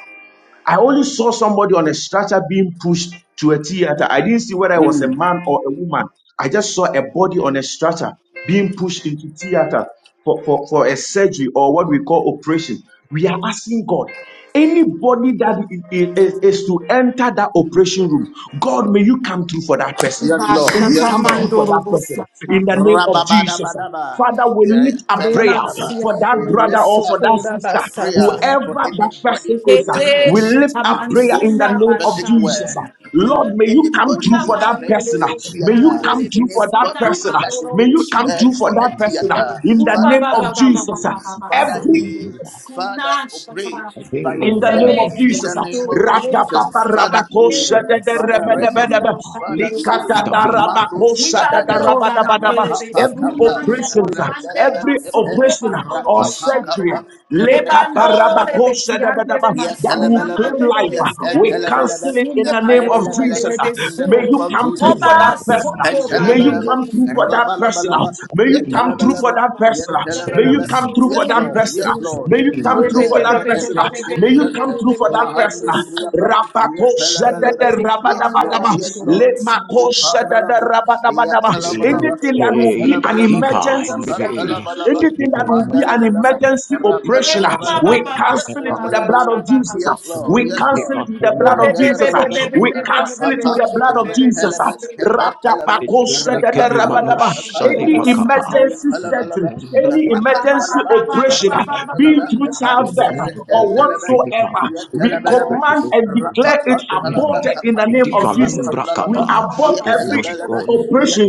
Speaker 3: I only saw somebody on a stretcher being pushed to a theater. I didn't see whether it was a
Speaker 1: Mm.
Speaker 3: man or a woman. I just saw a body on a stretcher being pushed into theater for, for, for a surgery or what we call operation. We are asking God, anybody that i- i- is, is to enter that operation room, God, may you come through for that person.
Speaker 1: Yes,
Speaker 2: Iba
Speaker 1: Lord.
Speaker 3: May you
Speaker 1: Yes,
Speaker 2: shata
Speaker 3: come
Speaker 1: Lord.
Speaker 3: through for
Speaker 2: mandoro
Speaker 3: that person
Speaker 5: in
Speaker 2: bosata.
Speaker 3: in
Speaker 5: the
Speaker 3: the
Speaker 5: name
Speaker 3: name
Speaker 5: of
Speaker 3: of
Speaker 5: Jesus.
Speaker 3: Jesus.
Speaker 1: Rababadabadaba.
Speaker 3: Father, we
Speaker 1: Yeah,
Speaker 3: lift up prayer
Speaker 1: talabadaba.
Speaker 2: Remansia
Speaker 3: for that
Speaker 1: We
Speaker 2: de
Speaker 3: brother
Speaker 1: lift
Speaker 3: or for
Speaker 1: up
Speaker 3: that
Speaker 2: sokora
Speaker 3: sister,
Speaker 1: a prayer
Speaker 2: basata.
Speaker 1: for
Speaker 3: whoever that
Speaker 5: Jesus.
Speaker 1: anybody
Speaker 3: person is. uh,
Speaker 2: Kete
Speaker 1: connected
Speaker 3: We
Speaker 5: Holy
Speaker 3: lift up
Speaker 1: to
Speaker 2: shitaman
Speaker 3: prayer
Speaker 1: this
Speaker 3: in the
Speaker 2: sunda
Speaker 3: name of
Speaker 5: Spirit,
Speaker 1: prophetic
Speaker 2: bashan.
Speaker 3: Jesus. uh.
Speaker 5: come
Speaker 1: word.
Speaker 3: Lord, may you come
Speaker 1: Anybody
Speaker 3: through
Speaker 2: Kuda
Speaker 5: with
Speaker 1: being
Speaker 3: for
Speaker 5: it.
Speaker 3: that
Speaker 5: Mark
Speaker 1: stretched to
Speaker 2: babiele
Speaker 3: person.
Speaker 1: a
Speaker 3: uh.
Speaker 5: me.
Speaker 3: May
Speaker 2: besian
Speaker 1: theater,
Speaker 3: you
Speaker 5: I
Speaker 3: come
Speaker 2: delebe
Speaker 3: through
Speaker 5: believe
Speaker 3: for that
Speaker 2: sunda
Speaker 1: anybody
Speaker 3: person. uh.
Speaker 1: that is
Speaker 3: May
Speaker 1: being
Speaker 2: mandoro
Speaker 3: you come
Speaker 1: prepared
Speaker 3: through
Speaker 5: Jesus.
Speaker 2: shanda.
Speaker 3: for
Speaker 1: for
Speaker 5: I
Speaker 1: a
Speaker 3: that
Speaker 5: do
Speaker 3: person
Speaker 5: not
Speaker 3: uh,
Speaker 5: believe
Speaker 1: theater,
Speaker 5: you.
Speaker 3: in the
Speaker 2: Uba
Speaker 1: Father,
Speaker 3: name
Speaker 2: ba
Speaker 1: come
Speaker 3: of
Speaker 2: ba ba ba ba
Speaker 3: Jesus.
Speaker 1: through.
Speaker 3: uh.
Speaker 2: ba ba ba
Speaker 5: I
Speaker 1: Father,
Speaker 3: Every
Speaker 5: believe
Speaker 2: sandele
Speaker 5: you,
Speaker 1: heal.
Speaker 5: God.
Speaker 1: Father,
Speaker 2: sunda
Speaker 1: operate
Speaker 2: shanda.
Speaker 5: I
Speaker 1: by
Speaker 5: believe
Speaker 3: in the
Speaker 5: you,
Speaker 1: yourself
Speaker 3: name
Speaker 2: Bebe
Speaker 3: of
Speaker 5: Jesus.
Speaker 1: in the
Speaker 3: Jesus,
Speaker 1: name of
Speaker 2: kiando
Speaker 3: Rata
Speaker 1: Jesus.
Speaker 2: reman
Speaker 3: Papa
Speaker 2: sunda
Speaker 1: Father,
Speaker 2: mandela
Speaker 1: heal.
Speaker 3: Rabakosha de
Speaker 1: Father,
Speaker 2: sukuri
Speaker 5: Spirit of
Speaker 1: rescue.
Speaker 3: Rebedebedebe,
Speaker 5: God.
Speaker 2: andala
Speaker 1: Father, save.
Speaker 3: Likata
Speaker 2: pandele
Speaker 5: Intervene.
Speaker 1: Mando
Speaker 3: Rabakosha da
Speaker 1: Spahada,
Speaker 2: Ibando
Speaker 5: Intervene.
Speaker 2: la
Speaker 3: Rabadabadaba,
Speaker 2: mandele de
Speaker 1: Rapapa
Speaker 3: every
Speaker 5: Intervene.
Speaker 1: Kappa,
Speaker 2: sunanda
Speaker 5: Oh,
Speaker 3: operation,
Speaker 2: la
Speaker 5: God.
Speaker 2: pande
Speaker 1: Randelebe,
Speaker 3: every
Speaker 2: pasoko
Speaker 3: operation
Speaker 2: pandoro
Speaker 3: or
Speaker 5: Intervene.
Speaker 1: Rapapa
Speaker 3: surgery,
Speaker 2: oshanda. Ebando
Speaker 3: Lekapa
Speaker 2: de
Speaker 1: Kappa,
Speaker 3: Rabakosha da da
Speaker 2: betiande de
Speaker 3: that will
Speaker 2: mansuna
Speaker 1: Yatalabalaba,
Speaker 3: claim
Speaker 2: mandele
Speaker 3: life,
Speaker 2: de
Speaker 3: uh, we
Speaker 2: siande de
Speaker 1: yatalabalaba,
Speaker 3: cancel it in
Speaker 2: besuna
Speaker 3: the name of
Speaker 2: mandela
Speaker 1: yapayabalabalaba,
Speaker 3: Jesus.
Speaker 2: pandele
Speaker 3: uh.
Speaker 2: de
Speaker 1: In the
Speaker 3: May
Speaker 2: su.
Speaker 1: name
Speaker 3: you
Speaker 1: of
Speaker 3: come
Speaker 1: Jesus.
Speaker 3: through for
Speaker 5: Intervene. Intervene.
Speaker 3: that
Speaker 2: Oba
Speaker 3: person. uh.
Speaker 2: soto
Speaker 3: May you
Speaker 2: pandele
Speaker 1: Pentalabalaba,
Speaker 3: come
Speaker 2: de
Speaker 3: through for
Speaker 2: su.
Speaker 3: that person. uh.
Speaker 5: Intervene.
Speaker 1: rabalabalaba,
Speaker 3: May you come through
Speaker 5: Intervene.
Speaker 3: for
Speaker 1: yatalabalaba,
Speaker 3: that person.
Speaker 2: Ando de
Speaker 3: May you
Speaker 1: yatalabalaba.
Speaker 3: come through
Speaker 2: mansoto
Speaker 3: for
Speaker 1: Yes,
Speaker 3: that
Speaker 2: de
Speaker 1: Lord.
Speaker 3: person. ah.
Speaker 1: Yes,
Speaker 2: besu.
Speaker 1: Lord.
Speaker 3: May you
Speaker 5: Intervene.
Speaker 3: come through
Speaker 1: Mande
Speaker 3: for that person. ah.
Speaker 1: reepa
Speaker 3: May you come
Speaker 1: ushente.
Speaker 3: through for that person.
Speaker 2: Ebebebebebebebebebebebebebebebebebe.
Speaker 3: ah.
Speaker 1: Mahandiribriapa.
Speaker 3: Rapako
Speaker 1: Yatalabalaba.
Speaker 3: shadada
Speaker 2: Ebebe
Speaker 1: Yes,
Speaker 2: kianda la
Speaker 1: Lord.
Speaker 3: rabadabadaba.
Speaker 1: Yes,
Speaker 2: mandele
Speaker 1: Lord.
Speaker 2: de
Speaker 3: Lemako
Speaker 2: su.
Speaker 3: shadada
Speaker 1: Pandalaba.
Speaker 3: rabadabadaba.
Speaker 5: Intervene.
Speaker 1: Yatalabalaba.
Speaker 3: Anything that will be
Speaker 5: Say, the
Speaker 3: an
Speaker 1: Yatalabalaba.
Speaker 3: emergency surgery,
Speaker 1: Yapantalabalaba.
Speaker 3: anything that
Speaker 5: keeper.
Speaker 3: will be an
Speaker 1: Mandalabalaba.
Speaker 3: emergency operation, ah,
Speaker 1: Rapandalabalaba.
Speaker 3: we cancel it with the blood of
Speaker 1: Yatalabalaba.
Speaker 3: Jesus. ah.
Speaker 1: Yes, Lord.
Speaker 3: We
Speaker 1: Yes,
Speaker 3: cancel
Speaker 1: Lord.
Speaker 3: it with the blood of
Speaker 1: Mandela
Speaker 3: Jesus. ah.
Speaker 1: belebe,
Speaker 3: We cancel it with
Speaker 1: rapapa,
Speaker 3: the blood of Jesus.
Speaker 1: repelebe, kepetelebe,
Speaker 3: Rapako
Speaker 1: rapanalabra, papaya
Speaker 3: any
Speaker 1: belebe,
Speaker 3: emergency surgery,
Speaker 1: repelebelebe,
Speaker 3: any emergency
Speaker 1: rapalabalaba,
Speaker 3: operation, uh, be it
Speaker 1: rapanalaba,
Speaker 3: through
Speaker 1: pepa,
Speaker 3: childbirth uh, or
Speaker 1: repelelebe,
Speaker 3: whatsoever, we
Speaker 1: yetelebelebe,
Speaker 3: command and declare it
Speaker 1: in the
Speaker 3: aborted in the name of
Speaker 2: Yes,
Speaker 3: Jesus.
Speaker 5: Divalumbra
Speaker 2: Lord.
Speaker 3: We
Speaker 5: kapa
Speaker 3: abort
Speaker 5: in
Speaker 3: every
Speaker 5: nos
Speaker 3: operation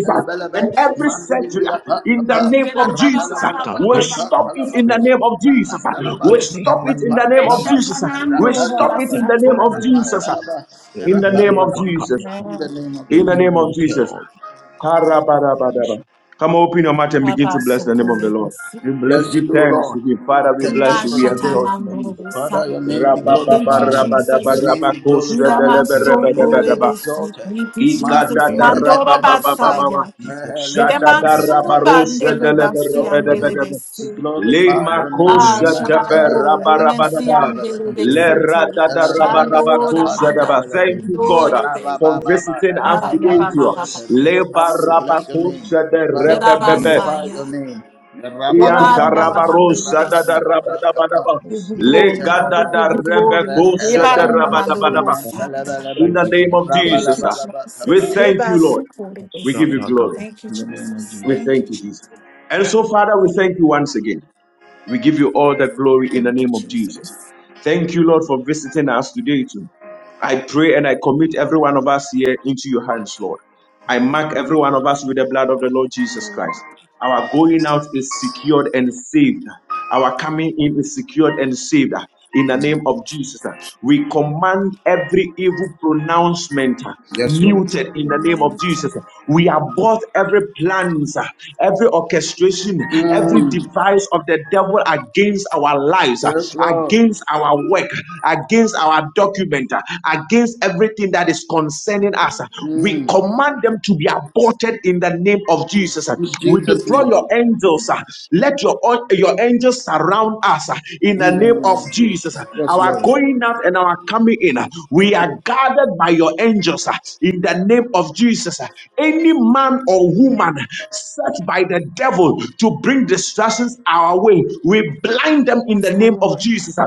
Speaker 3: and every surgery uh, in the name of Jesus. uh, We
Speaker 5: contave
Speaker 3: stop it in the name of Jesus. uh,
Speaker 5: in the
Speaker 3: We stop it
Speaker 5: name
Speaker 3: in
Speaker 5: of
Speaker 3: the name of
Speaker 5: Jesus
Speaker 3: Jesus. uh, We
Speaker 2: Eshakanando
Speaker 5: in
Speaker 3: stop it in the name of
Speaker 5: the
Speaker 2: Rabasataya.
Speaker 5: heart
Speaker 3: Jesus. uh,
Speaker 5: in
Speaker 3: In the name of
Speaker 5: the
Speaker 3: Jesus.
Speaker 5: kapa
Speaker 3: uh,
Speaker 2: Amen.
Speaker 1: name of
Speaker 3: In
Speaker 5: in
Speaker 3: the
Speaker 1: Jesus.
Speaker 3: name of
Speaker 5: nos
Speaker 3: Jesus.
Speaker 5: held.
Speaker 3: Karabarabadaba.
Speaker 5: We
Speaker 3: Come open your mouth and begin to bless the name of the Lord.
Speaker 2: Abasokorebesi.
Speaker 1: We
Speaker 3: Just
Speaker 1: bless
Speaker 3: give
Speaker 1: you,
Speaker 3: thanks to
Speaker 1: Lord.
Speaker 3: Him.
Speaker 1: We
Speaker 3: Father, we
Speaker 1: Thank you
Speaker 3: bless you.
Speaker 1: for
Speaker 3: We
Speaker 1: today.
Speaker 3: exalt you,
Speaker 5: stop.
Speaker 3: Jesus.
Speaker 2: Inashatamandobosa.
Speaker 1: Father, your name be
Speaker 3: Rabba
Speaker 5: Because the
Speaker 3: rabba,
Speaker 2: Thank you,
Speaker 1: glorified.
Speaker 3: rabba,
Speaker 5: name,
Speaker 3: rabba,
Speaker 1: Your
Speaker 2: Jesus.
Speaker 5: Jesus.
Speaker 1: name
Speaker 3: rabba,
Speaker 1: be glorified.
Speaker 3: rabba,
Speaker 1: Your
Speaker 5: Name,
Speaker 3: rabba,
Speaker 1: name be
Speaker 3: rabba,
Speaker 2: Iramasokorebesi.
Speaker 1: exalted.
Speaker 2: Thank you,
Speaker 5: is the
Speaker 2: Jesus.
Speaker 1: Mandela
Speaker 5: name.
Speaker 2: Mandoro
Speaker 1: Epedusa,
Speaker 3: Ikatatarabababababa.
Speaker 2: basaya.
Speaker 5: We Bless your
Speaker 1: Mehelu
Speaker 2: Iremansu
Speaker 1: Sentelebe.
Speaker 3: Shadadarabarosha
Speaker 1: Father, we
Speaker 2: bandelebasi
Speaker 1: exalt your
Speaker 5: name.
Speaker 1: name.
Speaker 3: delebebebebebe.
Speaker 2: andelebesi.
Speaker 1: We glorify
Speaker 5: Bless
Speaker 1: your
Speaker 5: the
Speaker 1: name.
Speaker 2: Ah,
Speaker 3: Lemakosha
Speaker 5: name.
Speaker 2: Shabando,
Speaker 1: Mata
Speaker 2: Lemensi
Speaker 3: teberabarabadaba.
Speaker 1: Ependelebe.
Speaker 2: andelebesi.
Speaker 5: Glory
Speaker 1: Father,
Speaker 2: Shando
Speaker 3: Leradadarabarabakosha
Speaker 2: Ramanda.
Speaker 3: daba.
Speaker 5: to the
Speaker 3: Thank
Speaker 5: holy
Speaker 3: you,
Speaker 5: name.
Speaker 2: Ando
Speaker 3: God, uh,
Speaker 2: yebe.
Speaker 3: for visiting us
Speaker 2: Ah,
Speaker 5: Glory
Speaker 3: today.
Speaker 5: to
Speaker 2: Yababa.
Speaker 3: too.
Speaker 2: Baba,
Speaker 5: Jesus.
Speaker 2: Baba,
Speaker 1: we
Speaker 2: Sodi.
Speaker 1: bless your name.
Speaker 3: Lebarabakosha
Speaker 5: To
Speaker 1: Father, we
Speaker 3: derebebebe.
Speaker 5: Jesus.
Speaker 1: glorify your
Speaker 2: Irabasaya.
Speaker 1: name.
Speaker 5: Glory to
Speaker 2: Oranda
Speaker 1: Rabababa,
Speaker 5: the
Speaker 2: la
Speaker 3: Iantarabarosha
Speaker 2: mandelebesi.
Speaker 1: Rapandalabrakapa,
Speaker 3: dadarabadabadaba.
Speaker 5: Lord.
Speaker 2: give you glory, Lord. We
Speaker 1: Yetelebelebe,
Speaker 2: give you glory, Lord.
Speaker 3: Legadadarebekosha
Speaker 2: Eba
Speaker 5: Jesus.
Speaker 1: Retelebelebe,
Speaker 5: Ba, ba, ba,
Speaker 2: namandorobo
Speaker 3: derabadabadaba.
Speaker 5: ba, ba,
Speaker 2: sanda.
Speaker 3: In
Speaker 1: Metelebelebe,
Speaker 5: shene,
Speaker 3: the name
Speaker 5: me,
Speaker 3: of
Speaker 2: Thank
Speaker 3: Jesus,
Speaker 2: you,
Speaker 3: ah,
Speaker 1: Rabalabalaba
Speaker 2: Jesus.
Speaker 3: we
Speaker 1: Kapa.
Speaker 3: thank
Speaker 2: Eba
Speaker 3: you, Lord.
Speaker 5: ba,
Speaker 3: We give you
Speaker 2: sokorebese.
Speaker 5: shada, ga,
Speaker 3: glory.
Speaker 5: ba.
Speaker 2: Thank you,
Speaker 1: In the name of Jesus.
Speaker 2: Jesus.
Speaker 3: We
Speaker 2: Thank
Speaker 3: thank
Speaker 2: you,
Speaker 3: you, Jesus.
Speaker 2: Jesus.
Speaker 3: And so, Father, we thank you once again. We give you all the glory in the
Speaker 2: Thank you,
Speaker 3: name of Jesus.
Speaker 2: Jesus.
Speaker 3: Thank you, Lord, for visiting us today, too. I pray and I commit every one of us here into your hands, Lord. I mark every one of us with the blood of the Lord Jesus
Speaker 2: Lord,
Speaker 3: Christ. Our going out is secured and saved. Our coming in is secured and saved. In the name of
Speaker 2: thank you,
Speaker 3: Jesus,
Speaker 2: Jesus.
Speaker 3: we command every evil pronouncement uh,
Speaker 1: Yes, Lord.
Speaker 3: muted in
Speaker 2: In
Speaker 3: the
Speaker 2: the
Speaker 3: name
Speaker 2: name
Speaker 3: of
Speaker 2: of
Speaker 3: Jesus. We abort every plans, uh, every orchestration, every
Speaker 1: Mm.
Speaker 3: device of the devil against our lives, uh,
Speaker 1: Yes, Lord.
Speaker 3: against our work, against our document, uh, against against everything that is concerning us. We
Speaker 1: Mm.
Speaker 2: God.
Speaker 3: command them to be aborted in the name of Jesus.
Speaker 1: In
Speaker 3: We
Speaker 1: Jesus'
Speaker 3: deploy
Speaker 1: name.
Speaker 3: your angels. Let your, your angels surround us in the
Speaker 1: In the
Speaker 3: name
Speaker 1: name
Speaker 3: of
Speaker 1: of
Speaker 3: Jesus.
Speaker 1: Jesus. Yes,
Speaker 3: Our
Speaker 1: Lord.
Speaker 3: going out and our coming in, we are guarded by your angels in the name of Jesus. Any man or woman set by the devil to bring distractions our way, we blind them in
Speaker 2: Yes,
Speaker 3: the name of
Speaker 2: Lord.
Speaker 3: Jesus.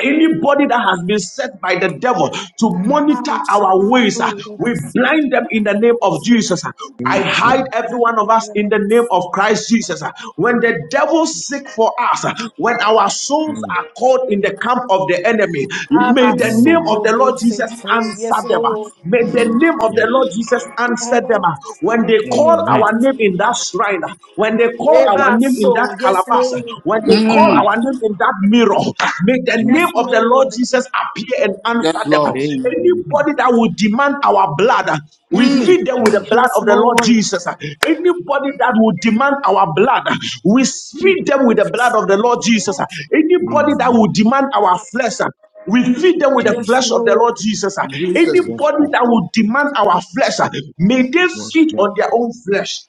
Speaker 3: Anybody that has been set by the devil to
Speaker 2: Ah,
Speaker 3: monitor our ways, ah,
Speaker 2: shabandorobo.
Speaker 3: we blind them in the name
Speaker 2: Yes,
Speaker 3: of
Speaker 2: Lord.
Speaker 3: Jesus. ah. I hide
Speaker 5: Amen.
Speaker 3: every one of us in the name
Speaker 2: Yes.
Speaker 3: of Christ Jesus. ah. When the devil seek for us, ah, when our souls
Speaker 5: Mm,
Speaker 3: are caught in the camp of the enemy, may
Speaker 2: Aba
Speaker 3: the name
Speaker 5: mm.
Speaker 3: of the Lord
Speaker 2: sokorebese.
Speaker 3: Jesus answer
Speaker 2: Yes,
Speaker 3: them. ah.
Speaker 2: Lord.
Speaker 3: May the name of the
Speaker 5: Yes.
Speaker 3: Lord Jesus answer
Speaker 2: Aba
Speaker 3: them. ah. When they call
Speaker 5: Amen.
Speaker 3: our name in
Speaker 2: sokorebese.
Speaker 3: that shrine, ah, when they call our
Speaker 2: Eba
Speaker 5: Jesus.
Speaker 3: name in that
Speaker 2: so. Yes,
Speaker 3: calabash,
Speaker 2: Lord.
Speaker 3: when they call
Speaker 5: Please,
Speaker 3: our
Speaker 1: Mm.
Speaker 3: name in that mirror, may the name
Speaker 2: Yes,
Speaker 5: Jesus.
Speaker 3: of the Lord
Speaker 2: Lord.
Speaker 3: Jesus appear and answer
Speaker 1: Yes,
Speaker 3: them.
Speaker 1: Lord.
Speaker 5: Amen.
Speaker 3: Anybody that will demand our blood, we
Speaker 1: Mm.
Speaker 3: feed them with the
Speaker 5: Jesus.
Speaker 3: blood
Speaker 2: Yes,
Speaker 3: of the Lord
Speaker 2: Lord.
Speaker 3: Jesus. Anybody that will demand our blood, we feed them with the blood of the Lord Jesus. Anybody that will
Speaker 5: Amen.
Speaker 3: demand our flesh, we feed them with the
Speaker 5: Jesus.
Speaker 2: Yes,
Speaker 3: flesh of the Lord
Speaker 2: Lord.
Speaker 3: Jesus.
Speaker 1: Jesus.
Speaker 5: Yes,
Speaker 3: Anybody
Speaker 5: Lord.
Speaker 3: that will demand our flesh, may they
Speaker 5: Yes,
Speaker 3: feed
Speaker 5: Lord.
Speaker 3: on their own flesh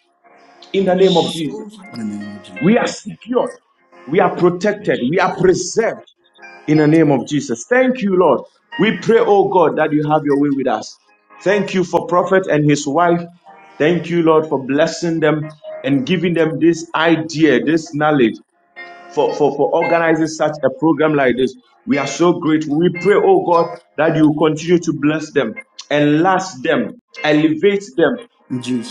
Speaker 3: in the name of
Speaker 2: Yes,
Speaker 5: Yes.
Speaker 3: Jesus.
Speaker 2: Lord.
Speaker 1: In the name of Jesus.
Speaker 3: We are
Speaker 5: Amen.
Speaker 3: secured. We are
Speaker 5: Yes.
Speaker 3: protected. We are preserved in the name of Jesus. Thank you, Lord. We pray, oh God, that you have your way with us. Thank you for prophet and his wife. Thank you, Lord, for blessing them and giving them this idea, this knowledge for, for, for organizing such a program like this. We are so grateful. We pray, oh God, that you continue to bless them, enlarge them, elevate them,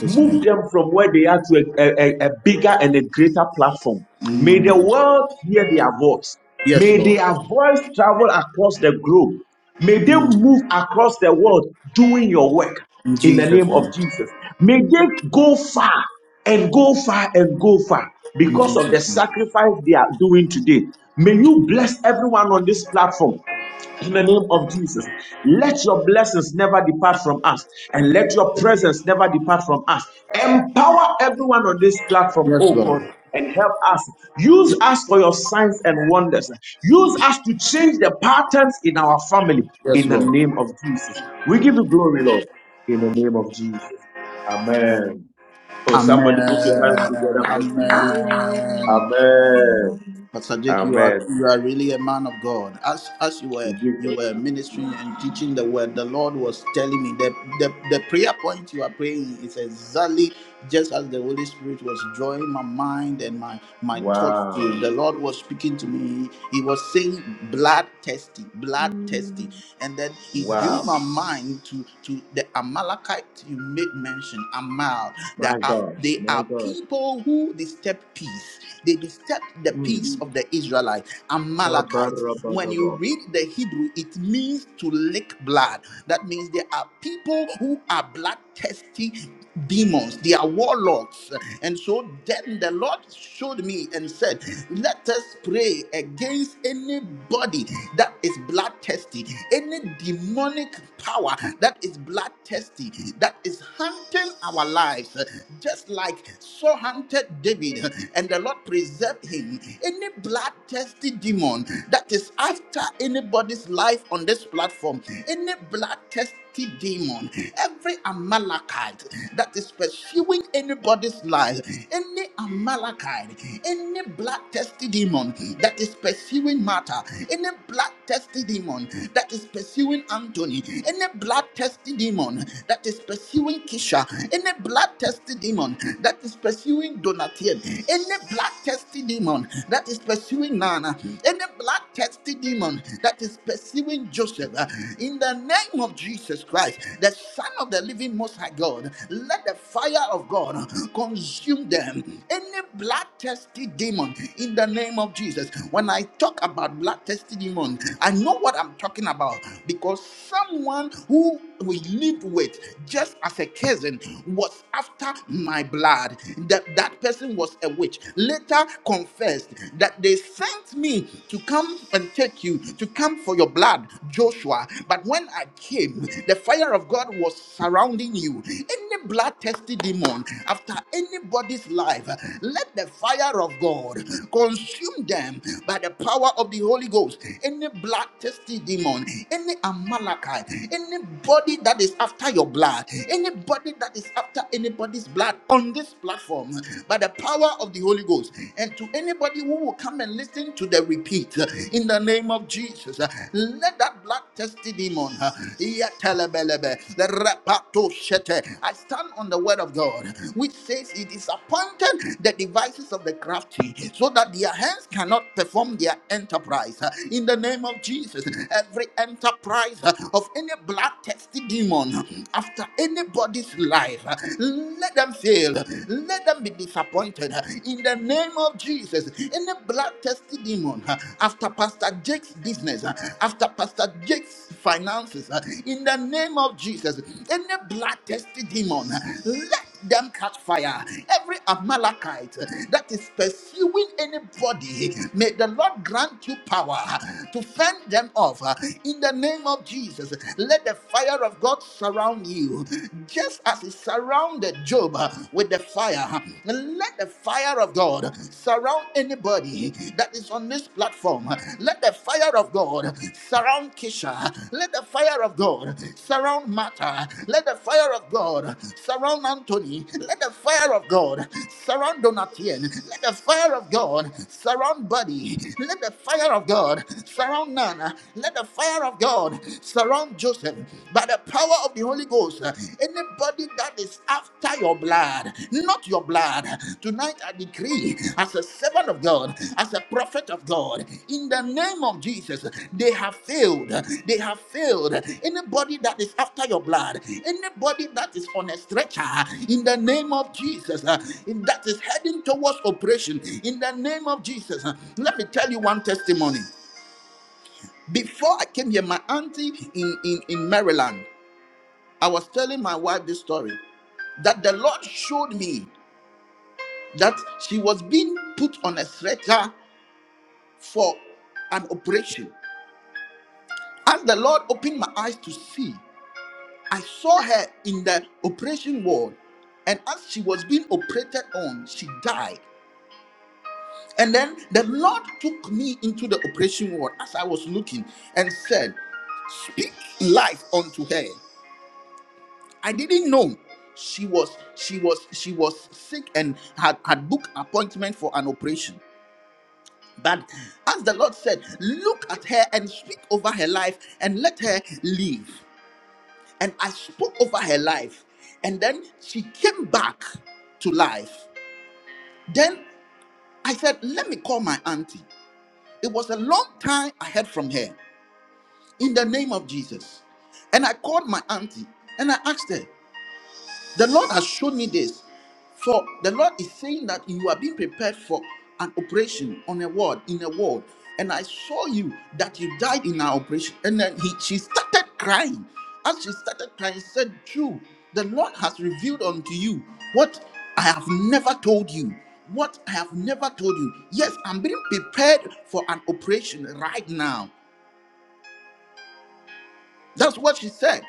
Speaker 3: Move them from where they are to a, a, a bigger and a greater platform. May the world hear their voice. May
Speaker 1: Lord.
Speaker 3: their voice travel across the globe. May they move across the world doing your work
Speaker 1: In
Speaker 3: in the
Speaker 1: Jesus'
Speaker 3: name of
Speaker 1: name.
Speaker 3: Jesus. May they go far and go far and go far
Speaker 1: In
Speaker 3: because of the
Speaker 1: Jesus' name.
Speaker 3: sacrifice they are doing today. May you bless everyone on this platform. In the name of Jesus, let your blessings never depart from us and let your presence never depart from us. Empower everyone on this platform,
Speaker 1: Yes,
Speaker 3: oh God,
Speaker 1: Lord.
Speaker 3: and help us. Use us for your signs and wonders. Use us to change the patterns in our family
Speaker 1: Yes,
Speaker 3: in the
Speaker 1: Lord.
Speaker 3: name of Jesus. We give you glory, Lord, in the name of Jesus.
Speaker 2: Amen.
Speaker 3: Amen. Oh, somebody put your hands
Speaker 1: Amen.
Speaker 3: together for
Speaker 2: Amen.
Speaker 3: Jesus.
Speaker 2: Amen.
Speaker 1: Amen.
Speaker 3: Amen.
Speaker 2: Amen.
Speaker 1: Pastor Jake, you are you
Speaker 3: Amen.
Speaker 1: are really a man of God. As as you were
Speaker 3: We give
Speaker 1: you were
Speaker 3: God-
Speaker 1: ministering and teaching the word, the Lord was telling me that the, the prayer point you are praying is exactly just as the Holy Spirit was drawing my mind and my my thoughts to
Speaker 3: Wow.
Speaker 1: the Lord was speaking to me. He was saying blood testing, blood testing.
Speaker 2: Mm.
Speaker 1: And then he drew
Speaker 3: Wow.
Speaker 1: my mind to, to the Amalekite you made mention, Amal. There
Speaker 3: My
Speaker 1: are,
Speaker 3: God,
Speaker 1: they
Speaker 3: my
Speaker 1: are
Speaker 3: God.
Speaker 1: people who disturb peace. They disturb the
Speaker 3: Mm.
Speaker 1: peace of the Israelites, Amalekites. When you
Speaker 3: Kabarabadaba.
Speaker 1: read the Hebrew, it means to lick blood. That means there are people who are bloodthirsty demons, they are warlocks. And so then the Lord showed me and said, Let us pray against anybody that is bloodthirsty any demonic power that is bloodthirsty, that is hunting our lives, just like so hunted David and the Lord preserved him. Any bloodthirsty demon that is after anybody's life on this platform, any bloodthirsty mighty demon, every Amalekite that is pursuing anybody's life, any Amalekite, any blood thirsty demon that is pursuing Martha, any blood thirsty demon that is pursuing Anthony, any blood thirsty demon that is pursuing Kisha, any blood thirsty demon that is pursuing Donatien, any blood thirsty demon that is pursuing Nana, any blood thirsty demon that is pursuing pursuing Joseph uh, in the name of Jesus Christ, the Son of the Living Most High God. Let the fire of God consume them. Any bloodthirsty demon in the name of Jesus. When I talk about bloodthirsty demon, I know what I'm talking about because someone who we lived with just as a cousin was after my blood. That that person was a witch. Later confessed that they sent me to come and take you, to come for your blood, Joshua. But when I came, the fire of God was surrounding you. Any blood bloodthirsty demon after anybody's life, let the fire of God consume them by the power of the Holy Ghost. Any blood bloodthirsty demon, any Amalekite, anybody that is after your blood, anybody that is after anybody's blood on this platform, by the power of the Holy Holy Ghost. And to anybody who will come and listen to the repeat, uh, in the name of Jesus, uh, let that blood tested demon, uh, yatelebelebe, the rapato shete. I stand on the word of God, which says it is appointed the devices of the crafty, so that their hands cannot perform their enterprise. Uh, In the name of Jesus, every enterprise uh, of any blood tested demon uh, after anybody's life, uh, let them them fail, let them be disappointed. In the name of Jesus, any bloodthirsty demon uh, after Pastor Jake's business, uh, after Pastor Jake's finances, uh, in the name of Jesus, any bloodthirsty demon, uh, let them catch fire. Every Amalekite uh, that is pursuing anybody, may the Lord grant you power uh, to fend them off. uh, In the name of Jesus, let the fire of God surround surround you, just as He surrounded Job uh, with the fire. Let the fire of God surround anybody that is on this platform. Let the fire of God surround Kisha. Let the fire of God surround Martha. Let the fire of God surround Anthony. Let the fire of God surround Donatien. Let the fire of God surround Buddy. Let the fire of God surround Nana. Let the fire of God God surround Joseph by the power of the Holy Ghost. Anybody that is after your blood, not your blood, tonight I decree as a servant of God, as a prophet of God, in the name of Jesus, they have failed. They have failed. Anybody that is after your blood, anybody that is on a stretcher, in the name of Jesus, uh, in- that is heading towards operation, in the name of Jesus. uh, Let me tell you one testimony. Before I came here, my auntie in, in, in Maryland, I was telling my wife this story that the Lord showed me that she was being put on a stretcher for an operation. As the Lord opened my eyes to see, I saw her in the operation ward. And as she was being operated on, she died. And then the Lord took me into the operation ward as I was looking and said, Speak life unto her. I didn't know she was she was she was sick and had had booked appointment for an operation. But as the Lord said, look at her and speak over her life and let her live. And I spoke over her life, and then she came back to life. Then I said, let me call my auntie. It was a long time I heard from her in the name of Jesus. And I called my auntie and I asked her, The Lord has shown me this. For the Lord is saying that you are being prepared for an operation on a ward, in a ward. And I saw you that you died in our operation. And then he, she started crying. As she started crying, she said, True, the Lord has revealed unto you what I have never told you. What I have never told you. Yes, I'm being prepared for an operation right now. That's what she said.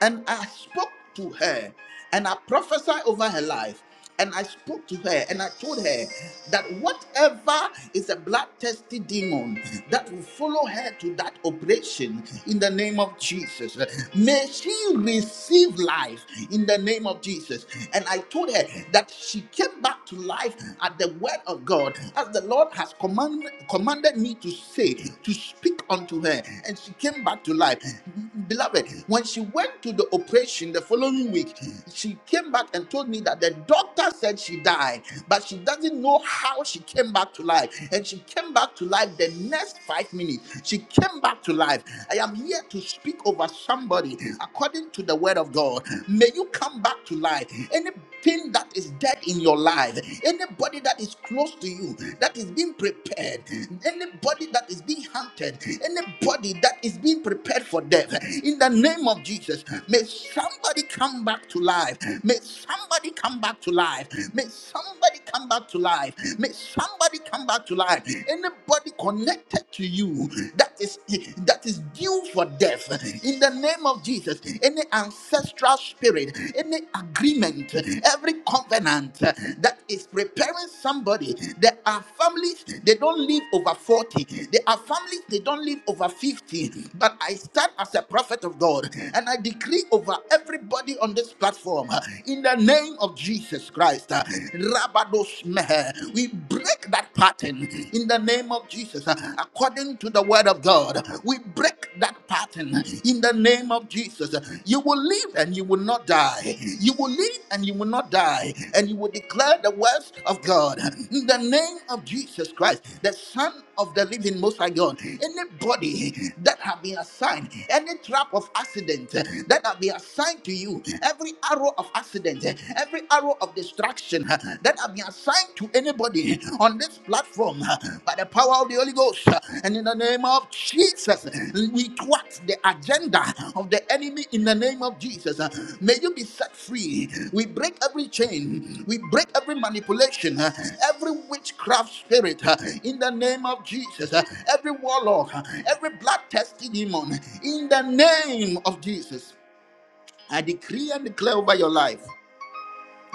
Speaker 1: And I spoke to her and I prophesied over her life. And I spoke to her and I told her that whatever is a bloodthirsty demon that will follow her to that operation in the name of Jesus, may she receive life in the name of Jesus. And I told her that she came back to life at the word of God, as the Lord has command, commanded me to say, to speak unto her. And she came back to life. Beloved, when she went to back to the operation the following week, she came back and told me that the doctor said she died, but she doesn't know how she came back to life. And she came back to life the next five minutes. She came back to life. I am here to speak over somebody according to the word of God. May you come back to life. Anything that is dead in your life, anybody that is close to you, that is being prepared, anybody that is being hunted, anybody that is being prepared for death, in the name of Jesus. May somebody come back to life. May somebody come back to life. May somebody come back to life. May somebody come back to life. Anybody connected to you that is that is due for death in the name of Jesus. Any ancestral spirit, any agreement, every covenant that is preparing somebody. There are families they don't live over 40. There are families they don't live over 50. But I stand as a prophet of God and I declare decree over everybody on this platform uh, in the name of Jesus Christ. uh, Rabados mehe. We break that pattern in the name of Jesus. uh, According to the word of God, we break that pattern in the name of Jesus. You will live and you will not die. You will live and you will not die. And you will declare the words of God in the name of Jesus Christ, the Son of the living most high God. Anybody that have been assigned, any trap of accident eh, that have been assigned to you, every arrow of accident, eh, every arrow of destruction eh, that have been assigned to anybody on this platform eh, by the power of the Holy Ghost eh, and in the name of Jesus. We thwart the agenda of the enemy in the name of Jesus. Uh, May you be set free. We break every chain, we break every manipulation, uh, every witchcraft spirit uh, in the name of Jesus, Uh, every warlock, uh, every blood testing demon in the name of Jesus. I decree and declare over your life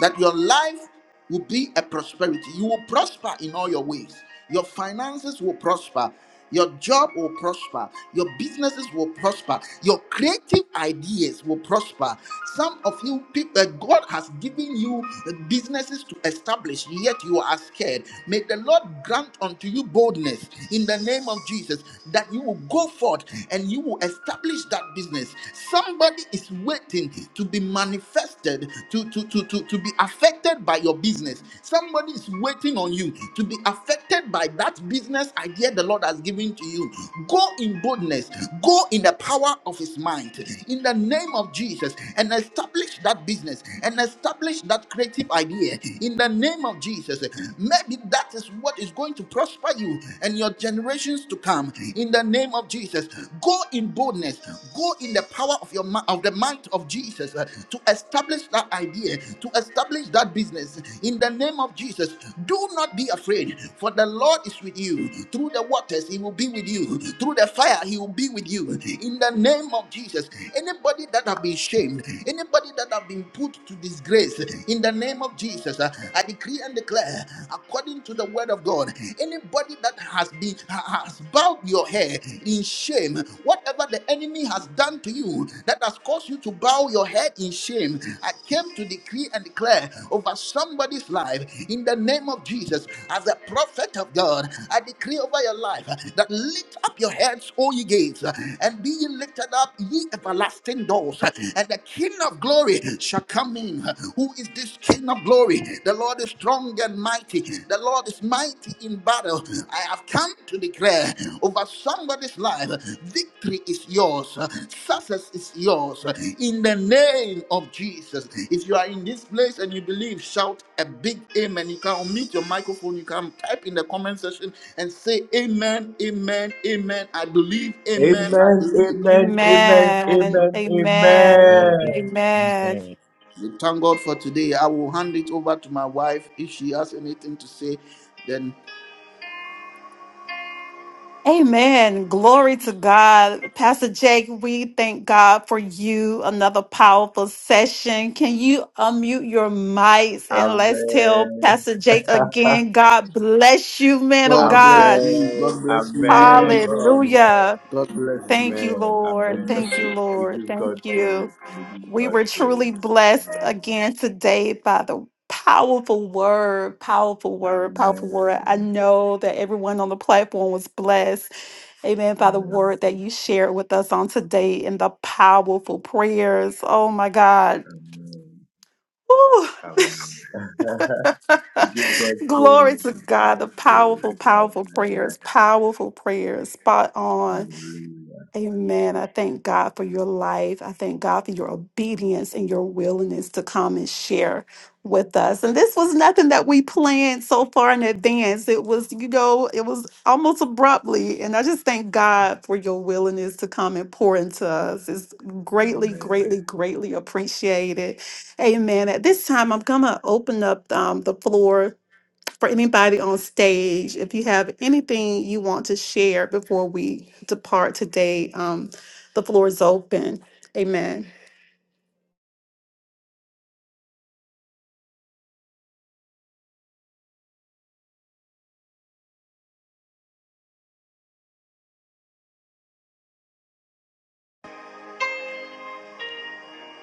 Speaker 1: that your life will be a prosperity. You will prosper in all your ways. Your finances will prosper. Your job will prosper. Your businesses will prosper. Your creative ideas will prosper. Some of you people, uh, God has given you uh, businesses to establish, yet you are scared. May the Lord grant unto you boldness in the name of Jesus that you will go forth and you will establish that business. Some. Somebody is waiting to be manifested, to, to, to, to, to be affected by your business. Somebody is waiting on you to be affected by that business idea the Lord has given to you. Go in boldness, go in the power of his mind, in the name of Jesus, and establish that business and establish that creative idea in the name of Jesus. Maybe that is what is going to prosper you and your generations to come come in the name of Jesus. Go in boldness, go in the power of your ma- of the might of Jesus uh, to establish that idea, to establish that business in the name of Jesus. Do not be afraid, for the Lord is with you. Through the waters, He will be with you. Through the fire, He will be with you. In the name of Jesus, anybody that have been shamed, anybody that have been put to disgrace, in the name of Jesus, uh, I decree and declare according to the word of God. Anybody that has been ha- has bowed your hair in shame, whatever the enemy has done to you that has caused you to bow your head in shame, I came to decree and declare over somebody's life in the name of Jesus. As a prophet of God, I decree over your life that lift up your heads, all ye gates, and be ye lifted up, ye everlasting doors, and the King of glory coming. Who is this King of glory? The Lord is strong and mighty. The Lord is mighty in battle. I have come to declare over somebody's life victory is yours, success is yours in the name of Jesus. If you are in this place and you believe, shout a big amen. You can unmute your microphone, you can type in the comment section and say, Amen, amen, amen. I believe, amen, I
Speaker 3: Amen,
Speaker 1: believe.
Speaker 2: Amen.
Speaker 3: amen, amen, amen,
Speaker 5: Mary, Hail
Speaker 3: amen.
Speaker 5: Mary,
Speaker 1: We thank God for today. I will hand it over to my wife. If she has anything to say, then
Speaker 2: Amen. Glory to God. Pastor Jake, we thank God for you. Another powerful session. Can you unmute your mics and let's tell
Speaker 3: Amen.
Speaker 2: Pastor Jake again, God bless you, man of
Speaker 1: God bless
Speaker 2: God.
Speaker 1: you.
Speaker 3: amen,
Speaker 1: God bless you, man of
Speaker 3: amen,
Speaker 1: God.
Speaker 3: amen,
Speaker 2: Hallelujah.
Speaker 1: God bless you.
Speaker 2: Thank you,
Speaker 3: amen,
Speaker 2: Lord.
Speaker 1: God
Speaker 3: amen.
Speaker 1: bless
Speaker 2: Thank you,
Speaker 1: you.
Speaker 3: We
Speaker 2: Lord.
Speaker 3: give God
Speaker 2: Thank you.
Speaker 3: praise. We give
Speaker 2: We
Speaker 3: God
Speaker 2: were truly
Speaker 3: praise.
Speaker 2: blessed
Speaker 3: Amen.
Speaker 2: again today by the powerful word, powerful word, powerful word. I
Speaker 3: Amen.
Speaker 2: know that everyone on the platform was blessed. Amen. By the
Speaker 3: Amen.
Speaker 2: word that you shared with us on today and the powerful prayers. Oh my God. Woo.
Speaker 3: Amen. We give God
Speaker 2: Glory
Speaker 3: praise.
Speaker 2: to
Speaker 3: We give
Speaker 2: God.
Speaker 3: God
Speaker 2: The
Speaker 3: praise.
Speaker 2: powerful, powerful
Speaker 3: Amen.
Speaker 2: prayers. Powerful prayers. Spot on.
Speaker 3: Hallelujah.
Speaker 2: Amen. I thank God for your life. I thank God for your obedience and your willingness to come and share with us. And this was nothing that we planned so far in advance. It was, you know, it was almost abruptly. And I just thank God for your willingness to come and pour into us. It's greatly,
Speaker 3: Amen.
Speaker 2: greatly, greatly appreciated. Amen. At this time, I'm going to open up um, the floor for anybody on stage, if you have anything you want to share before we depart today, um, the floor is open. Amen.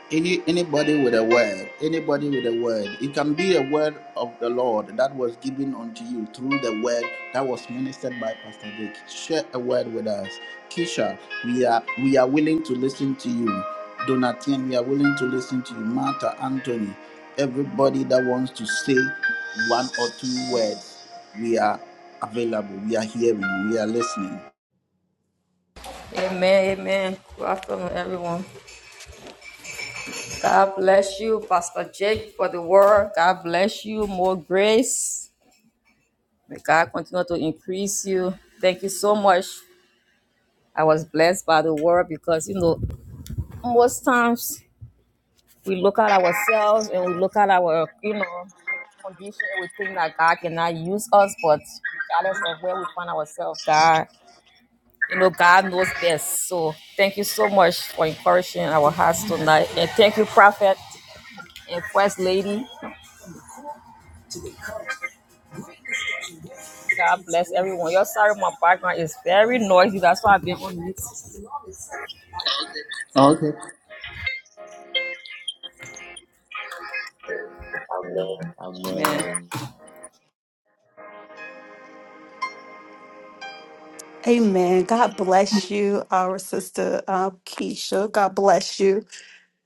Speaker 1: Any anybody with a word, anybody with a word. It can be a word of the Lord that was given unto you through the word that was ministered by Pastor Dick. Share a word with us. Kisha, we are we are willing to listen to you. Donatien, we are willing to listen to you. Martha, Anthony, everybody that wants to say one or two words, we are available. We are hearing. We are listening.
Speaker 4: Amen, amen. Good afternoon, everyone. God bless you, Pastor Jake, for the word. God bless you. More grace. May God continue to increase you. Thank you so much. I was blessed by the word because, you know, most times we look at ourselves and we look at our, you know, condition. and We think that God cannot use us, but regardless of where we find ourselves, God. You know, God knows best. So thank you so much for encouraging our hearts tonight. And thank you, Prophet and First Lady. God bless everyone. You're sorry, my background is very noisy. That's why I've been on mute.
Speaker 1: Okay.
Speaker 4: Man.
Speaker 3: Amen.
Speaker 2: Amen. God bless you, our sister uh, Keisha. God bless you.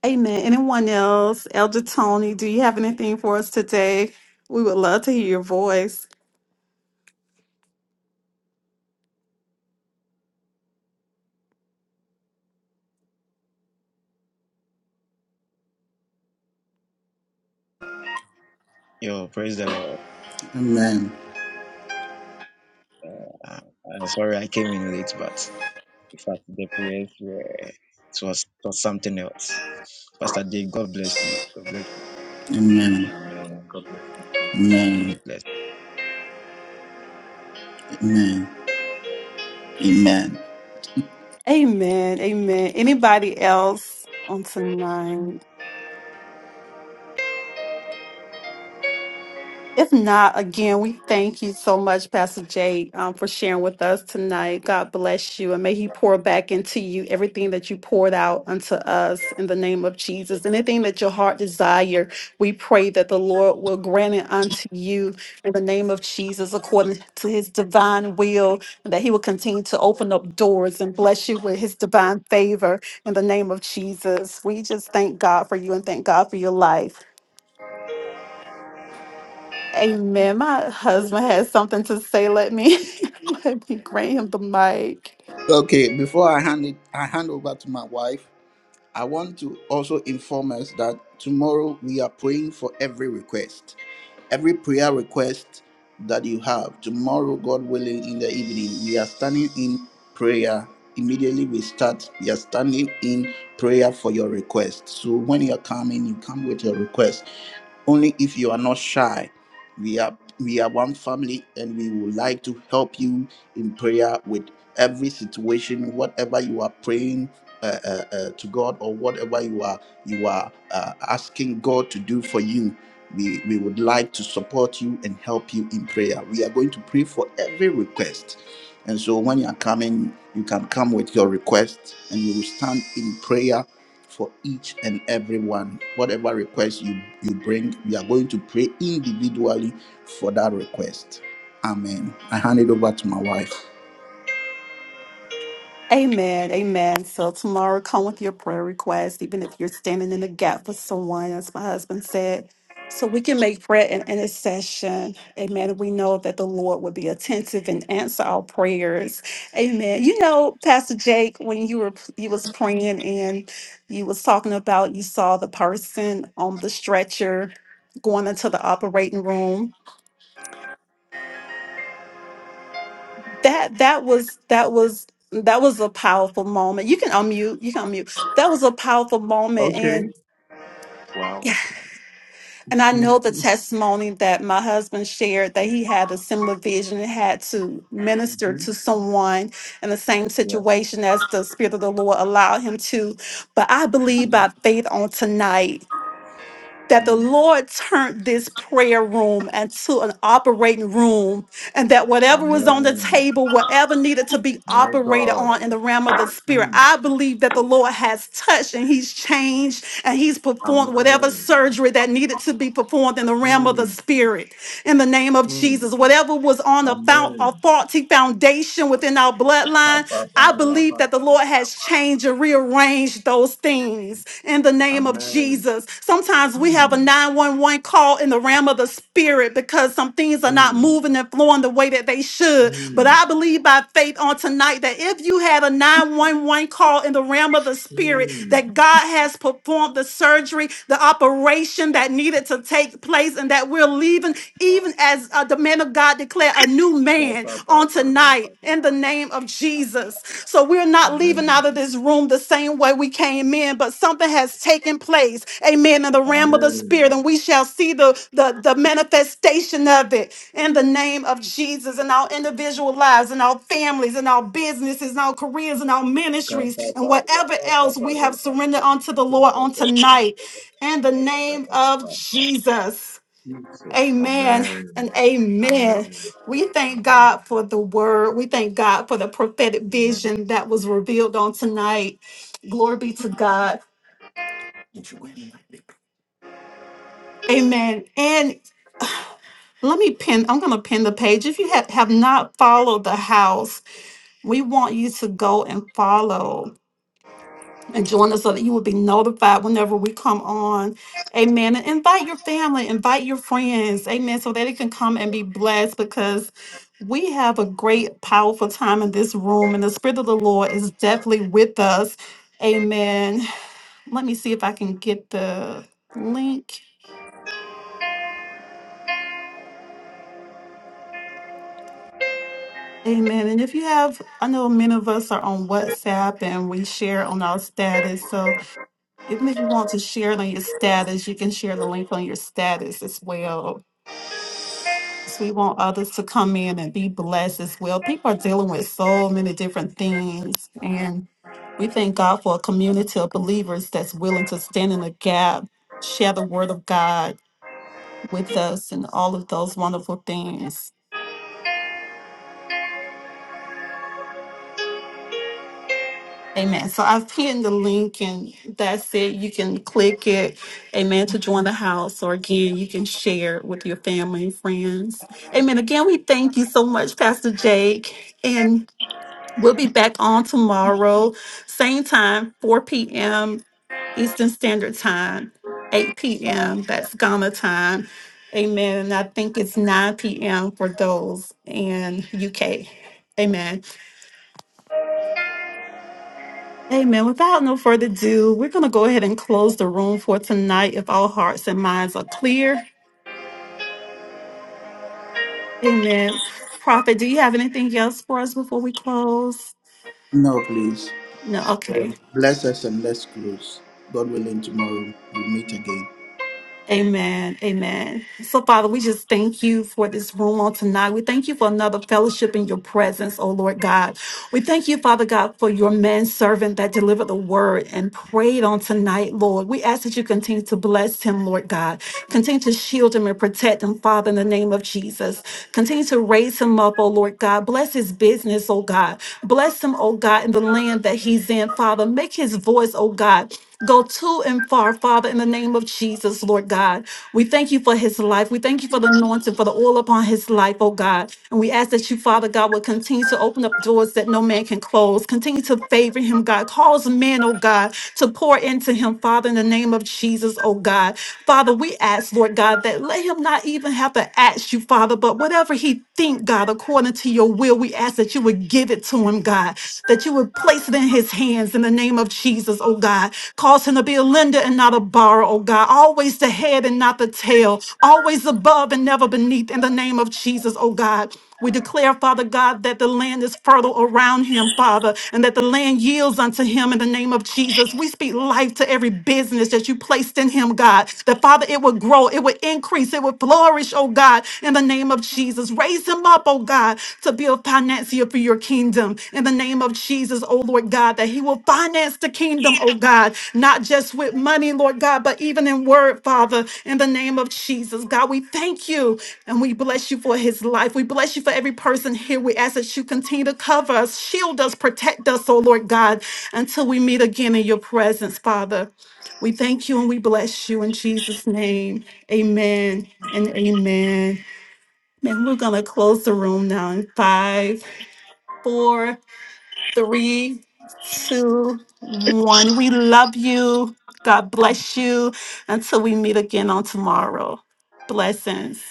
Speaker 2: Amen. Anyone else? Elder Tony, do you have anything for us today? We would love to hear your voice.
Speaker 1: Amen. Amen.
Speaker 3: Amen. God bless you.
Speaker 1: Amen. Amen. Amen.
Speaker 2: Amen. Amen. Anybody else on tonight? If not, again, we thank you so much, Pastor Jay, um, for sharing with us tonight. God bless you, and may He pour back into you everything that you poured out unto us in the name of Jesus. Anything that your heart desire, we pray that the Lord will grant it unto you in the name of Jesus, according to His divine will, and that He will continue to open up doors and bless you with His divine favor in the name of Jesus. We just thank God for you and thank God for your life. Amen. My husband has something to say. Let me let me grant him the mic.
Speaker 1: Okay, before I hand it, I hand over to my wife. I want to also inform us that tomorrow we are praying for every request, every prayer request that you have. Tomorrow, God willing, in the evening, we are standing in prayer. Immediately we start, we are standing in prayer for your request. So when you are coming, you come with your request only if you are not shy we are we are one family and we would like to help you in prayer with every situation whatever you are praying uh, uh, uh, to god or whatever you are you are uh, asking god to do for you we we would like to support you and help you in prayer we are going to pray for every request and so when you are coming you can come with your request and we will stand in prayer for each and every one. Whatever request you, you bring, we are going to pray individually for that request. Amen. I hand it over to my wife.
Speaker 2: Amen. Amen. So tomorrow come with your prayer request, even if you're standing in the gap for someone, as my husband said. So we can make prayer and intercession. Amen. And We know that the Lord will be attentive and answer our prayers. Amen. You know, Pastor Jake, when you were you was praying and you was talking about you saw the person on the stretcher going into the operating room that that was that was that was a powerful moment. You can unmute. You can unmute. That was a powerful moment,
Speaker 3: Okay.
Speaker 2: and
Speaker 3: Wow.
Speaker 2: and I
Speaker 3: hmm
Speaker 2: know the testimony that my husband shared that he had a similar vision and had to minister to someone in the same
Speaker 3: Yeah.
Speaker 2: situation as the Spirit of the Lord allowed him to. But I believe
Speaker 3: hmm
Speaker 2: by faith on tonight that the
Speaker 3: Mm.
Speaker 2: Lord turned this prayer room into an operating room, and that whatever was on the
Speaker 3: Amen.
Speaker 2: table, whatever needed to be
Speaker 3: My
Speaker 2: operated
Speaker 3: God.
Speaker 2: on in the realm of the spirit,
Speaker 3: Mm.
Speaker 2: I believe that the Lord has touched and He's changed and He's performed whatever
Speaker 3: Amen.
Speaker 2: surgery that needed to be performed in the realm of the
Speaker 3: Mm.
Speaker 2: spirit. In the name of
Speaker 3: Mm.
Speaker 2: Jesus, whatever was on a, fou- a
Speaker 3: Amen.
Speaker 2: faulty foundation within our bloodline, I believe that the
Speaker 3: Kababarabada.
Speaker 2: Lord. Lord has changed and rearranged those things in the name of
Speaker 3: Amen.
Speaker 2: Jesus. Sometimes we have a
Speaker 3: Amen.
Speaker 2: 911 call in the realm of the spirit because some things are not
Speaker 3: Mm.
Speaker 2: moving and flowing the way that they should. But
Speaker 3: Mm.
Speaker 2: I believe by faith on tonight that if you had a 911 call in the realm of the spirit, that God has performed the surgery, the operation that needed to take place, and that we're leaving even as uh, the man of man of God declare a new man on tonight in the name of Jesus. So we're not leaving out of this room the same way we came in, but something has taken place, amen, in the realm of the
Speaker 3: Amen.
Speaker 2: spirit, and we shall see the, the, the manifestation of it in the name of Jesus in our individual lives, in our families, in our businesses, in our careers, in our ministries, and whatever else we have surrendered
Speaker 3: Kababarabadabarabada.
Speaker 2: unto the Lord on tonight in the name of Jesus.
Speaker 3: Jesus.
Speaker 2: Amen
Speaker 3: Amen.
Speaker 2: and amen.
Speaker 3: Amen.
Speaker 2: We thank
Speaker 3: Amen.
Speaker 2: God for the word. We thank God for the prophetic
Speaker 3: Mm.
Speaker 2: vision that was revealed on tonight. Glory be to God. Amen. And let me pin, I'm going to pin the page. If you have, have not followed the house, we want you to go and follow. and join us so that you will be notified whenever we come on. Amen. And invite your family, invite your friends. Amen. So that it can come and be blessed because we have a great, powerful time in this room, and the Spirit of the Lord is definitely with us. Amen. Let me see if I can get the link. Amen. And if you have, I know many of us are on WhatsApp and we share on our status. So even if you want to share it on your status, you can share the link on your status as well. Yes, We want others to come in and be blessed as well. People are dealing with so many different things. And we thank God for a community of believers that's willing to stand in the gap, share the word of God with us, and all of those wonderful things. Amen. So I've pinned the link, and that's it. You can click it, amen, to join the house. Or again, you can share it with your family and friends. Amen. Again, we thank you so much, Pastor Jake. And We'll be back on tomorrow, same time, 4 p.m. Eastern Standard Time, 8 p.m. That's Ghana time. Amen. And I think it's 9 p.m. for those in UK. Amen. Amen. Without no further ado, we're going to go ahead and close the room for tonight if all hearts and minds are clear. Amen. Prophet, do you have anything else for us before we close?
Speaker 1: No, please.
Speaker 2: No. Okay.
Speaker 1: Bless us and let's close. God willing, tomorrow we'll meet again.
Speaker 2: Amen. Amen. So, Father, we just thank you for this room on tonight. We thank you for another fellowship in your presence, oh Lord God. We thank you, Father God, for your man servant that delivered the word and prayed on tonight, Lord. We ask that you continue to bless him, Lord God. Continue to shield him and protect him, Father, in the name of Jesus. Continue to raise him up, oh Lord God. Bless his business, oh God. Bless him, oh God, in the land that he's in, Father. Make his voice, oh God. Go to and far, Father, in the name of Jesus, Lord God. We thank you for his life. We thank you for the anointing, for the oil upon his life, oh God. And we ask that you, Father God, will continue to open up doors that no man can close. Continue to favor him, God. Cause men, oh God, to pour into him, Father, in the name of Jesus, oh God. Father, we ask, Lord God, that let him not even have to ask you, Father, but whatever whatever he think, God, according to your will, we ask that you would give it to him, God, that you would place it in his hands in the name of Jesus, oh God. Cause him to be a lender and not a borrower, oh God. Always the head and not the tail, always above and never beneath in the name of Jesus, oh God. We declare, Father God, that the land is fertile around him, Father, and that the land yields unto him in the name of Jesus. We speak life to every business that you placed in him, God, that Father, it would grow, it would increase, it would flourish, oh God, in the name of Jesus. Raise him up, oh God, to be a financier for your kingdom in the name of Jesus, oh Lord God, that he will finance the kingdom, oh God, not just with money, Lord God, but even in word, Father, in the name of Jesus. God, we thank you and we bless you for his life. We bless you for every person here. We ask that you continue to cover us, shield us, protect us, oh Lord God, until we meet again in your presence, Father. We thank you and we bless you in Jesus' name. Amen and amen. Man, we're going to close the room now in five, four, three, two, one. We love you. God bless you until we meet again on tomorrow. Blessings.